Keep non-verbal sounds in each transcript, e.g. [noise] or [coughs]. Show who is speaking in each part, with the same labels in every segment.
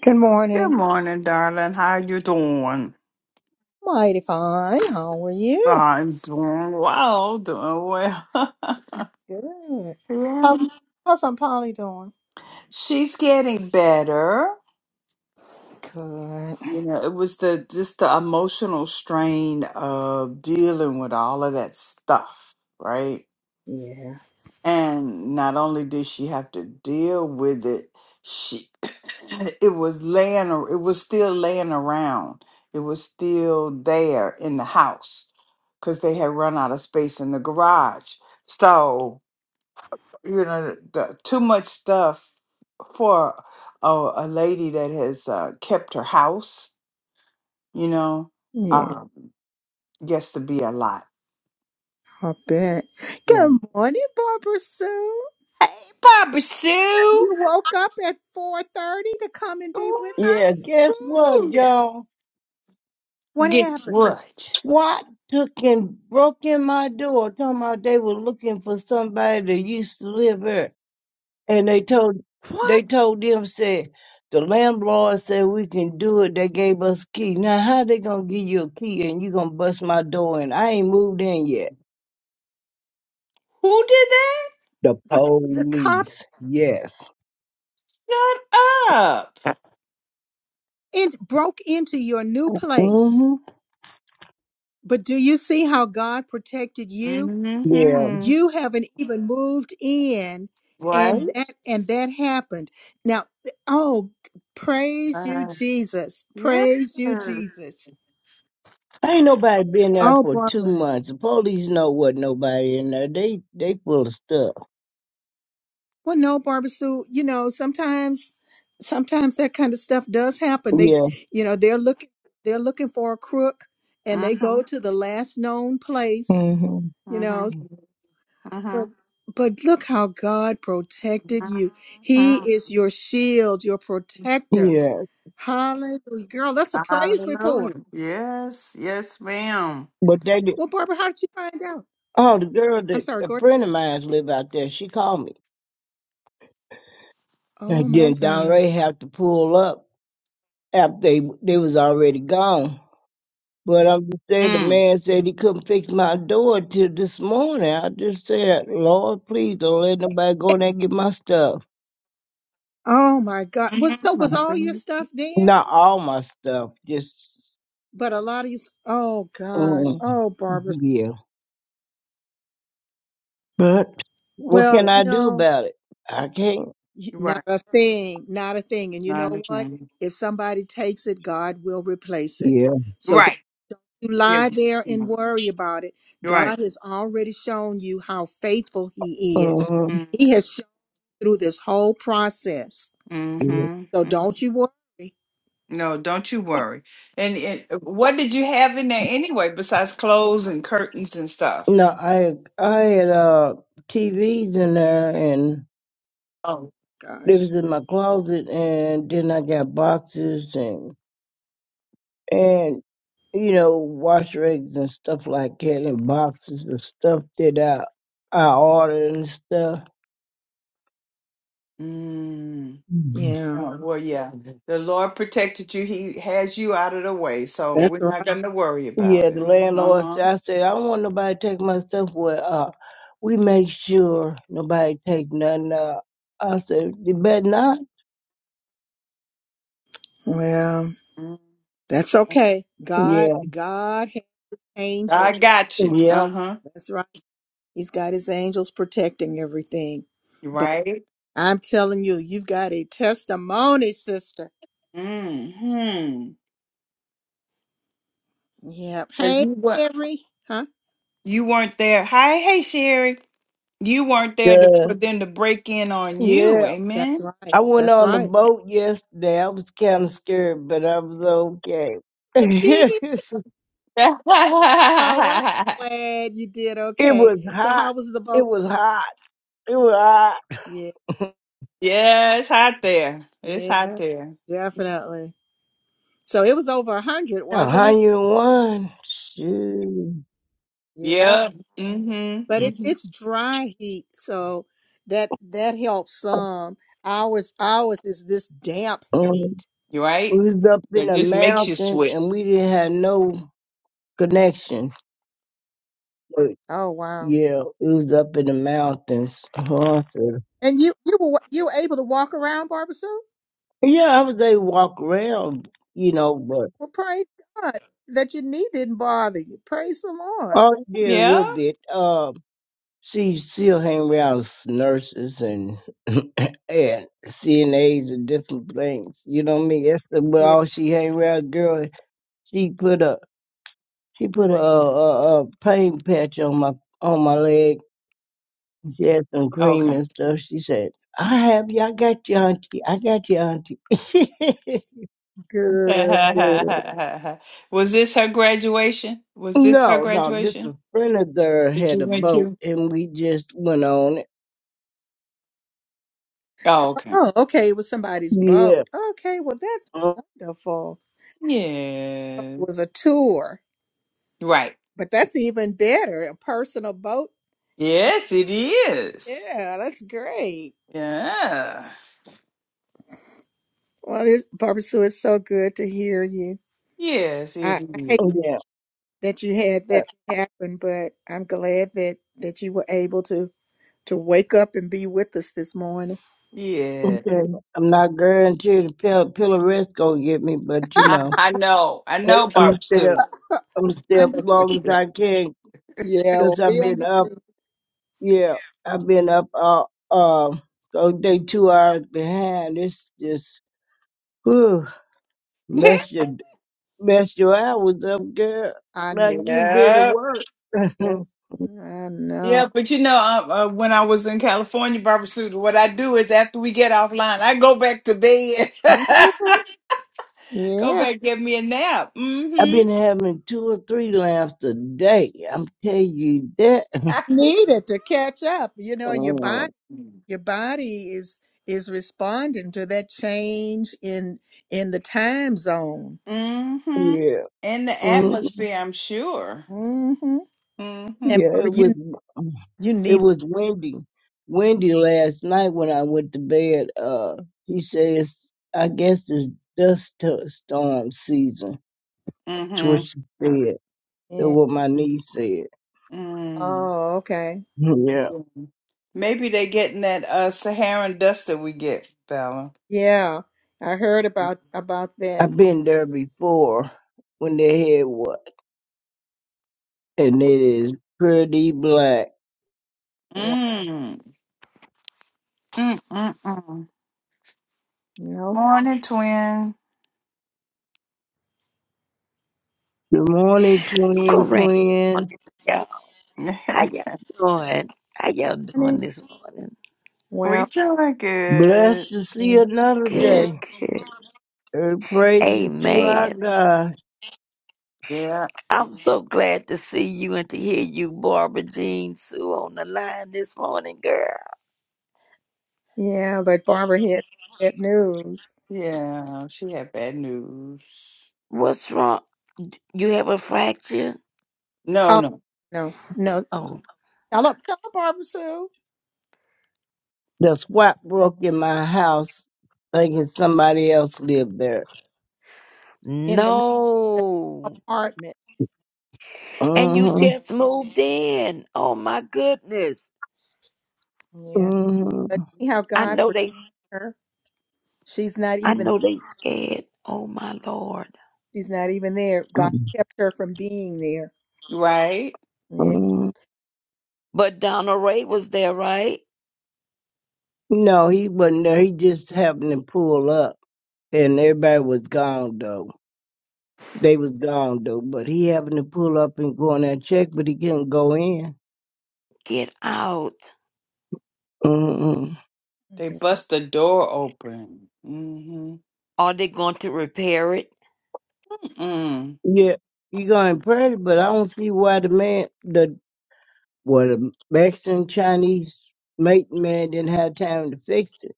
Speaker 1: Good
Speaker 2: Good
Speaker 1: morning.
Speaker 2: morning, darling. How you doing?
Speaker 1: Mighty fine. How are you?
Speaker 2: I'm doing well, doing well. [laughs]
Speaker 1: Good.
Speaker 2: Yeah.
Speaker 1: How's how's Aunt Polly doing?
Speaker 2: She's getting better.
Speaker 1: Good.
Speaker 2: You know, it was the just the emotional strain of dealing with all of that stuff, right?
Speaker 1: Yeah.
Speaker 2: And not only did she have to deal with it, she [coughs] it was laying ar- it was still laying around. It was still there in the house because they had run out of space in the garage. So, you know, the, too much stuff for a, a lady that has uh, kept her house, you know, uh,
Speaker 1: Yeah,
Speaker 2: Mhm. gets to be a lot.
Speaker 1: I bet.
Speaker 2: Yeah.
Speaker 1: Good morning, Barbara Sue.
Speaker 2: Hey, Papa Sue!
Speaker 1: You woke up at four thirty to come and be
Speaker 2: Ooh,
Speaker 1: with
Speaker 3: Yeah,
Speaker 1: us.
Speaker 3: guess what, y'all?
Speaker 1: What
Speaker 2: Get
Speaker 1: happened?
Speaker 2: what?
Speaker 3: SWAT took and broke in my door, talking about they were looking for somebody that used to live there. And they told they
Speaker 1: What
Speaker 3: told them said the landlord said we can do it. They gave us key. Now how they gonna give you a key and you gonna bust my door in? I ain't moved in yet.
Speaker 2: Who did that?
Speaker 3: The
Speaker 1: the the cops
Speaker 3: police, yes.
Speaker 2: Shut up.
Speaker 1: in, broke into your new place?
Speaker 3: Mm-hmm.
Speaker 1: But do you see how God protected you?
Speaker 3: Yeah.
Speaker 2: Mm-hmm.
Speaker 1: you haven't even moved in
Speaker 2: Right?
Speaker 1: and that and that happened now oh praise you
Speaker 2: Uh,
Speaker 1: jesus
Speaker 2: yes.
Speaker 1: praise you
Speaker 2: Mm-hmm.
Speaker 1: jesus
Speaker 3: Ain't nobody been there
Speaker 1: oh
Speaker 3: for two
Speaker 1: barbara
Speaker 3: months. The police know what nobody in there. They they full of stuff.
Speaker 1: well no barbara sue you know sometimes sometimes that kind of stuff does happen they
Speaker 3: Yeah.
Speaker 1: you know they're looking they're looking for a crook and they
Speaker 2: Mm-hmm.
Speaker 1: go to the last known place
Speaker 3: hmm
Speaker 1: you know
Speaker 2: Mm-hmm.
Speaker 1: but but look how god protected you he
Speaker 2: Mm-hmm.
Speaker 1: is your shield your protector
Speaker 3: Yeah,
Speaker 1: Hallelujah. Girl, that's a praise report.
Speaker 2: Hallelujah. Yes. Yes, ma'am.
Speaker 3: but they did.
Speaker 1: Well, Barbara, how did you find out?
Speaker 3: Oh, the girl
Speaker 1: I'm
Speaker 3: that
Speaker 1: sorry,
Speaker 3: a
Speaker 1: go
Speaker 3: friend
Speaker 1: ahead.
Speaker 3: of mine's live out there. She called me, and
Speaker 1: Oh my
Speaker 3: then Don
Speaker 1: God.
Speaker 3: Ray have to pull up after they they was already gone. But I'm just saying, the
Speaker 2: Mm.
Speaker 3: man said he couldn't fix my door till this morning. I just said, Lord, please don't let nobody go in there and get my stuff.
Speaker 1: Oh my God. Was so
Speaker 2: Mm-hmm. My
Speaker 1: was all your
Speaker 2: goodness.
Speaker 1: stuff there?
Speaker 3: Not all my stuff, just
Speaker 1: But a lot of you oh gosh.
Speaker 3: mm,
Speaker 1: Oh Barbara.
Speaker 3: yeah. But what
Speaker 1: Well,
Speaker 3: can
Speaker 2: Yes.
Speaker 1: you
Speaker 3: I do
Speaker 1: know,
Speaker 3: about it? I can't.
Speaker 1: y-
Speaker 2: You're
Speaker 1: not
Speaker 2: right.
Speaker 1: a thing. Not a thing. And you
Speaker 2: Not a
Speaker 1: know what?
Speaker 2: chance.
Speaker 1: If somebody takes it, God will replace it.
Speaker 3: Yeah.
Speaker 1: So don't
Speaker 2: Right.
Speaker 1: you
Speaker 2: Yeah.
Speaker 1: lie there and
Speaker 2: Mm.
Speaker 1: worry about it.
Speaker 2: You're right.
Speaker 1: God has already shown you how faithful he is.
Speaker 3: hmm
Speaker 2: Mm-hmm.
Speaker 1: He has shown through this whole process. So
Speaker 2: Mm-hmm.
Speaker 1: don't you worry.
Speaker 2: No, don't you worry. And, and what did you have in there anyway besides clothes and curtains and stuff?
Speaker 3: No, I I had uh TVs in there and it was
Speaker 1: Gosh.
Speaker 3: in my closet and then I got boxes and and you know, wash rags and stuff like that and boxes of stuff that I I ordered and stuff.
Speaker 2: Mm.
Speaker 3: Mhm.
Speaker 1: Yeah,
Speaker 2: Um, Well, yeah, the Lord protected you. He has you out of the way, so
Speaker 1: that's
Speaker 2: we're
Speaker 1: right.
Speaker 2: not going to worry
Speaker 3: Yeah,
Speaker 2: about
Speaker 3: the
Speaker 2: it.
Speaker 3: landlord
Speaker 2: Uh
Speaker 3: said I said, I don't want nobody to take my stuff well uh we make sure nobody take nothing uh I said, You better not?
Speaker 1: Well,
Speaker 2: huh.
Speaker 1: that's okay. God,
Speaker 3: Yeah.
Speaker 1: God has angels.
Speaker 2: I got you.
Speaker 3: yeah,
Speaker 2: Uh huh.
Speaker 1: That's right. He's got his angels protecting everything. But
Speaker 2: Right.
Speaker 1: I'm telling you, you've got a testimony, sister.
Speaker 2: Hmm.
Speaker 1: Yeah.
Speaker 2: Cause
Speaker 1: Hey,
Speaker 2: you were not
Speaker 1: Henry. Huh?
Speaker 2: you weren't there. Hi, hey Sherry. You weren't there to,
Speaker 4: Yeah.
Speaker 2: for them to break in on
Speaker 3: Yeah.
Speaker 2: you.
Speaker 1: That's
Speaker 2: Amen.
Speaker 1: right.
Speaker 3: I went
Speaker 1: That's
Speaker 3: on the
Speaker 1: right.
Speaker 3: boat yesterday. I was kind of scared, but I was okay. [laughs]
Speaker 1: Dee.
Speaker 3: it
Speaker 2: [laughs] yeah,
Speaker 1: Oh, well, I'm glad you did okay.
Speaker 3: was
Speaker 1: So
Speaker 3: hot.
Speaker 1: how was the
Speaker 3: It
Speaker 1: boat?
Speaker 3: was hot. It was hot.
Speaker 1: Yeah,
Speaker 2: it's hot there. It's
Speaker 1: yeah,
Speaker 2: hot there.
Speaker 1: definitely. So it was over a hundred, wasn't it?
Speaker 3: 101. Shoot.
Speaker 1: Yeah.
Speaker 2: Yep. Mm-hmm.
Speaker 1: but it's
Speaker 2: Mm-hmm.
Speaker 1: it's dry heat, so that that helps some. Ours ours is this damp
Speaker 3: And
Speaker 1: heat.
Speaker 2: You right?
Speaker 3: we was up in
Speaker 2: That
Speaker 3: a
Speaker 2: just makes you
Speaker 3: mountain
Speaker 2: sweat.
Speaker 3: and we didn't have no connection. But
Speaker 1: Oh wow!
Speaker 3: yeah, it was up in the mountains. Haunted.
Speaker 1: And you you were you were able to walk around, Barbara Sue.
Speaker 3: Yeah, I was able to walk around, you know, but
Speaker 1: Well, praise God that your knee didn't bother you. Praise the
Speaker 3: I
Speaker 1: Lord.
Speaker 3: only did a
Speaker 2: Yeah.
Speaker 3: little bit. Uh, She still hang around s- nurses and [laughs] [clears throat] and CNAs and different things. You know what I mean? That's the but
Speaker 1: Yeah,
Speaker 3: all she hang around. Girl, she put a she put a, a, a pain patch on my on my leg. She had some cream
Speaker 2: Okay.
Speaker 3: and stuff. She said, "I have you. I got you, auntie. I got you, auntie." [laughs]
Speaker 1: good, good.
Speaker 2: [laughs] Was this her graduation? Was this her
Speaker 3: no, no, this
Speaker 2: graduation
Speaker 3: a friend of theirs
Speaker 2: that you
Speaker 3: had a
Speaker 2: went
Speaker 3: boat,
Speaker 2: to?
Speaker 3: and we just went on it.
Speaker 2: Oh, okay.
Speaker 1: Oh, okay. It was somebody's
Speaker 3: Yeah,
Speaker 1: boat. Okay, well that's
Speaker 3: mm,
Speaker 1: wonderful. It
Speaker 2: Yes.
Speaker 1: was a tour,
Speaker 2: Right.
Speaker 1: but that's even better. A personal boat.
Speaker 2: Yes, it is.
Speaker 1: Yeah, that's great.
Speaker 2: Yeah.
Speaker 1: Well, it's, Barbara Sue, it's so good to hear you.
Speaker 2: Yes, it
Speaker 1: I, I
Speaker 2: is.
Speaker 1: hate
Speaker 3: yeah.
Speaker 1: that you had that happen, but I'm glad that that you were able to to wake up and be with us this morning.
Speaker 2: Yeah.
Speaker 3: Okay. I'm not guaranteed the pill Pillarette's gonna get me, but you
Speaker 2: I,
Speaker 3: know,
Speaker 2: I know. I
Speaker 1: Oh,
Speaker 2: know,
Speaker 3: I'm
Speaker 2: Barbara
Speaker 3: still
Speaker 2: Sue.
Speaker 1: [laughs]
Speaker 3: I'm
Speaker 1: we
Speaker 3: still up long
Speaker 1: understand.
Speaker 3: as I
Speaker 2: [laughs]
Speaker 3: can
Speaker 1: Yeah,
Speaker 3: because
Speaker 1: well,
Speaker 3: I've
Speaker 1: we
Speaker 3: been up.
Speaker 1: understand.
Speaker 3: Yeah, I've been up. Uh, uh, so they two hours behind. It's just whew, mess your mess your hours up, girl.
Speaker 1: I know.
Speaker 3: Like you been at
Speaker 2: yeah.
Speaker 3: work. [laughs]
Speaker 1: I
Speaker 2: Yeah,
Speaker 1: know.
Speaker 2: but you know, uh, uh, when I was in California, Barbara Sue, what I do is after we get offline, I go back to bed. [laughs]
Speaker 1: Mhm.
Speaker 2: Go
Speaker 1: Yeah,
Speaker 2: back, give me a nap.
Speaker 3: I've
Speaker 2: Mm-hmm.
Speaker 3: been having two or three lamps a day. I'm telling you that. [laughs]
Speaker 1: needed to catch up. You know, your
Speaker 3: Uh,
Speaker 1: body, your body is is responding to that change in in the time zone.
Speaker 2: Mm-hmm.
Speaker 3: yeah,
Speaker 2: In the
Speaker 3: mm,
Speaker 2: atmosphere, I'm sure.
Speaker 1: hmm
Speaker 2: Mm-hmm.
Speaker 1: And
Speaker 3: yeah.
Speaker 1: Barbara,
Speaker 3: It
Speaker 1: you
Speaker 3: was.
Speaker 1: you
Speaker 3: It
Speaker 1: need
Speaker 3: was Wendy. Wendy last night when I went to bed, uh, he says, I guess it's dust to- storm season. That's what
Speaker 2: Mm-hmm.
Speaker 3: she
Speaker 1: Amen.
Speaker 3: said. That's what my niece said. [laughs]
Speaker 2: Mm.
Speaker 1: Oh, okay.
Speaker 3: Yeah.
Speaker 2: Maybe they are getting that uh Saharan dust that we get, Bella.
Speaker 1: Yeah, I heard
Speaker 2: Mm.
Speaker 1: about about that.
Speaker 3: I've been there before when they had what? And it is pretty black.
Speaker 1: Wow.
Speaker 2: Mm mm mm.
Speaker 1: No
Speaker 2: Morning, twin.
Speaker 3: Good morning, twin,
Speaker 5: Correct.
Speaker 3: twin.
Speaker 5: Morning, y'all. How
Speaker 2: [laughs]
Speaker 5: y'all doing? How y'all
Speaker 1: funny.
Speaker 5: doing this morning?
Speaker 2: we
Speaker 1: Well,
Speaker 2: doing
Speaker 3: Blessed
Speaker 2: good.
Speaker 3: to see
Speaker 1: mm,
Speaker 3: another
Speaker 5: Good,
Speaker 3: day.
Speaker 5: good.
Speaker 3: Every praise is to our
Speaker 5: Amen.
Speaker 3: God.
Speaker 2: Yeah.
Speaker 5: I'm so glad to see you and to hear you, Barbara Jean Sue, on the line this morning, girl.
Speaker 1: yeah, but Barbara hit that news.
Speaker 2: Yeah. She had bad news.
Speaker 5: What's wrong? You have a fracture?
Speaker 2: No,
Speaker 1: Oh
Speaker 2: no.
Speaker 1: no, no.
Speaker 5: Oh,
Speaker 1: Tell up, tell Barbara Sue
Speaker 3: The squat broke in my house thinking somebody else lived there.
Speaker 1: in the new
Speaker 5: no.
Speaker 1: apartment.
Speaker 5: And you
Speaker 3: hmm
Speaker 5: just moved in. Oh, my goodness.
Speaker 1: Yeah,
Speaker 3: hmm
Speaker 1: but see how
Speaker 5: I
Speaker 1: God
Speaker 5: know
Speaker 1: protected
Speaker 5: they,
Speaker 1: her. She's not
Speaker 5: I
Speaker 1: even.
Speaker 5: know they scared. Oh, my Lord.
Speaker 1: She's not even there. God kept her from being there.
Speaker 2: Right?
Speaker 1: Yeah.
Speaker 3: hmm
Speaker 5: But Donna Ray was there, right?
Speaker 3: No, he wasn't there. He just happened to pull up and everybody was gone though. They was gone though, but he happened to pull up and go in there and check, but he couldn't go in.
Speaker 5: Get out.
Speaker 3: hmm
Speaker 2: They bust the door open. hmm
Speaker 5: Are they going to repair it?
Speaker 2: Mm.
Speaker 3: Yeah, you going pretty, but I don't see why the man, the what the Mexican Chinese mate man didn't have time to fix it.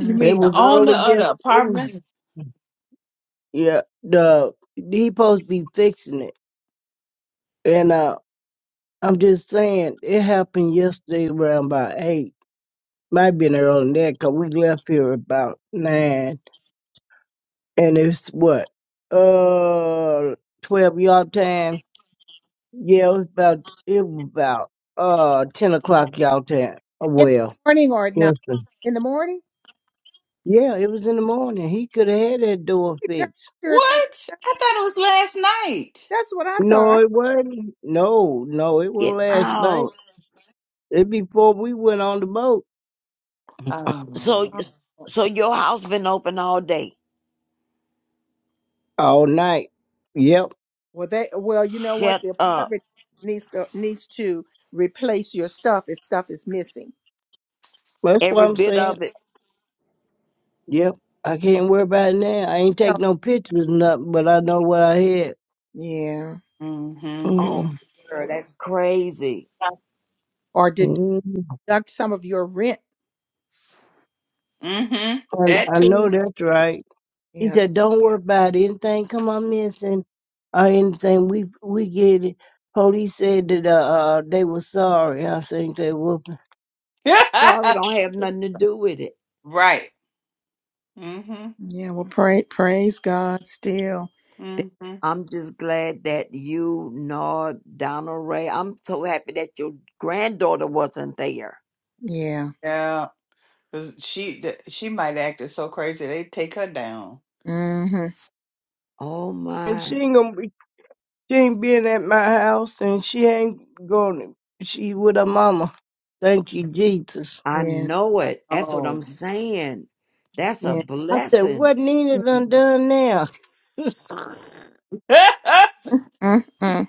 Speaker 2: You
Speaker 3: It
Speaker 2: mean the
Speaker 3: was
Speaker 2: owner
Speaker 3: early
Speaker 2: of
Speaker 3: yes.
Speaker 2: the
Speaker 3: It was
Speaker 2: apartment?
Speaker 3: Yeah, the he supposed to be fixing it, and uh, I'm just saying it happened yesterday around about eight. Might been earlier than that 'cause we left here about nine, and it's what uh twelve y'all time. Yeah, it was about it was about uh ten o'clock y'all time. Oh,
Speaker 1: In
Speaker 3: well,
Speaker 1: the morning or at night?
Speaker 3: Houston.
Speaker 1: In the morning?
Speaker 3: Yeah, it was in the morning. He could have had that door
Speaker 1: [laughs]
Speaker 3: fixed.
Speaker 1: Sure, sure.
Speaker 2: What? I thought it was last night.
Speaker 1: That's what I
Speaker 3: No,
Speaker 1: thought.
Speaker 3: it wasn't. No, no, it was
Speaker 5: Get
Speaker 3: last night.
Speaker 5: out.
Speaker 3: It before we went on the boat.
Speaker 5: So
Speaker 2: Oh.
Speaker 1: Oh,
Speaker 5: so your house been open all day.
Speaker 3: all night. Yep,
Speaker 1: Well, they well, you know what?
Speaker 5: Shut
Speaker 1: The
Speaker 5: up.
Speaker 1: apartment needs to needs to replace your stuff if stuff is missing.
Speaker 3: that's what
Speaker 5: Every
Speaker 3: I'm
Speaker 5: bit
Speaker 3: saying.
Speaker 5: of it.
Speaker 3: Yep, I can't worry about it now. I ain't
Speaker 1: No.
Speaker 3: take no pictures, or nothing, but I know what I had.
Speaker 1: Yeah.
Speaker 2: hmm
Speaker 5: Oh
Speaker 3: Mm,
Speaker 5: girl, that's crazy.
Speaker 1: or deduct
Speaker 3: mm,
Speaker 1: some of your rent.
Speaker 2: hmm
Speaker 3: I,
Speaker 1: Yeah.
Speaker 2: That
Speaker 3: I know
Speaker 2: too.
Speaker 3: that's right. He
Speaker 1: Yeah.
Speaker 3: said, "Don't worry about it. anything. Come on, missing or anything. We we get it." Police said that uh, uh they were sorry. I think they were.
Speaker 5: Sorry don't have
Speaker 2: [laughs]
Speaker 5: nothing to do with it.
Speaker 2: right. hmm
Speaker 1: Yeah. Well, pray, praise God still. Th-
Speaker 2: hmm
Speaker 5: I'm just glad that you know Donald Ray. I'm so happy that your granddaughter wasn't there.
Speaker 1: Yeah.
Speaker 2: Yeah. 'Cause she th- she might have acted so crazy they take her down.
Speaker 1: Mm-hmm.
Speaker 5: Oh
Speaker 3: And she
Speaker 5: my.
Speaker 3: ain't gonna be. She ain't been at my house, and she ain't going. to She with her mama. Thank you, Jesus.
Speaker 5: I
Speaker 1: Yeah.
Speaker 5: know it. That's what
Speaker 2: Oh.
Speaker 5: I'm saying. That's a
Speaker 1: Yeah.
Speaker 3: I said,
Speaker 5: blessing.
Speaker 3: what
Speaker 1: yeah.
Speaker 3: needed undone now? [laughs] yes,
Speaker 2: [laughs] yeah.
Speaker 1: Mm-hmm.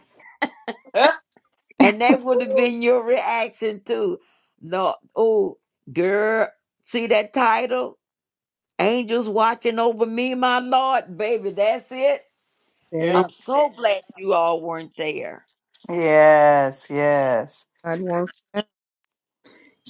Speaker 5: And that would have been your reaction too. No, oh, girl, see that title? Angels watching over me, my Lord, baby. That's it.
Speaker 1: That is
Speaker 5: I'm so glad you all weren't there.
Speaker 2: Yes, yes.
Speaker 1: God works.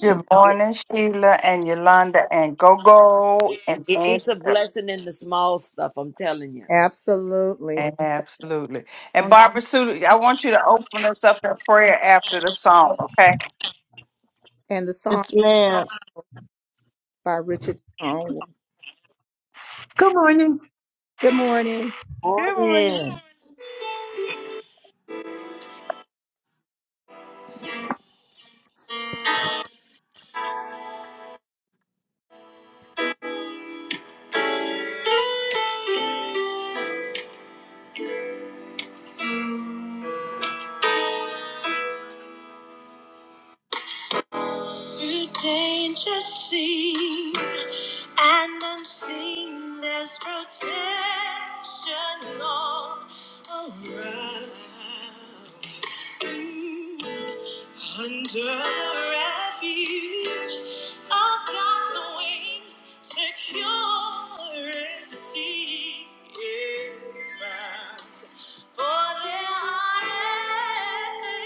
Speaker 2: Good
Speaker 5: It,
Speaker 2: morning, Sheila and Yolanda and Gogo
Speaker 5: it,
Speaker 2: and
Speaker 5: it it's
Speaker 2: Angel.
Speaker 5: a blessing in the small stuff. I'm telling you.
Speaker 1: absolutely.
Speaker 2: Absolutely. And
Speaker 1: Um,
Speaker 2: Barbara Sue, I want you to open us up in prayer after the song, okay?
Speaker 1: And the song
Speaker 3: ma'am.
Speaker 1: by Richard Songwell.
Speaker 6: Good morning.
Speaker 1: Good morning.
Speaker 2: Good morning.
Speaker 5: Morning.
Speaker 1: You change the scene and unseen. There's protection all around. Mm, Under the refuge of God's wings, security is found. For there are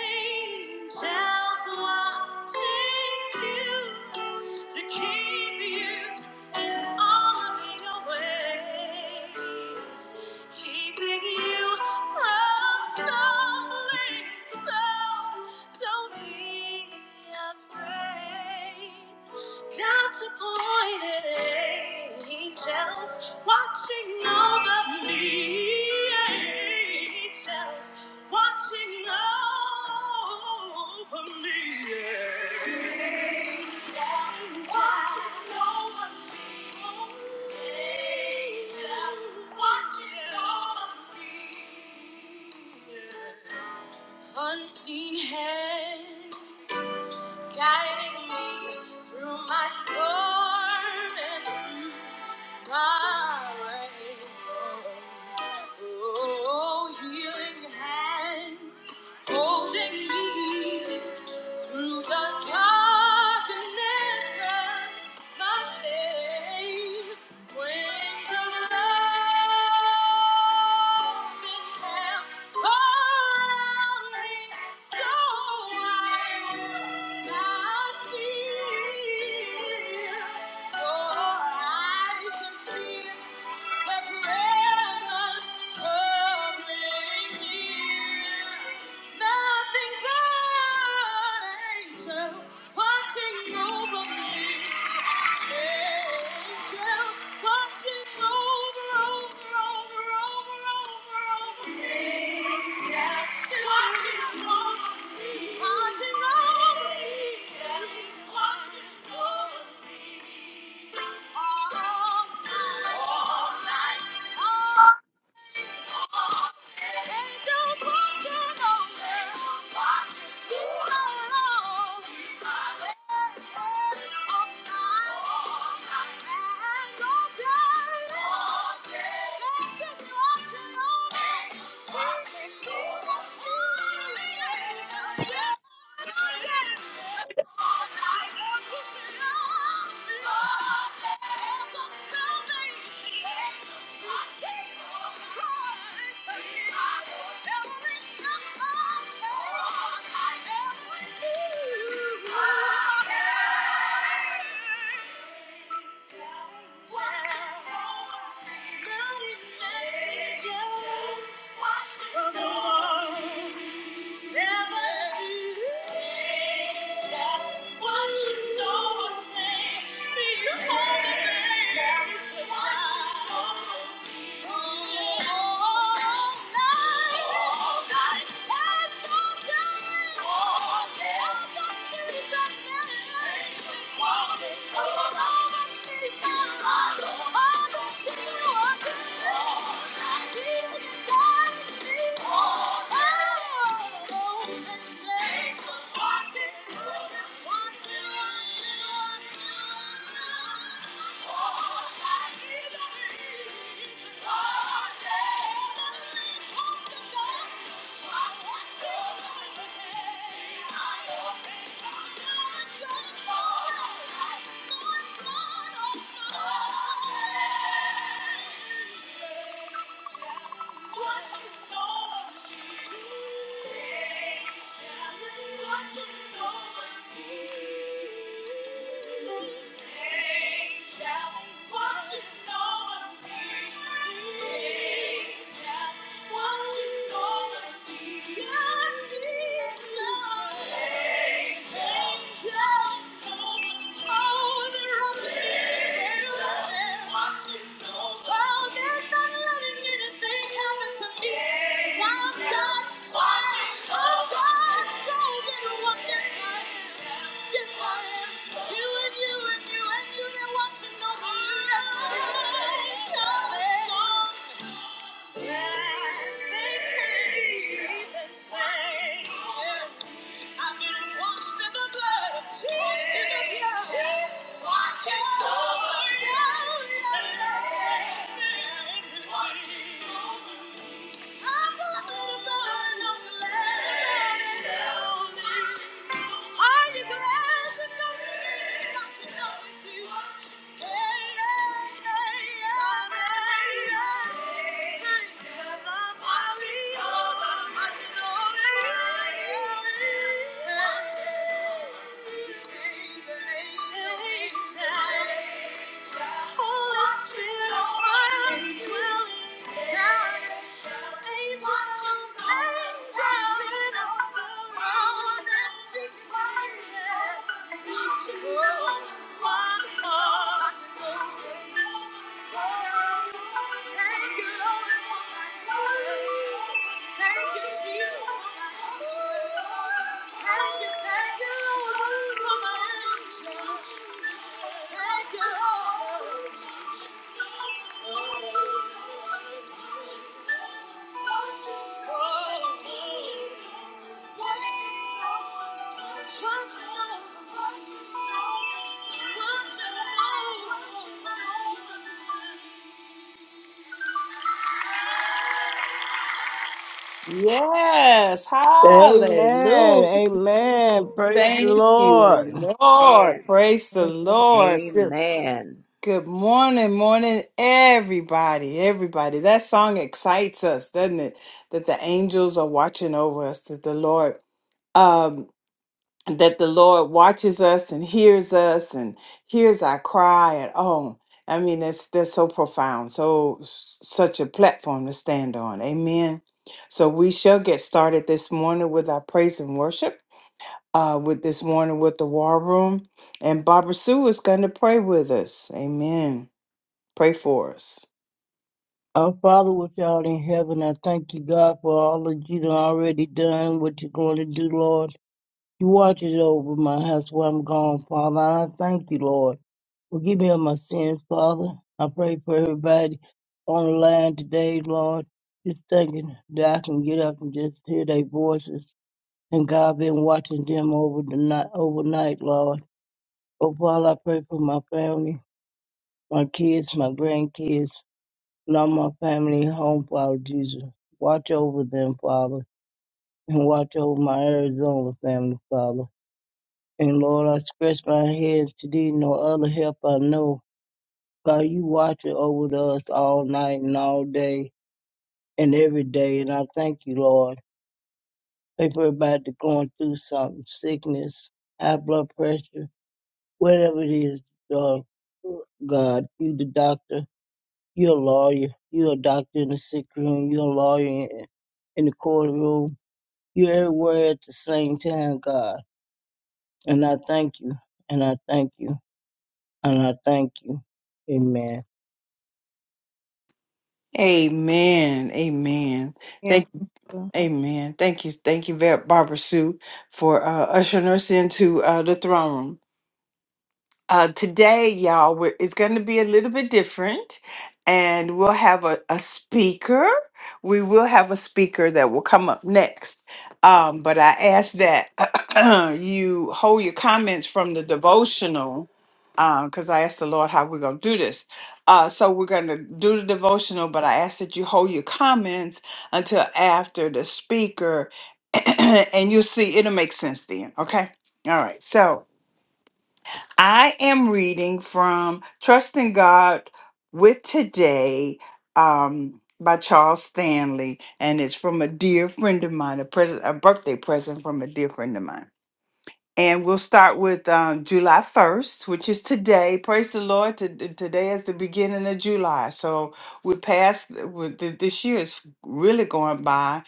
Speaker 1: angels watching you to keep you in all of your ways, keeping you from stumbling. So don't be afraid. God's appointed angels watching over me angels watching over me. Angels watching over me. Angels watching over me. yeah. Unseen hand guiding me through my storm and through my way. Oh, healing hands holding me. Through the darkness of my pain, when the love encamped around me, so I will not fear, for I can feel the presence Watching over me all night, all night. Yeah. Watch the Lord. What you know of me, do you hold me? Tell me what you know. Oh! Yeah. Angels, watching over me? You and you and you, and you, they're watching over you. Yes, I am. Yeah. Yeah. Thank you. Jesus.
Speaker 2: Yes,
Speaker 3: Amen.
Speaker 2: hallelujah.
Speaker 3: Amen. Praise the
Speaker 2: Thank
Speaker 3: Lord.
Speaker 2: you, Lord.
Speaker 5: Amen.
Speaker 2: Praise the Lord. Good
Speaker 5: Amen.
Speaker 2: good morning, morning, everybody. Everybody. That song excites us, doesn't it? That the angels are watching over us, that the Lord. um, that the Lord watches us and hears us and hears our cry and oh I mean that's that's so profound so s- such a platform to stand on amen so we shall get started this morning with our praise and worship uh with this morning with the war room and Barbara Sue is going to pray with us amen pray for us
Speaker 3: Our Father, which art in heaven, I thank you, God, for all that you've already done, what you're going to do, Lord. You watch it over my house while I'm gone, Father. I thank you, Lord. Forgive me of my sins, Father. I pray for everybody on the line today, Lord. Just thinking that I can get up and just hear their voices and God been watching them over the night, overnight, Lord. Oh, Father, I pray for my family, my kids, my grandkids, and all my family home, Father Jesus. Watch over them, Father, and watch over my Arizona family, Father. And Lord, I scratch my head to thee, no other help I know. God, you watching over us all night and all day and every day, and I thank you, Lord. Pray for everybody that's going through something, sickness, high blood pressure whatever it is, dog, God, you the doctor, you're a lawyer, you're a doctor in the sick room, you're a lawyer in, in the courtroom, you're everywhere at the same time, God. And I thank you, and I thank you, and I thank you. Amen.
Speaker 2: amen amen thank amen thank you thank you very Barbara Sue for uh, ushering us into uh, the throne room uh, today, y'all, we're, it's going to be a little bit different, and we'll have a, a speaker. We will have a speaker that will come up next. Um, but I ask that [clears throat] you hold your comments from the devotional because I asked the Lord how we're going to do this. Uh, so we're going to do the devotional, but I ask that you hold your comments until after the speaker, [clears throat] and you'll see it'll make sense then. Okay. All right. So. I am reading from Trusting God with Today um, by Charles Stanley, and it's from a dear friend of mine, a present, a birthday present from a dear friend of mine. And we'll start with um, July 1st, which is today. Praise the Lord. To, to- today is the beginning of July. So we passed, uh, we, th- this year is really going by,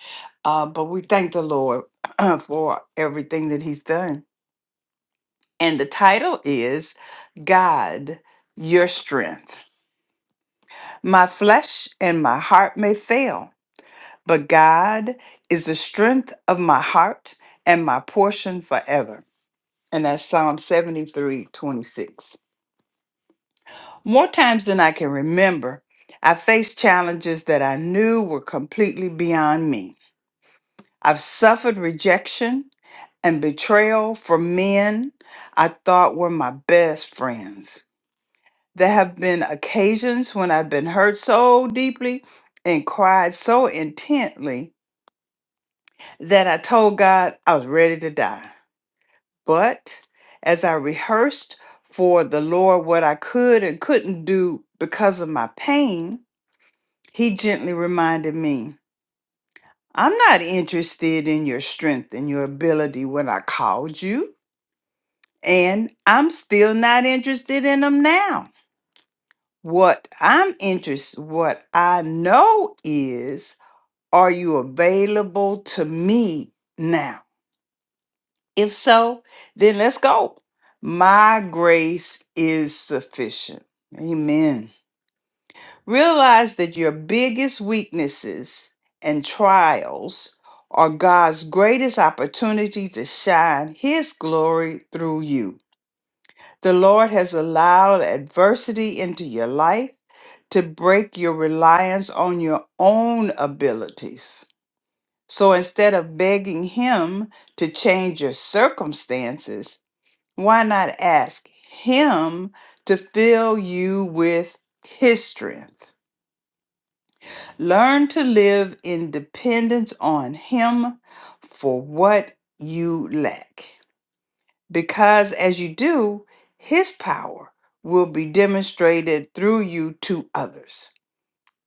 Speaker 2: uh, but we thank the Lord [clears throat] for everything that He's done and the title is God, Your Strength. My flesh and my heart may fail, but God is the strength of my heart and my portion forever. And that's Psalm 73, 26. More times than I can remember, I faced challenges that I knew were completely beyond me. I've suffered rejection and betrayal from men I thought were my best friends. There have been occasions when I've been hurt so deeply and cried so intently that I told God I was ready to die. But as I rehearsed for the Lord what I could and couldn't do because of my pain, He gently reminded me, I'm not interested in your strength and your ability when I called you, and I'm still not interested in them now. What I'm interested, what I know is Are you available to me now? If so, then let's go. My grace is sufficient. Amen. Realize that your biggest weaknesses and trials are God's greatest opportunity to shine His glory through you. The Lord has allowed adversity into your life to break your reliance on your own abilities So instead of begging him to change your circumstances, why not ask him to fill you with his strength? Learn to live in dependence on him for what you lack. Because as you do, his power will be demonstrated through you to others,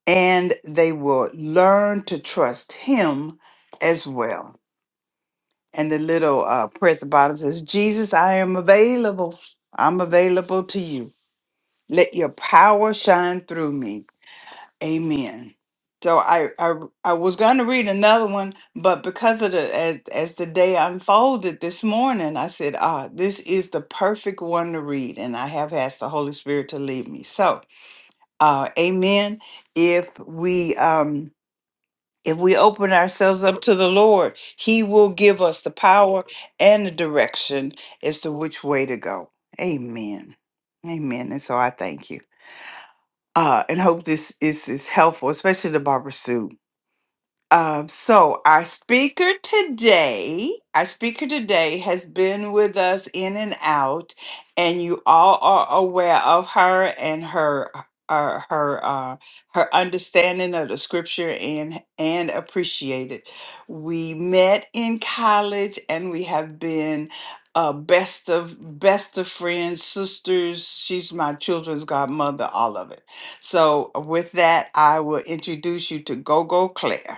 Speaker 2: and they will learn to trust him as well. and the little uh, prayer at the bottom says, Jesus, I am available. I'm available to you. Let your power shine through me. Amen. So I I, I was going to read another one, but because of the as, as the day unfolded this morning, I said, ah, this is the perfect one to read, and I have asked the Holy Spirit to lead me. So, uh, Amen. If we um if we open ourselves up to the Lord, He will give us the power and the direction as to which way to go. Amen. Amen. And so I thank you. Uh, and hope this is, is helpful, especially to Barbara Sue. Um, so our speaker today, our speaker today has been with us in and out, and you all are aware of her and her uh, her uh, her understanding of the scripture and and appreciate it. We met in college, and we have been uh, best of best of friends, sisters. She's my children's godmother, all of it. So with that, I will introduce you to Gogo Claire.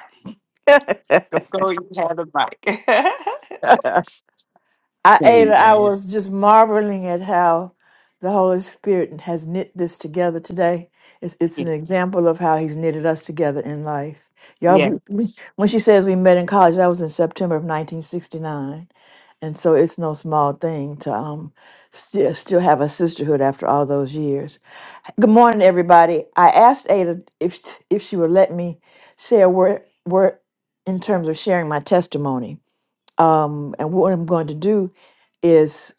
Speaker 7: [laughs] I
Speaker 2: Go, go, you have the mic.
Speaker 7: Ada, I
Speaker 8: Amen.
Speaker 7: was just marveling at how the Holy Spirit has knit this together today. It's
Speaker 2: [laughs]
Speaker 7: it's an
Speaker 2: yes.
Speaker 7: example of how He's knitted us together in life. Y'all, we, we-
Speaker 2: Yes.
Speaker 7: when she says we met in college, that was in September of 1969, and so it's no small thing to um still still have a sisterhood after all those years. Good morning, everybody. I asked Ada if if she would let me share word word in terms of sharing my testimony Um, and what I'm going to do is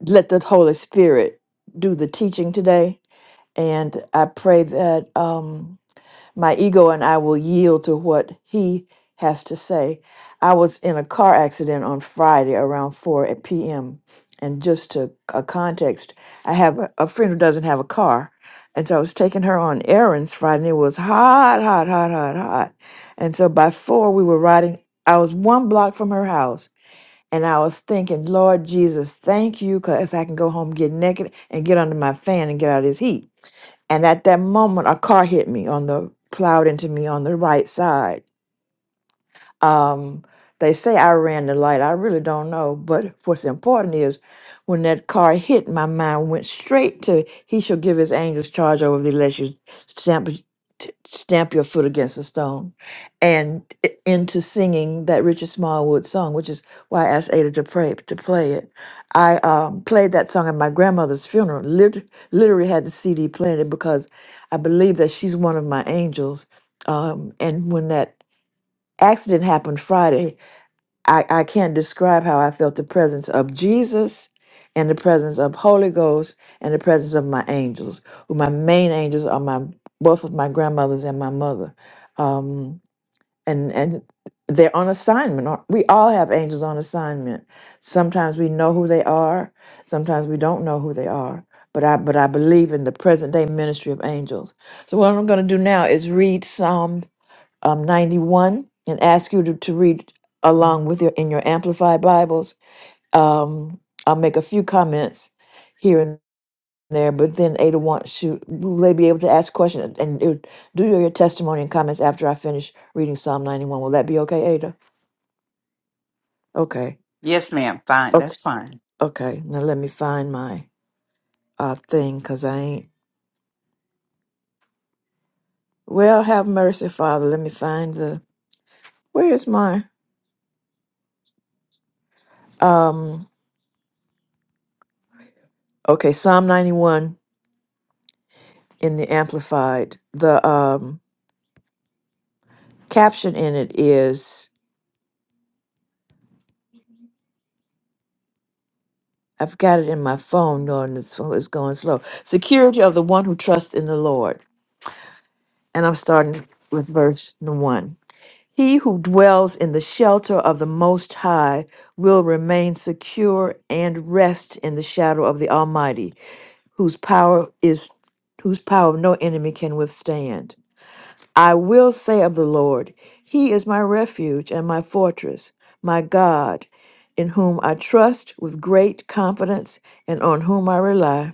Speaker 7: let the Holy Spirit do the teaching today. And I pray that um, my ego and I will yield to what He has to say. I was in a car accident on Friday around 4 at p.m. And just to a context, I have a a friend who doesn't have a car. And so I was taking her on errands Friday, and it was hot, hot, hot, hot, hot. And so by four, we were riding. I was one block from her house and I was thinking, Lord Jesus, thank you, because I can go home, get naked, and get under my fan and get out of this heat. And at that moment, a car hit me on the, plowed into me on the right side. Um, they say I ran the light. I really don't know. But what's important is when that car hit, my mind went straight to He shall give His angels charge over thee, lest you stamp t- stamp your foot against a stone, and i- into singing that Richard Smallwood song, which is why I asked Ada to pray to play it. I um, played that song at my grandmother's funeral. Lit- literally had the CD playing it because I believe that she's one of my angels. Um, and when that accident happened Friday, I, I can't describe how I felt the presence of Jesus and the presence of Holy Ghost and the presence of my angels. Who my main angels are my both of my grandmothers and my mother. Um, and and they're on assignment. aren't- We all have angels on assignment. Sometimes we know who they are, sometimes we don't know who they are. But I but I believe in the present day ministry of angels. So what I'm gonna do now is read Psalm um, 91 and ask you to, to read along with your in your amplified bibles um, i'll make a few comments here and there but then ada wants should will they be able to ask questions and do do your testimony and comments after i finish reading psalm 91 will that be okay ada okay
Speaker 2: Yes, ma'am. Fine.
Speaker 7: okay
Speaker 2: That's fine.
Speaker 7: okay now let me find my uh thing because i ain't well have mercy father let me find the where is my um okay psalm 91 in the amplified the um caption in it is I've got it in my phone knowing this phone is going slow. Security of the one who trusts in the Lord. And I'm starting with verse one. He who dwells in the shelter of the Most High will remain secure and rest in the shadow of the Almighty, whose power is whose power no enemy can withstand. I will say of the Lord, He is my refuge and my fortress, my God, in whom I trust with great confidence and on whom I rely.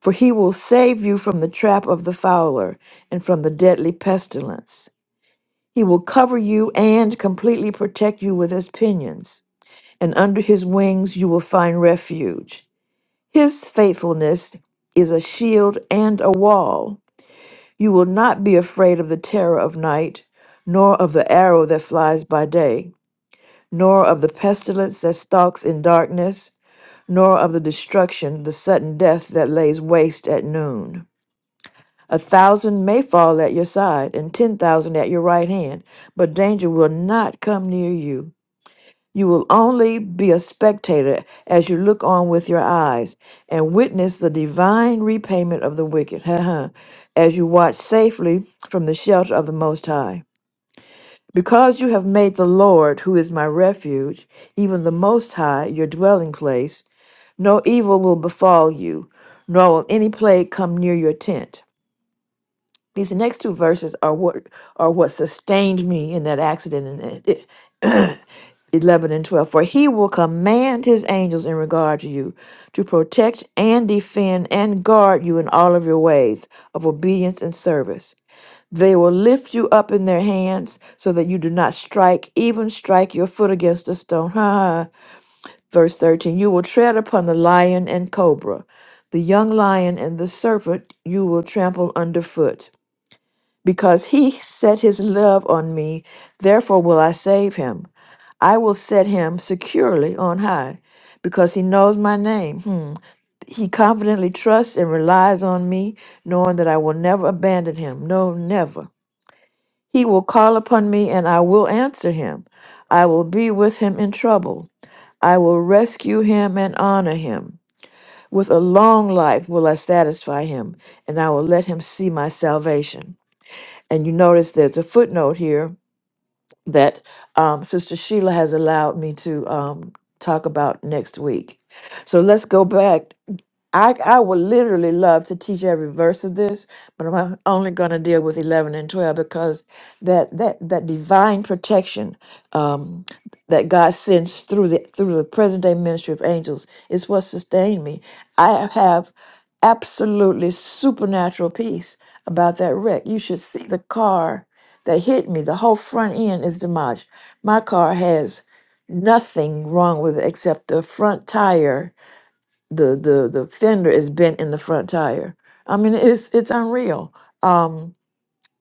Speaker 7: For He will save you from the trap of the fowler and from the deadly pestilence. He will cover you and completely protect you with His pinions, and under His wings you will find refuge. His faithfulness is a shield and a wall. You will not be afraid of the terror of night, nor of the arrow that flies by day, nor of the pestilence that stalks in darkness, nor of the destruction, the sudden death that lays waste at noon. A thousand may fall at your side, and ten thousand at your right hand, but danger will not come near you. You will only be a spectator as you look on with your eyes and witness the divine repayment of the wicked, [laughs] as you watch safely from the shelter of the Most High. Because you have made the Lord, who is my refuge, even the Most High, your dwelling place, no evil will befall you, nor will any plague come near your tent. These next two verses are what are what sustained me in that accident in it- it- [clears throat] 11 and 12. For he will command his angels in regard to you to protect and defend and guard you in all of your ways of obedience and service. They will lift you up in their hands so that you do not strike, even strike your foot against a stone. [laughs] Ha! ha. Verse 13 You will tread upon the lion and cobra, the young lion and the serpent you will trample underfoot. Because he set his love on me, therefore will I save him. I will set him securely on high, because he knows my name. Hmm. He confidently trusts and relies on me, knowing that I will never abandon him. No, never. He will call upon me, and I will answer him. I will be with him in trouble. I will rescue him and honor him. With a long life will I satisfy him, and I will let him see my salvation. And you notice there's a footnote here that um, Sister Sheila has allowed me to um, talk about next week. So let's go back I, I would literally love to teach every verse of this, but I'm only going to deal with 11 and 12 because that that that divine protection um, that God sends through the through the present day ministry of angels is what sustained me. I have absolutely supernatural peace about that wreck. You should see the car that hit me. The whole front end is demolished. My car has nothing wrong with it except the front tire the the the fender is bent in the front tire. I mean, it's it's unreal. Um,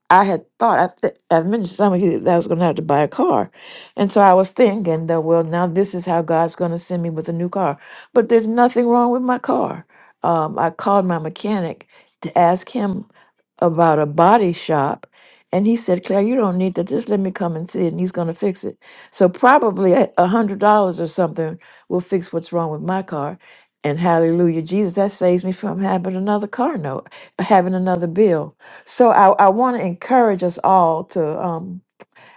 Speaker 7: I had thought I th- i mentioned to some of you that I was going to have to buy a car, and so I was thinking that well now this is how God's going to send me with a new car. But there's nothing wrong with my car. Um, I called my mechanic to ask him about a body shop, and he said, "Claire, you don't need that. Just let me come and see it, and he's going to fix it." So probably a a hundred dollars or something will fix what's wrong with my car. And hallelujah, Jesus, that saves me from having another car note, having another bill. So I, I want to encourage us all to um,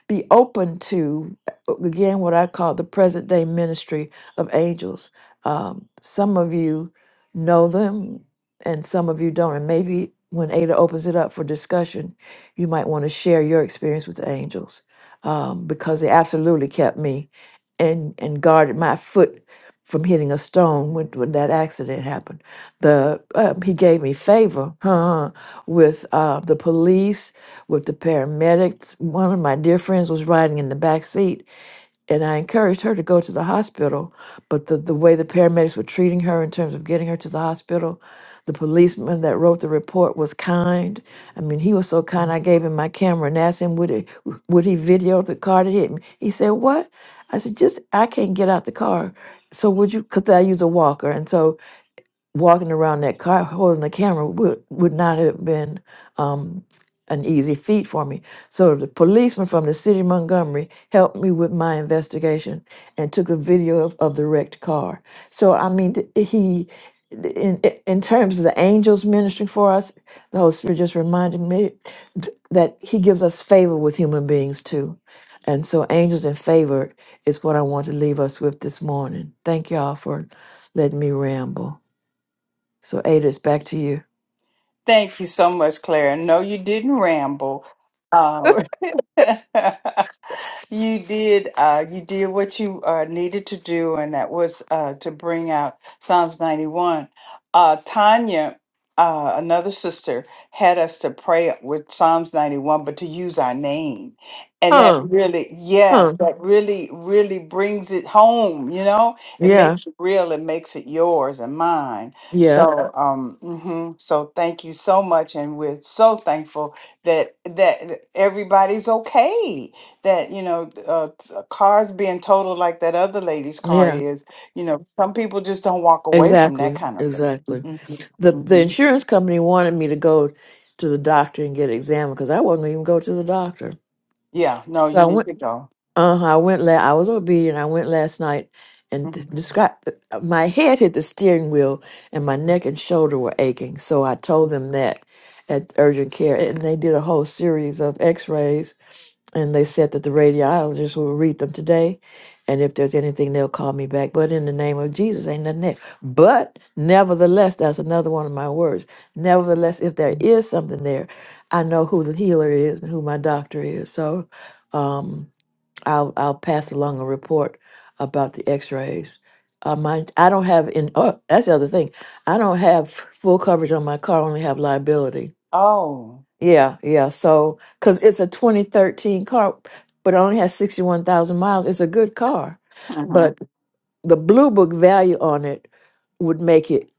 Speaker 7: be open to uh, again what I call the present day ministry of angels. Um, some of you know them, and some of you don't. And maybe when Ada opens it up for discussion, you might want to share your experience with angels um, because they absolutely kept me and and guarded my foot from hitting a stone when, when that accident happened. The uh, he gave me favor [laughs] with uh, the police with the paramedics. One of my dear friends was riding in the back seat, and I encouraged her to go to the hospital. But the, the way the paramedics were treating her in terms of getting her to the hospital, the policeman that wrote the report was kind. I mean, he was so kind. I gave him my camera and asked him, would, it, would he video the car that hit me? He said, What? I said, Just, I can't get out the car. So would you, because I use a walker. And so walking around that car holding the camera would, would not have been um, an easy feat for me. So the policeman from the city of Montgomery helped me with my investigation and took a video of, of the wrecked car. So I mean, th- he, in in terms of the angels ministering for us, the Holy Spirit just reminded me th- that He gives us favor with human beings too. And so, angels in favor is what I want to leave us with this morning. Thank y'all for letting me ramble. So Ada, it's back to you.
Speaker 2: Thank you so much, Clara. No, you didn't ramble. Um, [laughs] you did uh you did what you uh needed to do and that was uh to bring out psalms 91 uh tanya uh another sister had us to pray with psalms 91 but to use our name and that
Speaker 7: Huh.
Speaker 2: really
Speaker 7: Huh.
Speaker 2: yes that really really brings it home you know it
Speaker 7: Yeah.
Speaker 2: makes it real it makes it yours and mine
Speaker 7: Yeah.
Speaker 2: so um mhm, so thank you so much and we're so thankful that that everybody's okay that you know uh, uh, cars being totaled like that other lady's car
Speaker 7: Yeah.
Speaker 2: is you know some people just don't walk away from that
Speaker 7: Exactly.
Speaker 2: kind of
Speaker 7: Exactly.
Speaker 2: thing.
Speaker 7: The
Speaker 2: hmm
Speaker 7: the
Speaker 2: hmm
Speaker 7: insurance company wanted me to go to the doctor and get examined because I wasn't even go to the doctor.
Speaker 2: yeah no
Speaker 7: So
Speaker 2: you
Speaker 7: I
Speaker 2: need
Speaker 7: went.
Speaker 2: to go
Speaker 7: Uh-huh. I went la- I was obedient. I went last night and th-
Speaker 2: hmm
Speaker 7: described my head hit the steering wheel and my neck and shoulder were aching. So I told them that at urgent care and they did a whole series of x-rays and they said that the radiologist will read them today and if there's anything they'll call me back but in the name of jesus ain't nothing there but nevertheless that's another one of my words nevertheless if there is something there i know who the healer is and who my doctor is so um, I'll I'll pass along a report about the X-rays. Uh, my I don't have in. Oh, that's the other thing. I don't have f- full coverage on my car. I only have liability.
Speaker 2: oh
Speaker 7: Yeah, yeah. So because it's a 2013 car, but it only has 61,000 miles. It's a good car,
Speaker 2: hmm
Speaker 7: the blue book value on it would make it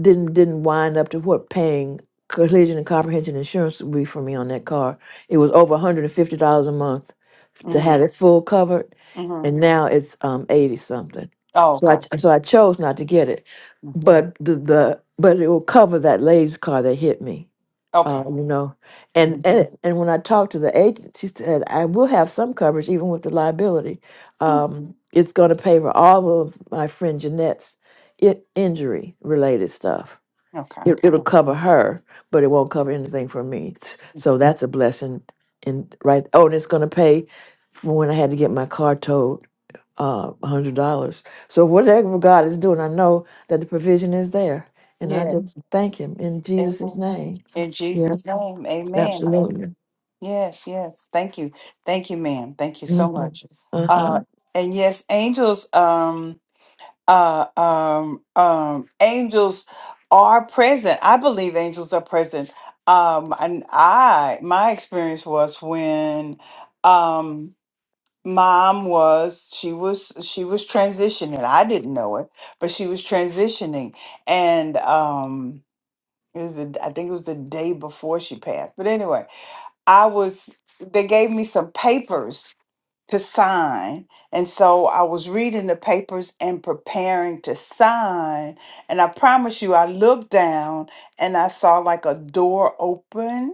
Speaker 7: didn't didn't wind up to what paying collision and comprehensive insurance would be for me on that car. It was over $150 a month to
Speaker 2: hmm
Speaker 7: have it full covered,
Speaker 2: hmm
Speaker 7: and now it's um 80 something.
Speaker 2: oh
Speaker 7: So I
Speaker 2: okay
Speaker 7: ch- so I chose not to get it,
Speaker 2: Mm.
Speaker 7: but the the but it will cover that lady's car that hit me. Uh,
Speaker 2: okay
Speaker 7: you know, and
Speaker 2: hmm
Speaker 7: and and when I talked to the agent, she said I will have some coverage even with the liability um, it's going to pay for all of my friend Jeanette's it, injury related stuff.
Speaker 2: okay
Speaker 7: It, it'll cover her, but it won't cover anything for me. S- So
Speaker 2: Okay.
Speaker 7: that's a blessing. And right, oh, and it's going to pay for when I had to get my car towed, uh, a hundred dollars. So whatever God is doing, I know that the provision is there, and I
Speaker 2: yeah
Speaker 7: just Mhm. thank Him in Jesus'
Speaker 2: amen.
Speaker 7: name.
Speaker 2: in
Speaker 7: Yeah,
Speaker 2: jesus name amen
Speaker 7: absolutely.
Speaker 2: yes yes thank you thank you ma'am thank you so
Speaker 7: hmm
Speaker 2: much
Speaker 7: Uh huh.
Speaker 2: uh and yes angels um uh, um, um, angels are present. I believe angels are present. Um, and I, my experience was when, um, mom was she was she was transitioning i didn't know it but she was transitioning and um it was a, i think it was the day before she passed but anyway i was they gave me some papers to sign. And so I was reading the papers and preparing to sign. And I promise you, I looked down and I saw like a door open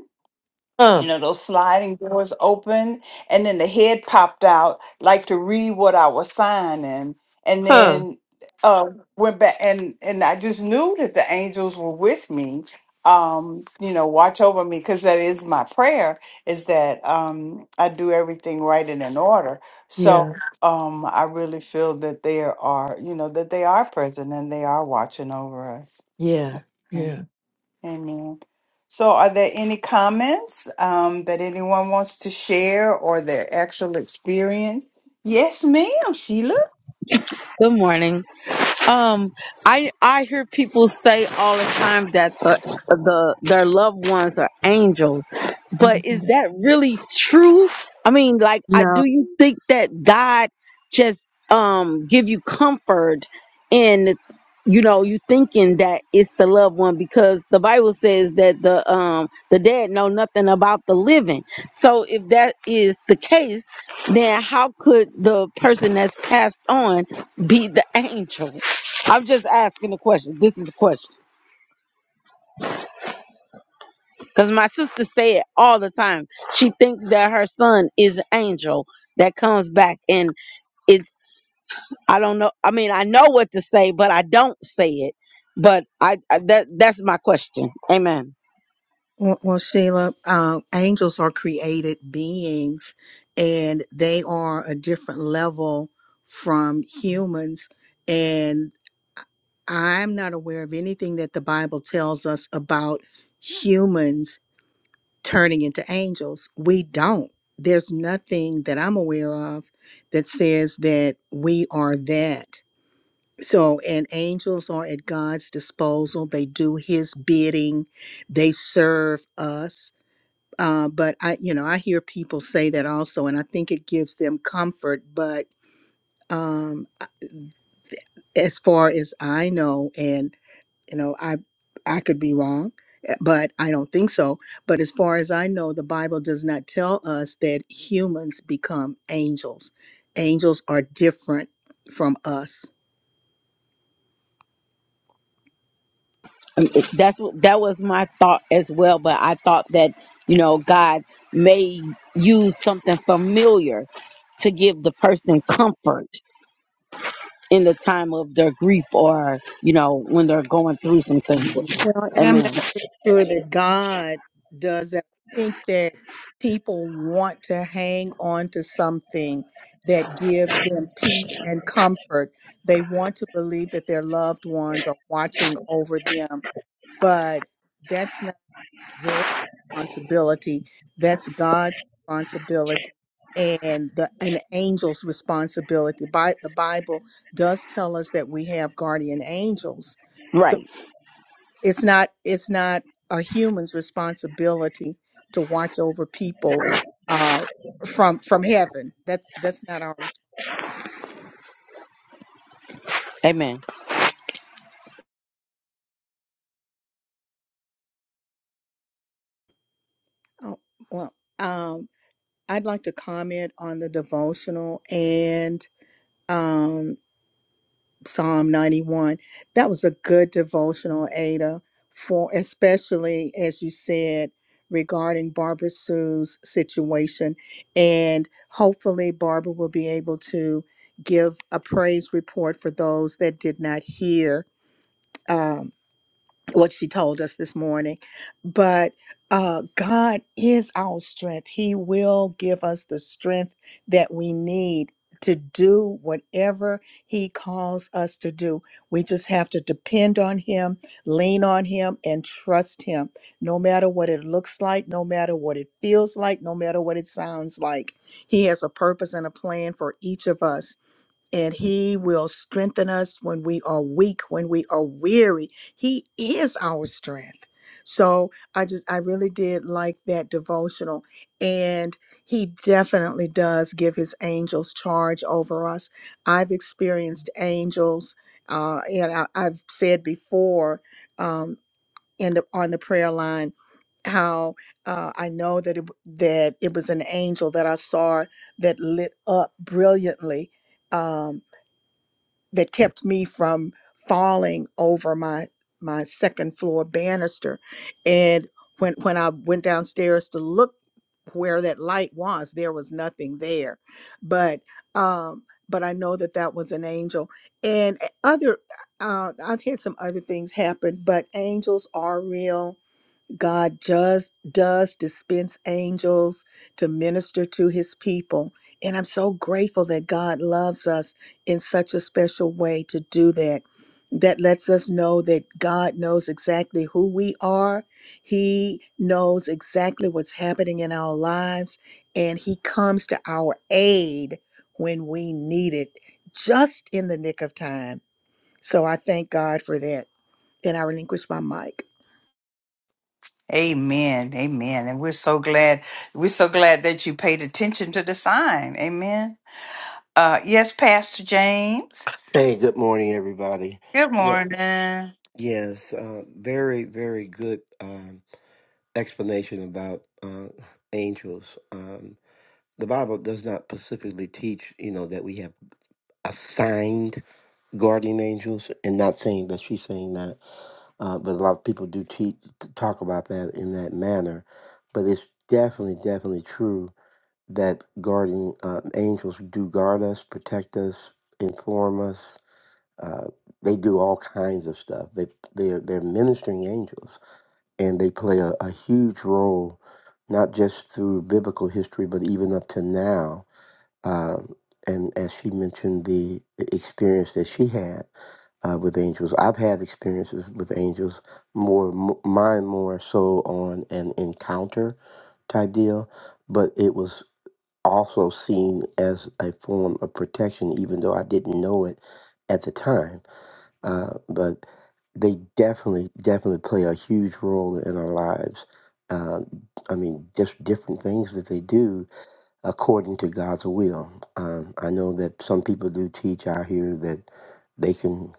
Speaker 7: Huh.
Speaker 2: you know those sliding doors open and then the head popped out like to read what i was signing and
Speaker 7: Huh.
Speaker 2: then uh went back and and i just knew that the angels were with me um you know watch over me because that is my prayer is that um i do everything right and in order so
Speaker 7: Yeah.
Speaker 2: um i really feel that they are you know that they are present and they are watching over us
Speaker 7: Yeah. Yeah.
Speaker 2: Amen. So, are there any comments um, that anyone wants to share or their actual experience? Yes, ma'am, Sheila.
Speaker 9: Good morning. Um, I I hear people say all the time that the the their loved ones are angels, but
Speaker 7: Mm-hmm.
Speaker 9: is that really true? I mean, like,
Speaker 1: And-
Speaker 9: I do you think that God just um give you comfort in you know you thinking that it's the loved one because the Bible says that the um the dead know nothing about the living. So if that is the case, then how could the person that's passed on be the [laughs] angel? I'm just asking a question. This is a question. Because my sister say it all the time. She thinks that her son is an angel that comes back and it's I don't know. I mean, I know what to say, but I don't say it. But I, I that that's my question. Amen.
Speaker 1: Well, well Sheila, uh, angels are created beings and they are a different level from humans. And I'm not aware of anything that the Bible tells us about humans turning into angels. We don't. There's nothing that I'm aware of that says that we are that. So, and angels are at God's disposal. They do his bidding. They serve us uh, but I, you know, I hear people say that also, and I think it gives them comfort. But um, I- as far as I know, and you know, I I could be wrong, eh, but I don't think so. But as far as I know, the Bible does not tell us that humans become angels. Angels are different from us.
Speaker 9: that's that was my thought as well but i thought that you know god may use something familiar to give the person comfort in the time of their grief or you know when they're going through some
Speaker 1: Well,
Speaker 9: things
Speaker 1: and I'm
Speaker 9: amen
Speaker 1: not even sure that God does that. I think that people want to hang on to something that gives them peace and comfort. They want to believe that their loved ones are watching over them, but that's not their responsibility. That's God's responsibility and the an angel's responsibility. Bi- the Bible does tell us that we have guardian angels. So
Speaker 9: right
Speaker 1: it's not it's not a human's responsibility to watch over people uh from from heaven that's that's not our res-
Speaker 9: amen
Speaker 1: oh, well um i'd like to comment on the devotional and um Psalm 91. That was a good devotional, Ada, for especially as you said regarding Barbara Sue's situation. And hopefully, Barbara will be able to give a praise report for those that did not hear. um, what she told us this morning. But uh, God is our strength. He will give us the strength that we need to do whatever He calls us to do. We just have to depend on Him, lean on Him, and trust Him, no matter what it looks like, no matter what it feels like, no matter what it sounds like. He has a purpose and a plan for each of us and he will strengthen us when we are weak when we are weary he is our strength so i just i really did like that devotional and he definitely does give his angels charge over us i've experienced angels uh, and I, i've said before um, in the on the prayer line how uh, I know that it, that it was an angel that I saw that lit up brilliantly Um, that kept me from falling over my my second floor banister and when when I went downstairs to look where that light was there was nothing there but um but I know that that was an angel and eh, other uh I've had some other things happen but angels are real God just does dispense angels to minister to his people. And I'm so grateful that God loves us in such a special way to do that. That lets us know that God knows exactly who we are. He knows exactly what's happening in our lives, and He comes to our aid when we need it, just in the nick of time. So I thank God for that. And I relinquish my mic.
Speaker 2: Amen. Amen. And we're so glad. We're so glad that you paid attention to the sign. Amen. Uh, yes, Pastor James.
Speaker 10: Hey, good morning, everybody.
Speaker 2: Good
Speaker 10: Yeah,
Speaker 2: morning.
Speaker 10: yes, uh, very, very good um, explanation about uh, angels. Um, the Bible does not specifically teach, you know, that we have assigned guardian angels, and not saying that she's saying that, uh, but a lot of people do teach, talk about that in that manner. But it's definitely, definitely true that guardian uh, angels do guard us, protect us, inform us Uh, they do all kinds of stuff. They they're they're ministering angels, and they play a, a huge role, not just through biblical history, but even up to now. Um, and as she mentioned, the experience that she had uh, with angels, I've had experiences with angels. More m- mine, more so on an encounter type deal, but it was also seen as a form of protection, even though I didn't know it at the time uh, but they definitely, definitely play a huge role in our lives. Uh, I mean, just different things that they do according to God's will. Um, I know that some people do teach out here that they can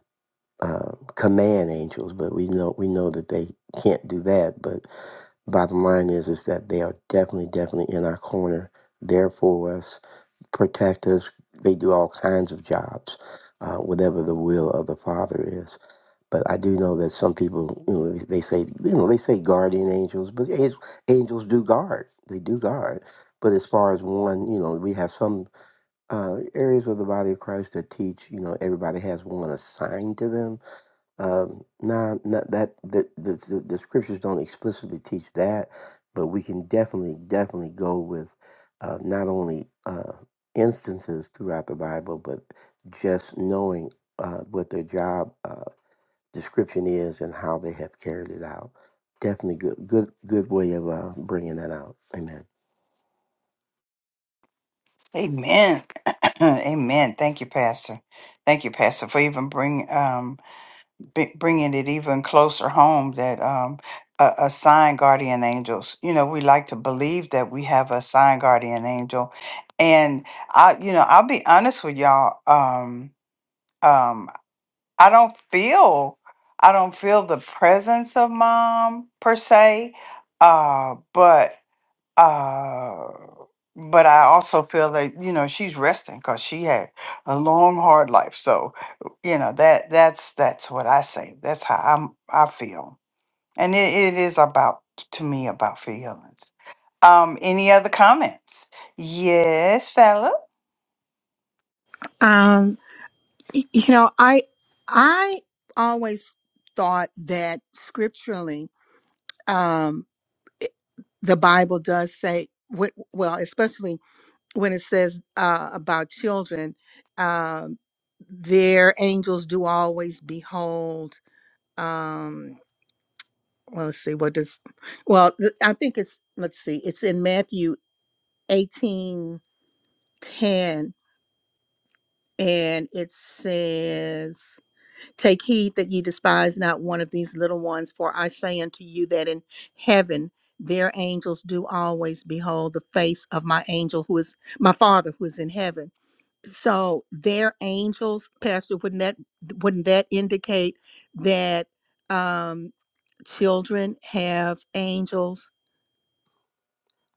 Speaker 10: uh, command angels, but we know we know that they can't do that. But bottom line is is that they are definitely, definitely in our corner, there for us, protect us. They do all kinds of jobs, uh, whatever the will of the Father is. But I do know that some people, you know, they say, you know, they say guardian angels, but ang- angels do guard. They do guard. But as far as one, you know, we have some uh, areas of the body of Christ that teach, you know, everybody has one assigned to them. Um, nah, not that the, the the the scriptures don't explicitly teach that, but we can definitely definitely go with uh, not only uh, instances throughout the Bible, but just knowing uh, what their job. uh, description is and how they have carried it out. Definitely good, good, good way of uh, bringing that out. Amen.
Speaker 2: Amen. [clears throat] Amen. Thank you, Pastor. Thank you, Pastor, for even bring um b- bringing it even closer home that um a- assigned guardian angels. You know, we like to believe that we have a assigned guardian angel, and I, you know, I'll be honest with y'all. Um, um, I don't feel, I don't feel the presence of mom per se, uh, but Uh, but I also feel that you know she's resting because she had a long hard life. So you know that that's that's what I say. That's how I'm I feel, and it, it is about to me about feelings. Um, any other comments? Yes, fella.
Speaker 1: Y- you know i i always thought that scripturally um it- the bible does say wh- well especially when it says uh about children um their angels do always behold um well let's see what does well th- i think it's let's see it's in matthew eighteen ten, and it says Take heed that ye despise not one of these little ones, for I say unto you that in heaven their angels do always behold the face of my angel who is my father who is in heaven. So their angels, Pastor, wouldn't that wouldn't that indicate that um children have angels?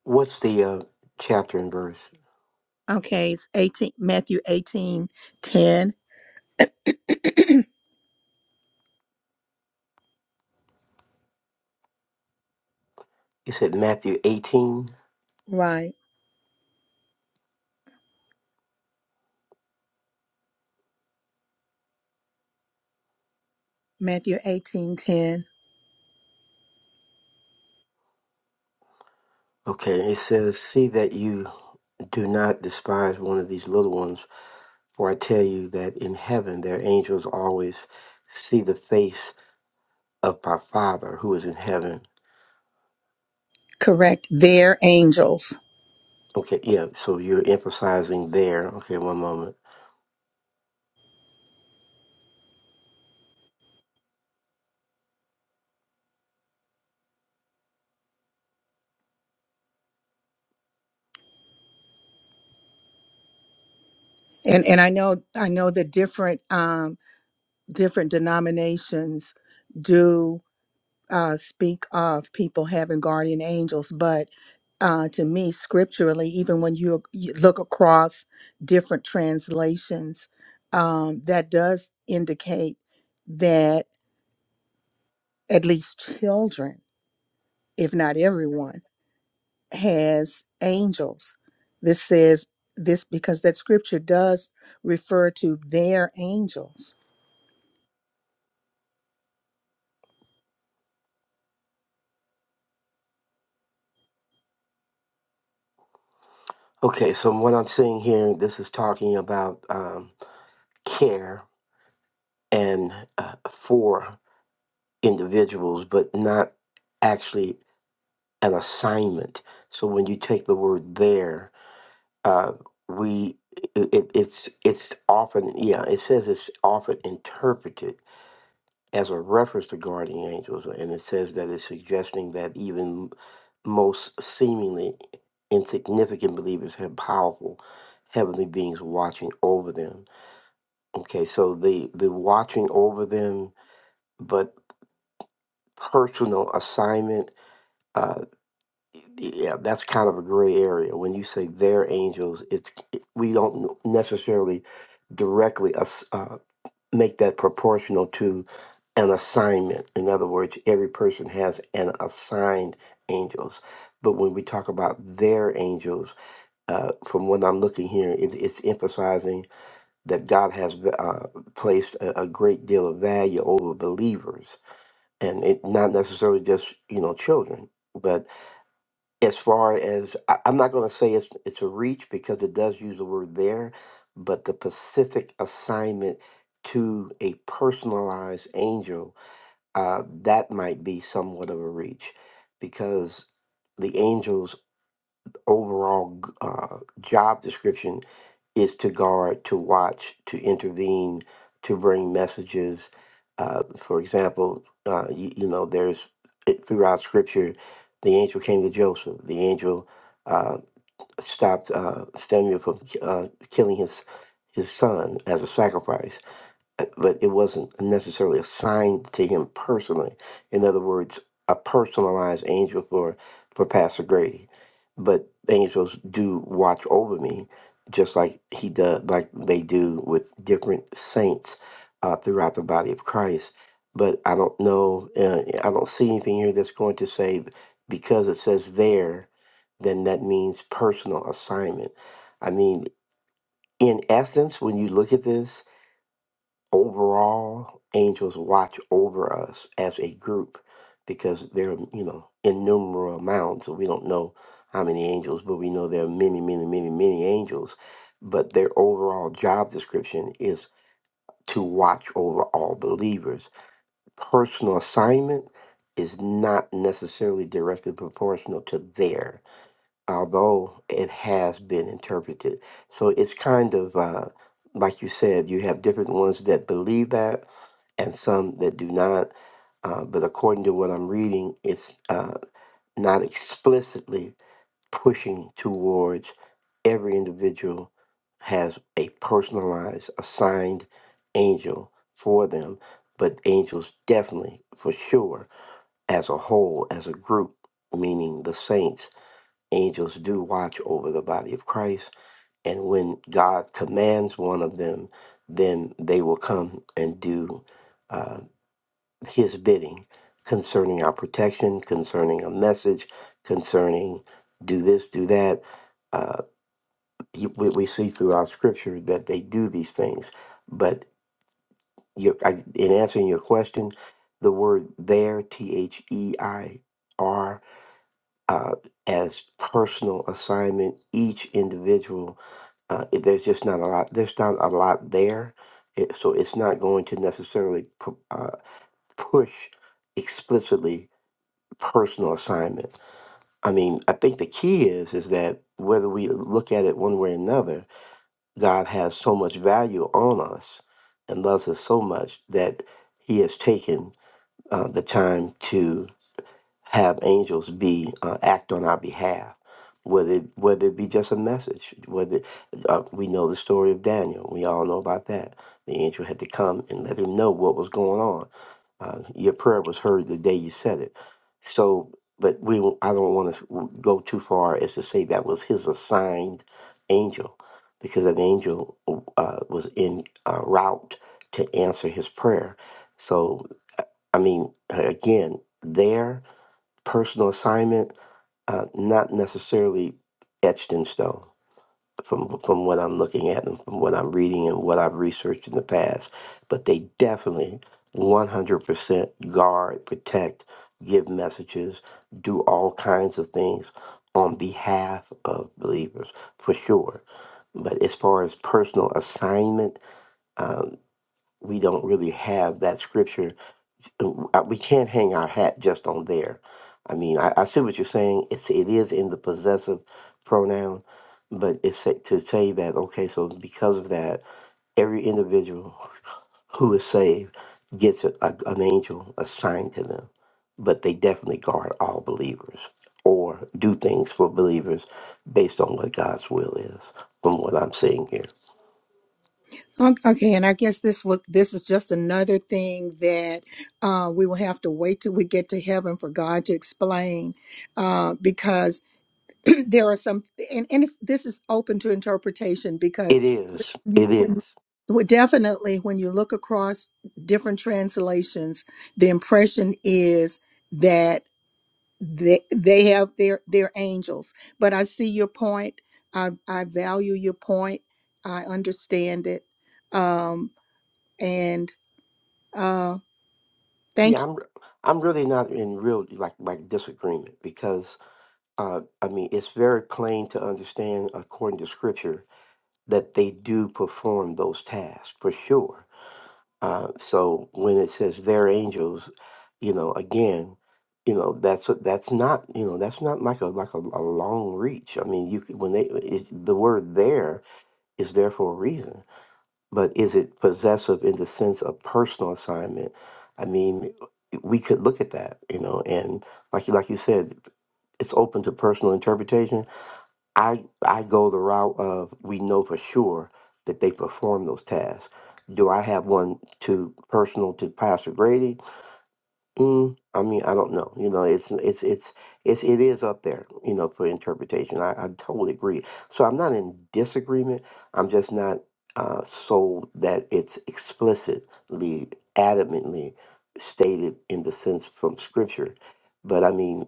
Speaker 10: What's the uh, chapter and verse?
Speaker 1: Okay, it's 18 Matthew eighteen ten,
Speaker 10: You said Matthew 18.
Speaker 1: [clears throat] Right. Matthew 18 10,
Speaker 10: Okay, it says, "See that you do not despise one of these little ones, for I tell you that in heaven their angels always see the face of my Father who is in heaven."
Speaker 1: Correct. Their angels.
Speaker 10: Okay, yeah. So you're emphasizing there. Okay, one moment.
Speaker 1: And and I know I know that different um, different denominations do uh, speak of people having guardian angels, but uh, to me, scripturally, even when you, you look across different translations, um, that does indicate that at least children, if not everyone. has angels. This says this because that scripture does refer to their angels.
Speaker 10: Okay, so what I'm seeing here, this is talking about um, care and uh, for individuals, but not actually an assignment. So when you take the word there, uh, we it, it- it's it's often yeah it says it's often interpreted as a reference to guardian angels, and it says that it's suggesting that even most seemingly insignificant believers have powerful heavenly beings watching over them. Okay, so the the watching over them, but personal assignment uh yeah that's kind of a gray area when you say their angels it's it, we don't necessarily directly as, uh, make that proportional to an assignment in other words every person has an assigned angels but when we talk about their angels uh, from what i'm looking here it, it's emphasizing that god has uh, placed a, a great deal of value over believers and it not necessarily just you know children but as far as I, i'm not going to say it's it's a reach because it does use the word there but the pacific assignment to a personalized angel uh, that might be somewhat of a reach because the angels overall g- uh, job description is to guard, to watch, to intervene, to bring messages. Uh, for example, uh, you, you know, there's it- throughout Scripture, the angel came to Joseph. The angel uh, stopped uh, Samuel from ki- uh, killing his his son as a sacrifice but it wasn't necessarily assigned to him personally. In other words, a personalized angel for for Pastor Grady. But angels do watch over me, just like he does, like they do with different saints uh, throughout the body of Christ. But I don't know. Uh, I don't see anything here that's going to say because it says there, then that means personal assignment. I mean, in essence, when you look at this, overall angels watch over us as a group because there are you know innumerable amounts so we don't know how many angels but we know there are many many many many angels but their overall job description is to watch over all believers personal assignment is not necessarily directly proportional to theirs although it has been interpreted. So it's kind of uh, like you said, you have different ones that believe that and some that do not. Uh, but according to what I'm reading, it's uh, not explicitly pushing towards every individual has a personalized, assigned angel for them. But angels definitely, for sure, as a whole, as a group, meaning the saints angels do watch over the body of Christ. And when God commands one of them, then they will come and do uh, his bidding concerning our protection, concerning a message, concerning do this, do that. Uh, you- we, we see throughout scripture that they do these things. But you, I, in answering your question, the word there, T H E I R uh, as personal assignment. Each individual, uh, it- there's just not a lot. There's not a lot there, it, so it's not going to necessarily pu- uh, push explicitly personal assignment. I mean, I think the key is is that whether we look at it one way or another, God has so much value on us and loves us so much that He has taken uh, the time to have angels be uh, act on our behalf whether it, whether it be just a message whether uh, we know the story of daniel we all know about that the angel had to come and let him know what was going on uh, your prayer was heard the day you said it so but we won't- i don't want to go too far as to say that was his assigned angel because an angel uh, was in uh, route to answer his prayer so i mean again there personal assignment, uh, not necessarily etched in stone from from what I'm looking at and from what I'm reading and what I've researched in the past. But they definitely 100% guard, protect, give messages, do all kinds of things on behalf of believers for sure. But as far as personal assignment, um, we don't really have that scripture I- we can't hang our hat just on there. I mean, I, I see what you're saying. It's it is in the possessive pronoun, but it's sa- to say that okay, so because of that, every individual who is saved gets a, a, an angel assigned to them, but they definitely guard all believers or do things for believers based on what God's will is. From what I'm seeing here,
Speaker 1: Ok- Okay, and I guess this will, this is just another thing that uh, we will have to wait till we get to heaven for God to explain, uh, because [clears throat] there are some and, and it's, this is open to interpretation because
Speaker 10: it is,
Speaker 1: you
Speaker 10: it
Speaker 1: when
Speaker 10: is.
Speaker 1: well, definitely when you look across different translations the impression is that they, they have their their angels but i see your point i i value your point i understand it um and uh
Speaker 10: Yeah,
Speaker 1: thank you
Speaker 10: I'm I'm really not in real like like disagreement because uh, I mean, it's very plain to understand, according to scripture, that they do perform those tasks for sure. Uh, so when it says their angels, you know, again, you know, that's that's not, you know, that's not like a like a, a long reach. I mean, you could, when they it, the word there is there for a reason, but is it possessive in the sense of personal assignment? I mean, we could look at that, you know, and like you like you said, it's open to personal interpretation I I go the route of we know for sure that they perform those tasks. Do I have one to personal to Pastor Grady? Mm, I mean, I don't know. You know, it's it's it's it's it is up there. You know, for interpretation. I, I totally agree. So I'm not in disagreement. I'm just not uh, sold that it's explicitly, adamantly stated in the sense from Scripture. But I mean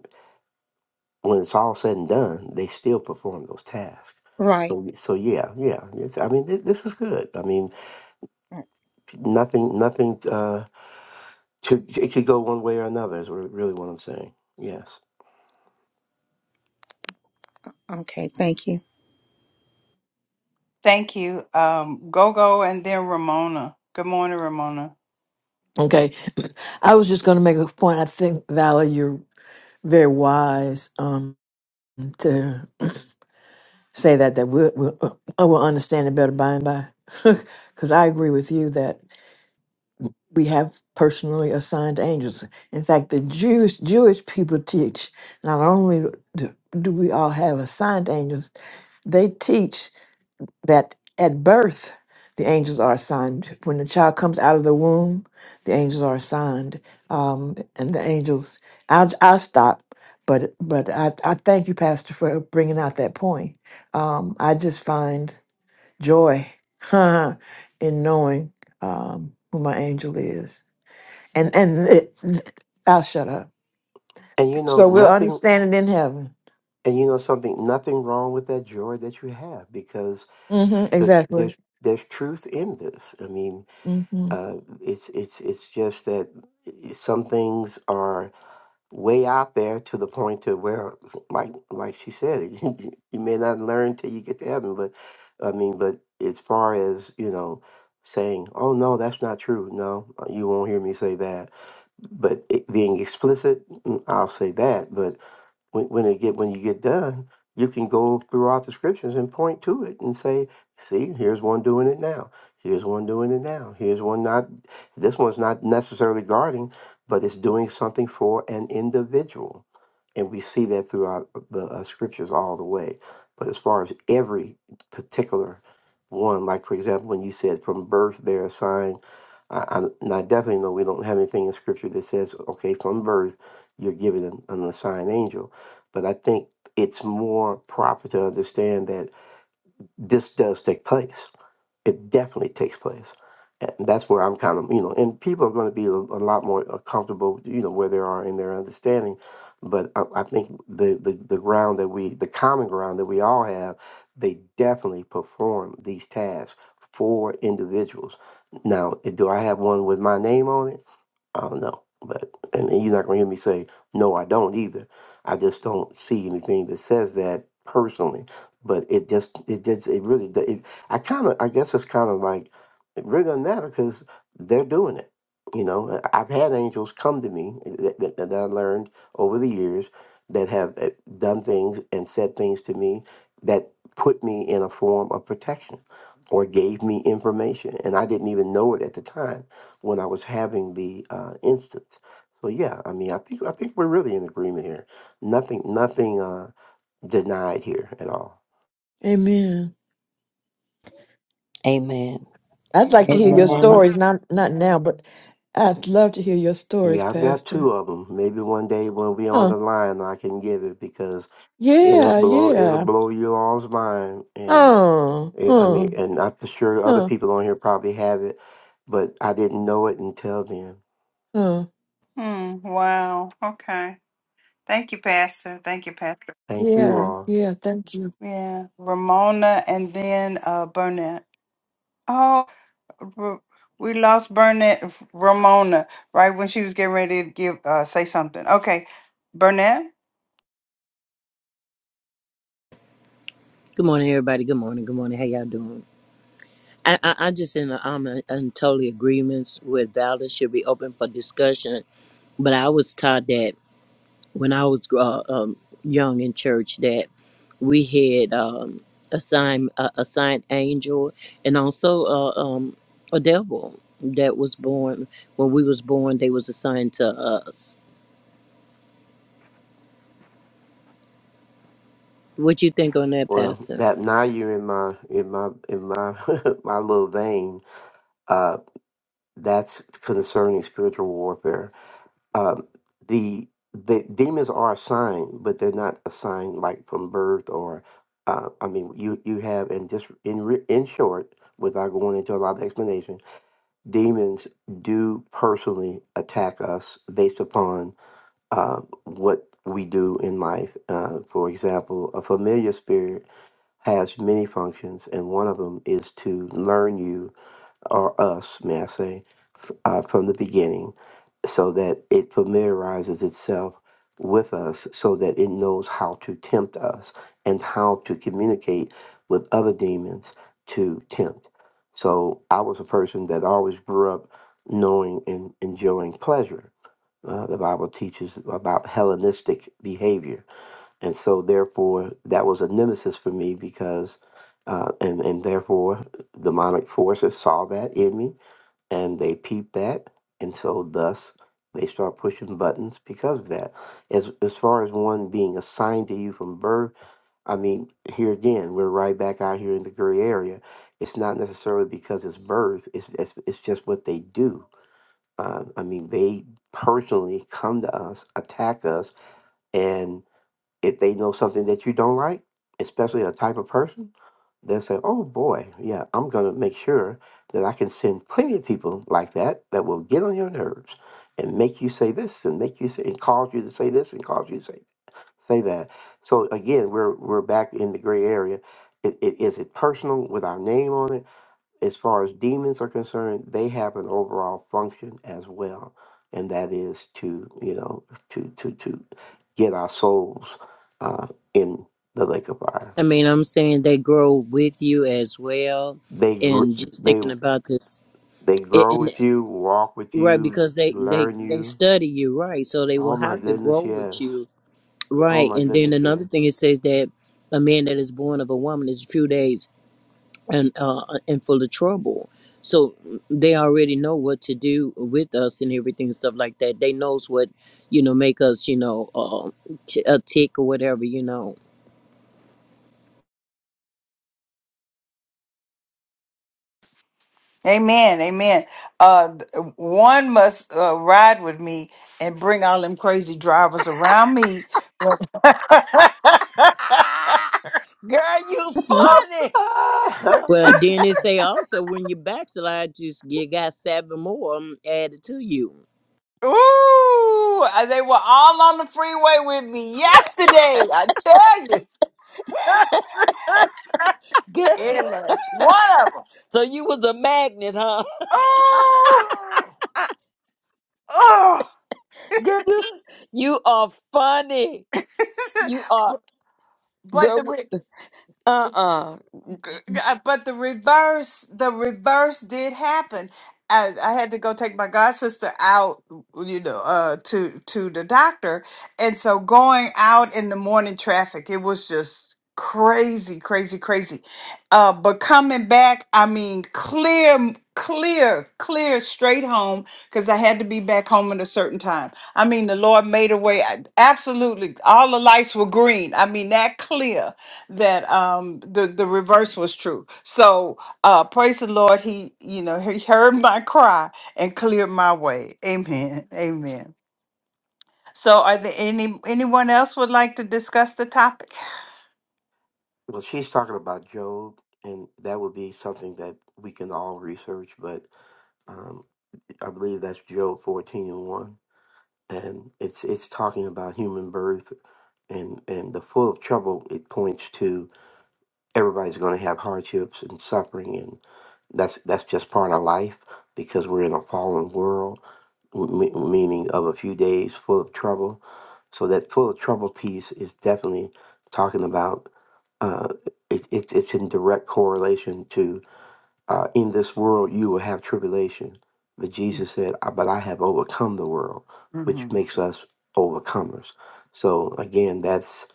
Speaker 10: when it's all said and done, they still perform those tasks.
Speaker 1: right
Speaker 10: So, so yeah, yeah. It's, I mean, th- this is good. I mean,
Speaker 1: right.
Speaker 10: nothing, nothing. Uh, to, it could go one way or another. Is re- really what I'm saying. Yes.
Speaker 1: okay thank you
Speaker 2: Thank you. Um, Gogo, and then Ramona. Good morning, Ramona.
Speaker 7: Okay. [clears throat] I was just going to make a point. I think, Valerie, you're very wise um, to say that, that we'll, we'll, uh, we'll understand it better by and by. [laughs] Because I agree with you that we have personally assigned angels. In fact, the Jewish, Jewish people teach not only do, do we all have assigned angels, they teach. that at birth the angels are assigned. When the child comes out of the womb, the angels are assigned, um, and the angels. I'll I'll stop, but but I I thank you, Pastor, for bringing out that point. Um, I just find joy [laughs] in knowing um, who my angel is, and and it, I'll shut up.
Speaker 10: And you know,
Speaker 7: So we'll
Speaker 10: nothing.
Speaker 7: understand it in heaven.
Speaker 10: And you know something. Nothing wrong with that joy that you have because
Speaker 7: hmm
Speaker 10: the,
Speaker 7: exactly.
Speaker 10: there's there's truth in this. I mean,
Speaker 7: hmm
Speaker 10: uh, it's it's it's just that eh, some things are. way out there to the point to where, like like she said, [laughs] you may not learn till you get to heaven. But I mean, but as far as you know, saying, "Oh no, that's not true," no, you won't hear me say that. But it, being explicit, mm, I'll say that when, when it get when you get done, you can go throughout the scriptures and point to it and say, "See, here's one doing it now. Here's one doing it now. Here's one not. This one's not necessarily guarding, but it's doing something for an individual." And we see that throughout the uh, scriptures all the way. But as far as every particular one, like for example, when you said from birth they're assigned, I, I, and I definitely know we don't have anything in scripture that says, okay, from birth you're given an, an assigned angel but I think it's more proper to understand that this does take place. It definitely takes place. And that's where I'm kind of, you know, and people are going to be a, a lot more uh, comfortable, you know, where they are in their understanding. But I, I think the, the, the ground that we, the common ground that we all have, they definitely perform these tasks for individuals. Now, do I have one with my name on it? I don't know, but and you're not gonna hear me say no. I don't either. I just don't see anything that says that personally. But it just it just it really do- it, I kind of I guess it's kind of like it really doesn't matter because they're doing it. You know, I- I've had angels come to me that, that, that I learned over the years that have uh, done things and said things to me that put me in a form of protection or gave me information and I didn't even know it at the time when I was having the uh, instance. So yeah, I mean, I think I think we're really in agreement here. Nothing, nothing uh, denied here at all.
Speaker 7: Amen.
Speaker 5: Amen.
Speaker 7: I'd like to
Speaker 5: And
Speaker 7: hear your
Speaker 5: Ramona.
Speaker 11: Amen.
Speaker 7: stories, not not now, but I'd love to hear your stories,
Speaker 10: Yeah, I've got
Speaker 7: Pastor.
Speaker 10: two of them. Maybe one day when we on
Speaker 7: Huh.
Speaker 10: the line, I can give it because it'll
Speaker 7: Yeah,
Speaker 10: blow it'll
Speaker 7: yeah.
Speaker 10: blow you all's mind. And
Speaker 7: Huh.
Speaker 10: eh, I mean,
Speaker 7: Huh.
Speaker 10: and I'm sure other
Speaker 7: Huh.
Speaker 10: people on here probably have it, but I didn't know it until then.
Speaker 7: Huh.
Speaker 2: Hmm. Wow. Okay. Thank you, Pastor. Thank you, Pastor.
Speaker 10: Thank you
Speaker 7: Yeah.
Speaker 10: all.
Speaker 7: Yeah. Thank you.
Speaker 2: Yeah, Ramona and then uh Burnett. Oh, R- we lost Burnett, Ramona, right when she was getting ready to give uh say something. Okay, Burnett.
Speaker 12: Good morning, everybody. Good morning. Good morning. How y'all doing? I, I, I'm just in, i I'm in, in totally agreements with Val. It should be open for discussion. But I was taught that when I was uh, um, young in church that we had um, assigned uh, assigned angel and also uh, um, a devil that was born when we was born. They was assigned to us. What you think on that,
Speaker 10: Well,
Speaker 12: Pastor?
Speaker 10: that now you're in my in my in my [laughs] my little vein uh, That's concerning spiritual warfare. Um, the the demons are assigned, but they're not assigned like from birth or. Uh, I mean, you you have and just in re- in short, without going into a lot of explanation, demons do personally attack us based upon uh, what we do in life. Uh, for example, a familiar spirit has many functions, and one of them is to learn you or us, may I say, f- uh, from the beginning, so that it familiarizes itself with us, so that it knows how to tempt us and how to communicate with other demons to tempt. So I was a person that always grew up knowing and enjoying pleasure. Uh, the Bible teaches about Hellenistic behavior and so therefore that was a nemesis for me because uh, and and therefore demonic forces saw that in me and they peeped that and so thus they start pushing buttons because of that as as far as one being assigned to you from birth i mean here again we're right back out here in the gray area it's not necessarily because it's birth it's it's, it's just what they do uh, i mean they personally come to us attack us if they know something that you don't like, especially a type of person, they'll say, "Oh boy, yeah, I'm going to make sure that I can send plenty of people like that that will get on your nerves and make you say this and make you say and cause you to say this and cause you to say say that." So again, we're we're back in the gray area. It, it, is it personal with our name on it? as far as demons are concerned, they have an overall function as well, and that is to you know to to to get our souls uh, in the lake of fire.
Speaker 12: I mean, I'm saying they grow with you as well.
Speaker 10: They gr-
Speaker 12: And just
Speaker 10: they
Speaker 12: thinking about this
Speaker 10: they
Speaker 12: It,
Speaker 10: grow
Speaker 12: and
Speaker 10: with you, walk with
Speaker 12: right
Speaker 10: you,
Speaker 12: because they they
Speaker 10: learn
Speaker 12: they
Speaker 10: you.
Speaker 12: study you right, so they will
Speaker 10: Oh my
Speaker 12: have to grow
Speaker 10: goodness,
Speaker 12: with you
Speaker 10: yes. Yeah, Oh
Speaker 12: right.
Speaker 10: my
Speaker 12: And then
Speaker 10: goodness,
Speaker 12: another
Speaker 10: yes.
Speaker 12: thing it says that a man that is born of a woman is few days and uh uh, and full of trouble. So mm, they already know what to do with us and everything and stuff like that. They knows what you know make us you know uh, t- a tick or whatever you know.
Speaker 2: Amen, amen. Uh, th- one must uh, ride with me and bring all them crazy drivers around me. [laughs]
Speaker 5: Ah, [laughs] girl, you
Speaker 1: [laughs] Mhm.
Speaker 5: funny.
Speaker 10: Ah!
Speaker 12: Well,
Speaker 10: [laughs]
Speaker 12: then it say also when you backslide, just you got seven more um, added to you.
Speaker 2: Ooh, uh, they were all on the freeway with me yesterday. I tell you. [laughs]
Speaker 5: Girl,
Speaker 2: Endless. One of them.
Speaker 5: so you was a magnet, huh?
Speaker 2: Oh,
Speaker 5: [laughs]
Speaker 2: oh.
Speaker 5: Girl,
Speaker 2: [laughs]
Speaker 5: [laughs] you are funny. You are
Speaker 2: but, but
Speaker 5: girl.
Speaker 2: the
Speaker 5: w- Uh-uh.
Speaker 2: G- g- uh, but the reverse the reverse did happen I, I had to go take my god sister out you know uh to to the doctor and so going out in the morning traffic it was just crazy crazy crazy uh but coming back i mean clear clear clear straight home because i had to be back home at a certain time i mean the lord made a way I, absolutely all the lights were green i mean that clear that um the the reverse was true so uh praise the lord he you know he heard [laughs] my cry and cleared my way amen [laughs] amen so are there any anyone else would like to discuss the topic
Speaker 10: well, she's talking about Job, and that would be something that we can all research, but um, I believe that's Job 14 and 1. and it's it's talking about human birth and and the full of trouble it points to everybody's going to have hardships and suffering and that's that's just part of life because we're in a fallen world m- meaning of a few days full of trouble so that full of trouble piece is definitely talking about uh it, it, it's in direct correlation to uh, in this world you will have tribulation. But Jesus said, "I- But I have overcome the world,
Speaker 2: hmm
Speaker 10: which makes us overcomers. So again, that's,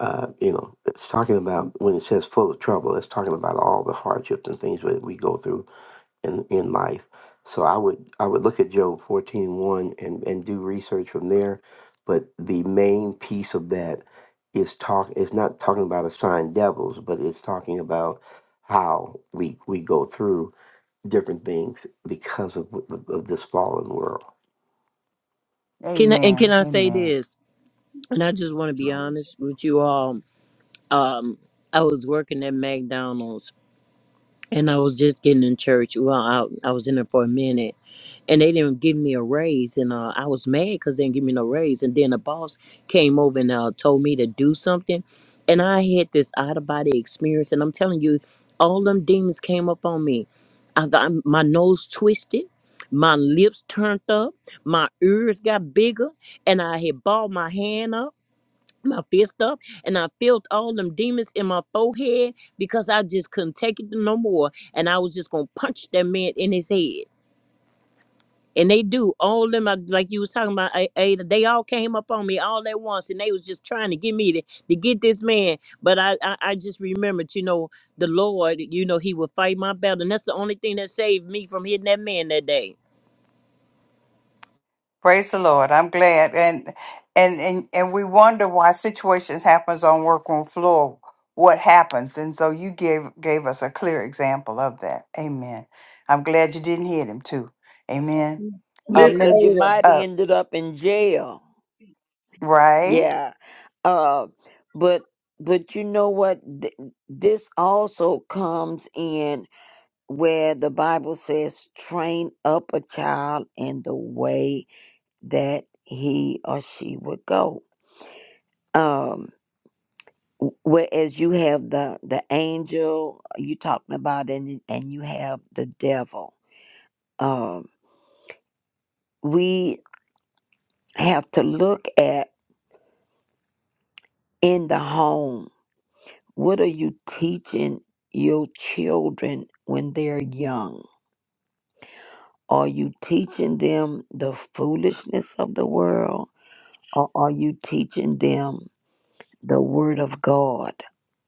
Speaker 10: uh, you know, it's talking about when it says full of trouble, it's talking about all the hardships and things that we go through in, in life. So I would I would look at Job fourteen one and, and do research from there. But the main piece of that is talk it's not talking about assigned devils, but it's talking about how we we go through different things because of, of, of this fallen world.
Speaker 12: Can I, and can
Speaker 2: amen
Speaker 12: I say
Speaker 2: amen
Speaker 12: this? And I just want to be
Speaker 2: no
Speaker 12: honest with you all. Um, I was working at McDonald's and I was just getting in church. Well, I, I was in there for a minute and they didn't give me a raise. And uh, I was mad because they didn't give me no raise. And then the boss came over and uh, told me to do something. And I had this out of body experience. And I'm telling you, all them demons came up on me. I, I, my nose twisted. My lips turned up, my ears got bigger, and I had balled my hand up my fist up and I felt all them demons in my forehead because I just couldn't take it no more. And I was just gonna punch that man in his head. And they do all them I- like you was talking about. A- Ada, they all came up on me all at once, and they was just trying to get me to, to get this man. But I, I I just remembered, you know, the Lord, you know, He would fight my battle, and that's the only thing that saved me from hitting that man that day.
Speaker 2: praise the lord i'm glad and and and and we wonder why situations happens on workroom floor what happens and so you gave gave us a clear example of that amen i'm glad you didn't hit him too amen Uh,
Speaker 5: Yeah,
Speaker 11: Miss
Speaker 5: cause you
Speaker 2: Minis-
Speaker 11: Ada.
Speaker 5: might have
Speaker 2: uh,
Speaker 5: ended up in jail.
Speaker 2: right,
Speaker 5: Yeah. Uh, but but you know what? Th- This also comes in where the Bible says, "Train up a child in the way that he or she would go." Um. w- Whereas you have the the angel uh, you talking about, and and you have the devil um, we have to look at in the home what are you teaching your children when they're young? Are you teaching them the foolishness of the world or are you teaching them the word of God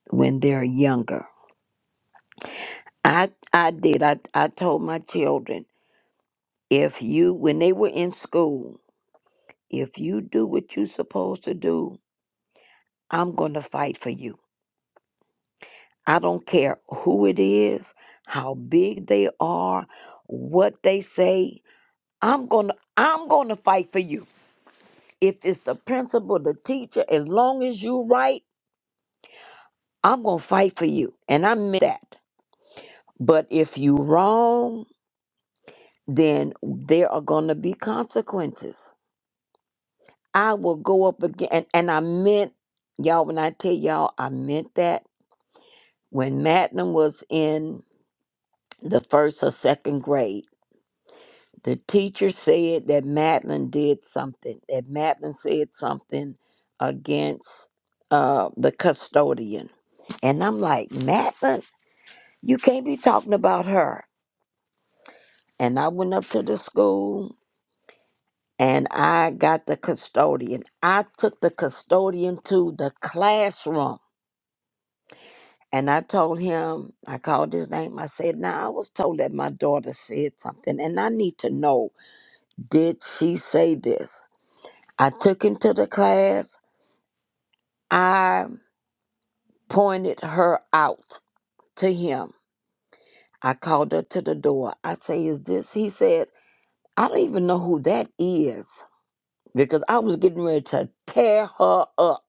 Speaker 5: when they're younger? I, I did. I, I told my children if you, when they were in school, if you do what you're supposed to do, I'm going to fight for you. I don't care who it is, how big they are, what they say. I'm going to I'm going to fight for you. If it's the principal, the teacher, as long as you right, I'm going to fight for you. And I meant that. But if you wrong, then there are going to be consequences. I will go up again and, and I meant y'all when I tell y'all I meant that when Madeline was in the first or second grade the teacher said that Madeline did something, that Madeline said something against uh, the custodian. And I'm like, Madeline, you can't be talking about her. And I went up to the school and I got the custodian. I took the custodian to the classroom and I told him, I called his name. I said, Now I was told that my daughter said something and I need to know, did she say this? I took him to the class I pointed her out to him. I called her to the door. I say, Is this? He said, I don't even know who that is because I was getting ready to tear her up.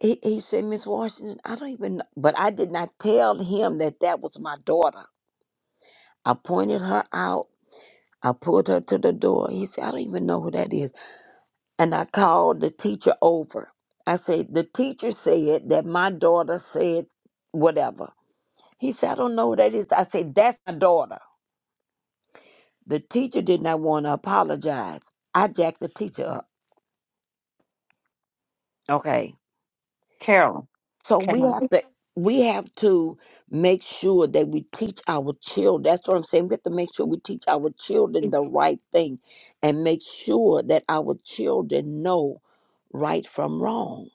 Speaker 5: He, he said, Miss Washington, I don't even know. But I did not tell him that that was my daughter. I pointed her out. I pulled her to the door. He said, I don't even know who that is. And I called the teacher over. I said, The teacher said that my daughter said whatever. He said, I don't know who that is. I said, That's my daughter. The teacher did not want to apologize. I jacked the teacher up. Okay.
Speaker 2: Carolyn.
Speaker 5: So we
Speaker 2: Carolyn.
Speaker 5: have to we have to make sure that we teach our children. That's what I'm saying. We have to make sure we teach our children the right thing and make sure that our children know right from wrong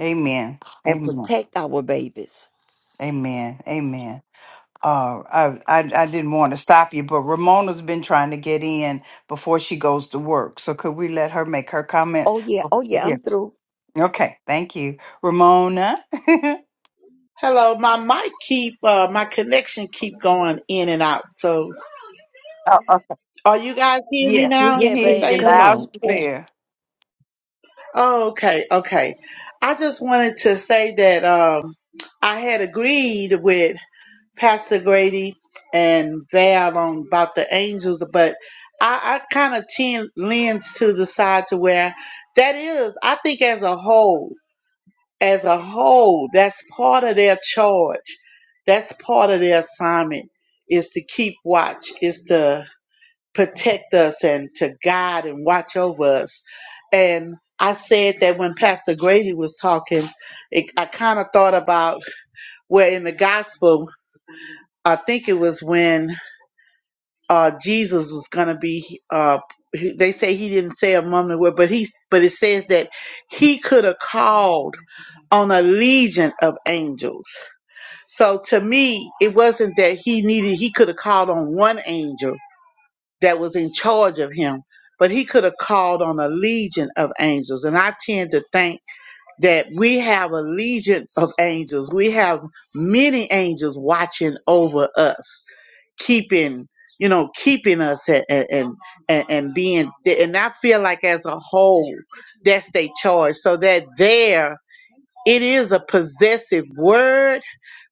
Speaker 2: Amen.
Speaker 5: and
Speaker 2: Amen.
Speaker 5: protect our babies.
Speaker 2: Amen. Amen. Uh, I, I I didn't want to stop you, but Ramona's been trying to get in before she goes to work. So could we let her make her comment?
Speaker 5: Oh yeah,
Speaker 2: Oh,
Speaker 5: oh yeah,
Speaker 2: yeah.
Speaker 5: I'm through.
Speaker 2: Okay. Thank you, Ramona. [laughs] oh,
Speaker 11: Hello, my mic keep uh my connection keep going in and out. So
Speaker 2: okay.
Speaker 11: are you guys hearing me
Speaker 2: Yes, we
Speaker 11: now,
Speaker 2: can
Speaker 5: Yeah,
Speaker 2: hear
Speaker 11: Miss
Speaker 5: babe,
Speaker 2: you
Speaker 11: Ada?
Speaker 5: come
Speaker 2: loud
Speaker 5: on.
Speaker 2: and
Speaker 11: Oh,
Speaker 2: clear.
Speaker 11: oh, okay, okay. I just wanted to say that um I had agreed with Pastor Grady and Val on about the angels, but I, I kind of tend leans to the side to where that is. I think as a whole, as a whole, that's part of their charge. That's part of their assignment is to keep watch, is to protect us and to guide and watch over us. And I said that when Pastor Grady was talking, it, I kind of thought about where in the gospel, I think it was when uh, Jesus was going to be. Uh, he- they say he didn't say a moment where, but he, but it says that he could have called on a legion of angels. So to me, it wasn't that he needed. He could have called on one angel that was in charge of him, but he could have called on a legion of angels. And I tend to think that we have a legion of angels. We have many angels watching over us keeping you know keeping us and and and, and being and i feel like as a whole that's their charge so that there it is a possessive word,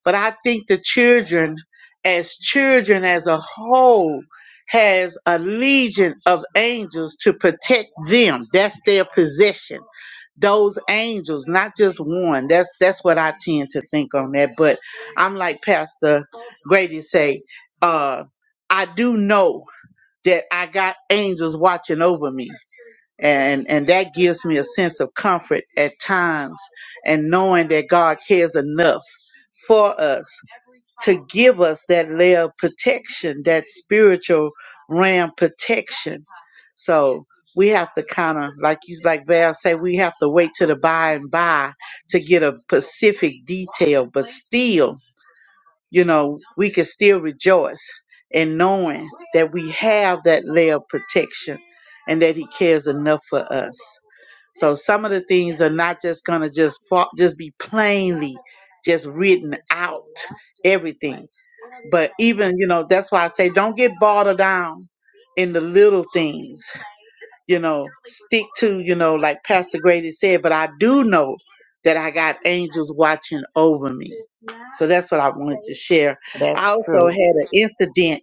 Speaker 11: but I think the children, as children as a whole, has a legion of angels to protect them. That's their possession. Those angels, not just one. That's that's what I tend to think on that. But I'm like Pastor Grady say, uh, I do know that I got angels watching over me. And and that gives me a sense of comfort at times and knowing that God cares enough for us to give us that layer of protection, that spiritual ram protection. So we have to kind of like you like Val say, we have to wait till the by and by to get a specific detail, but still you know, we can still rejoice in knowing that we have that layer of protection and that He cares enough for us. So some of the things are not just gonna just fa- just be plainly just written out everything, but even you know that's why I say don't get bogged down in the little things. You know, stick to you know like Pastor Grady said. But I do know that I got angels watching over me. So that's what I wanted to share. I
Speaker 5: That's
Speaker 11: also had
Speaker 5: true.
Speaker 11: an incident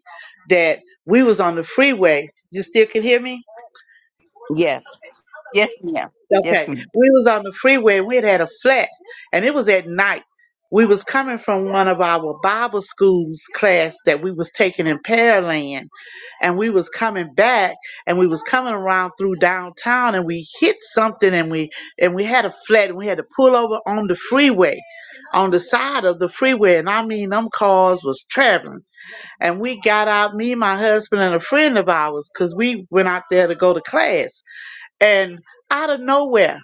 Speaker 11: that we was on the freeway. You still can hear me?
Speaker 5: Yes.
Speaker 2: Yes, ma'am. Yes,
Speaker 11: Okay.
Speaker 2: ma'am.
Speaker 11: We was on the freeway. We had had a flat and it was at night. We was coming from one of our Bible schools class that we was taking in Pearland and we was coming back and we was coming around through downtown and we hit something and we and we had a flat and we had to pull over on the freeway on the side of the freeway and I mean them cars was traveling and we got out me my husband and a friend of ours because we went out there to go to class and out of nowhere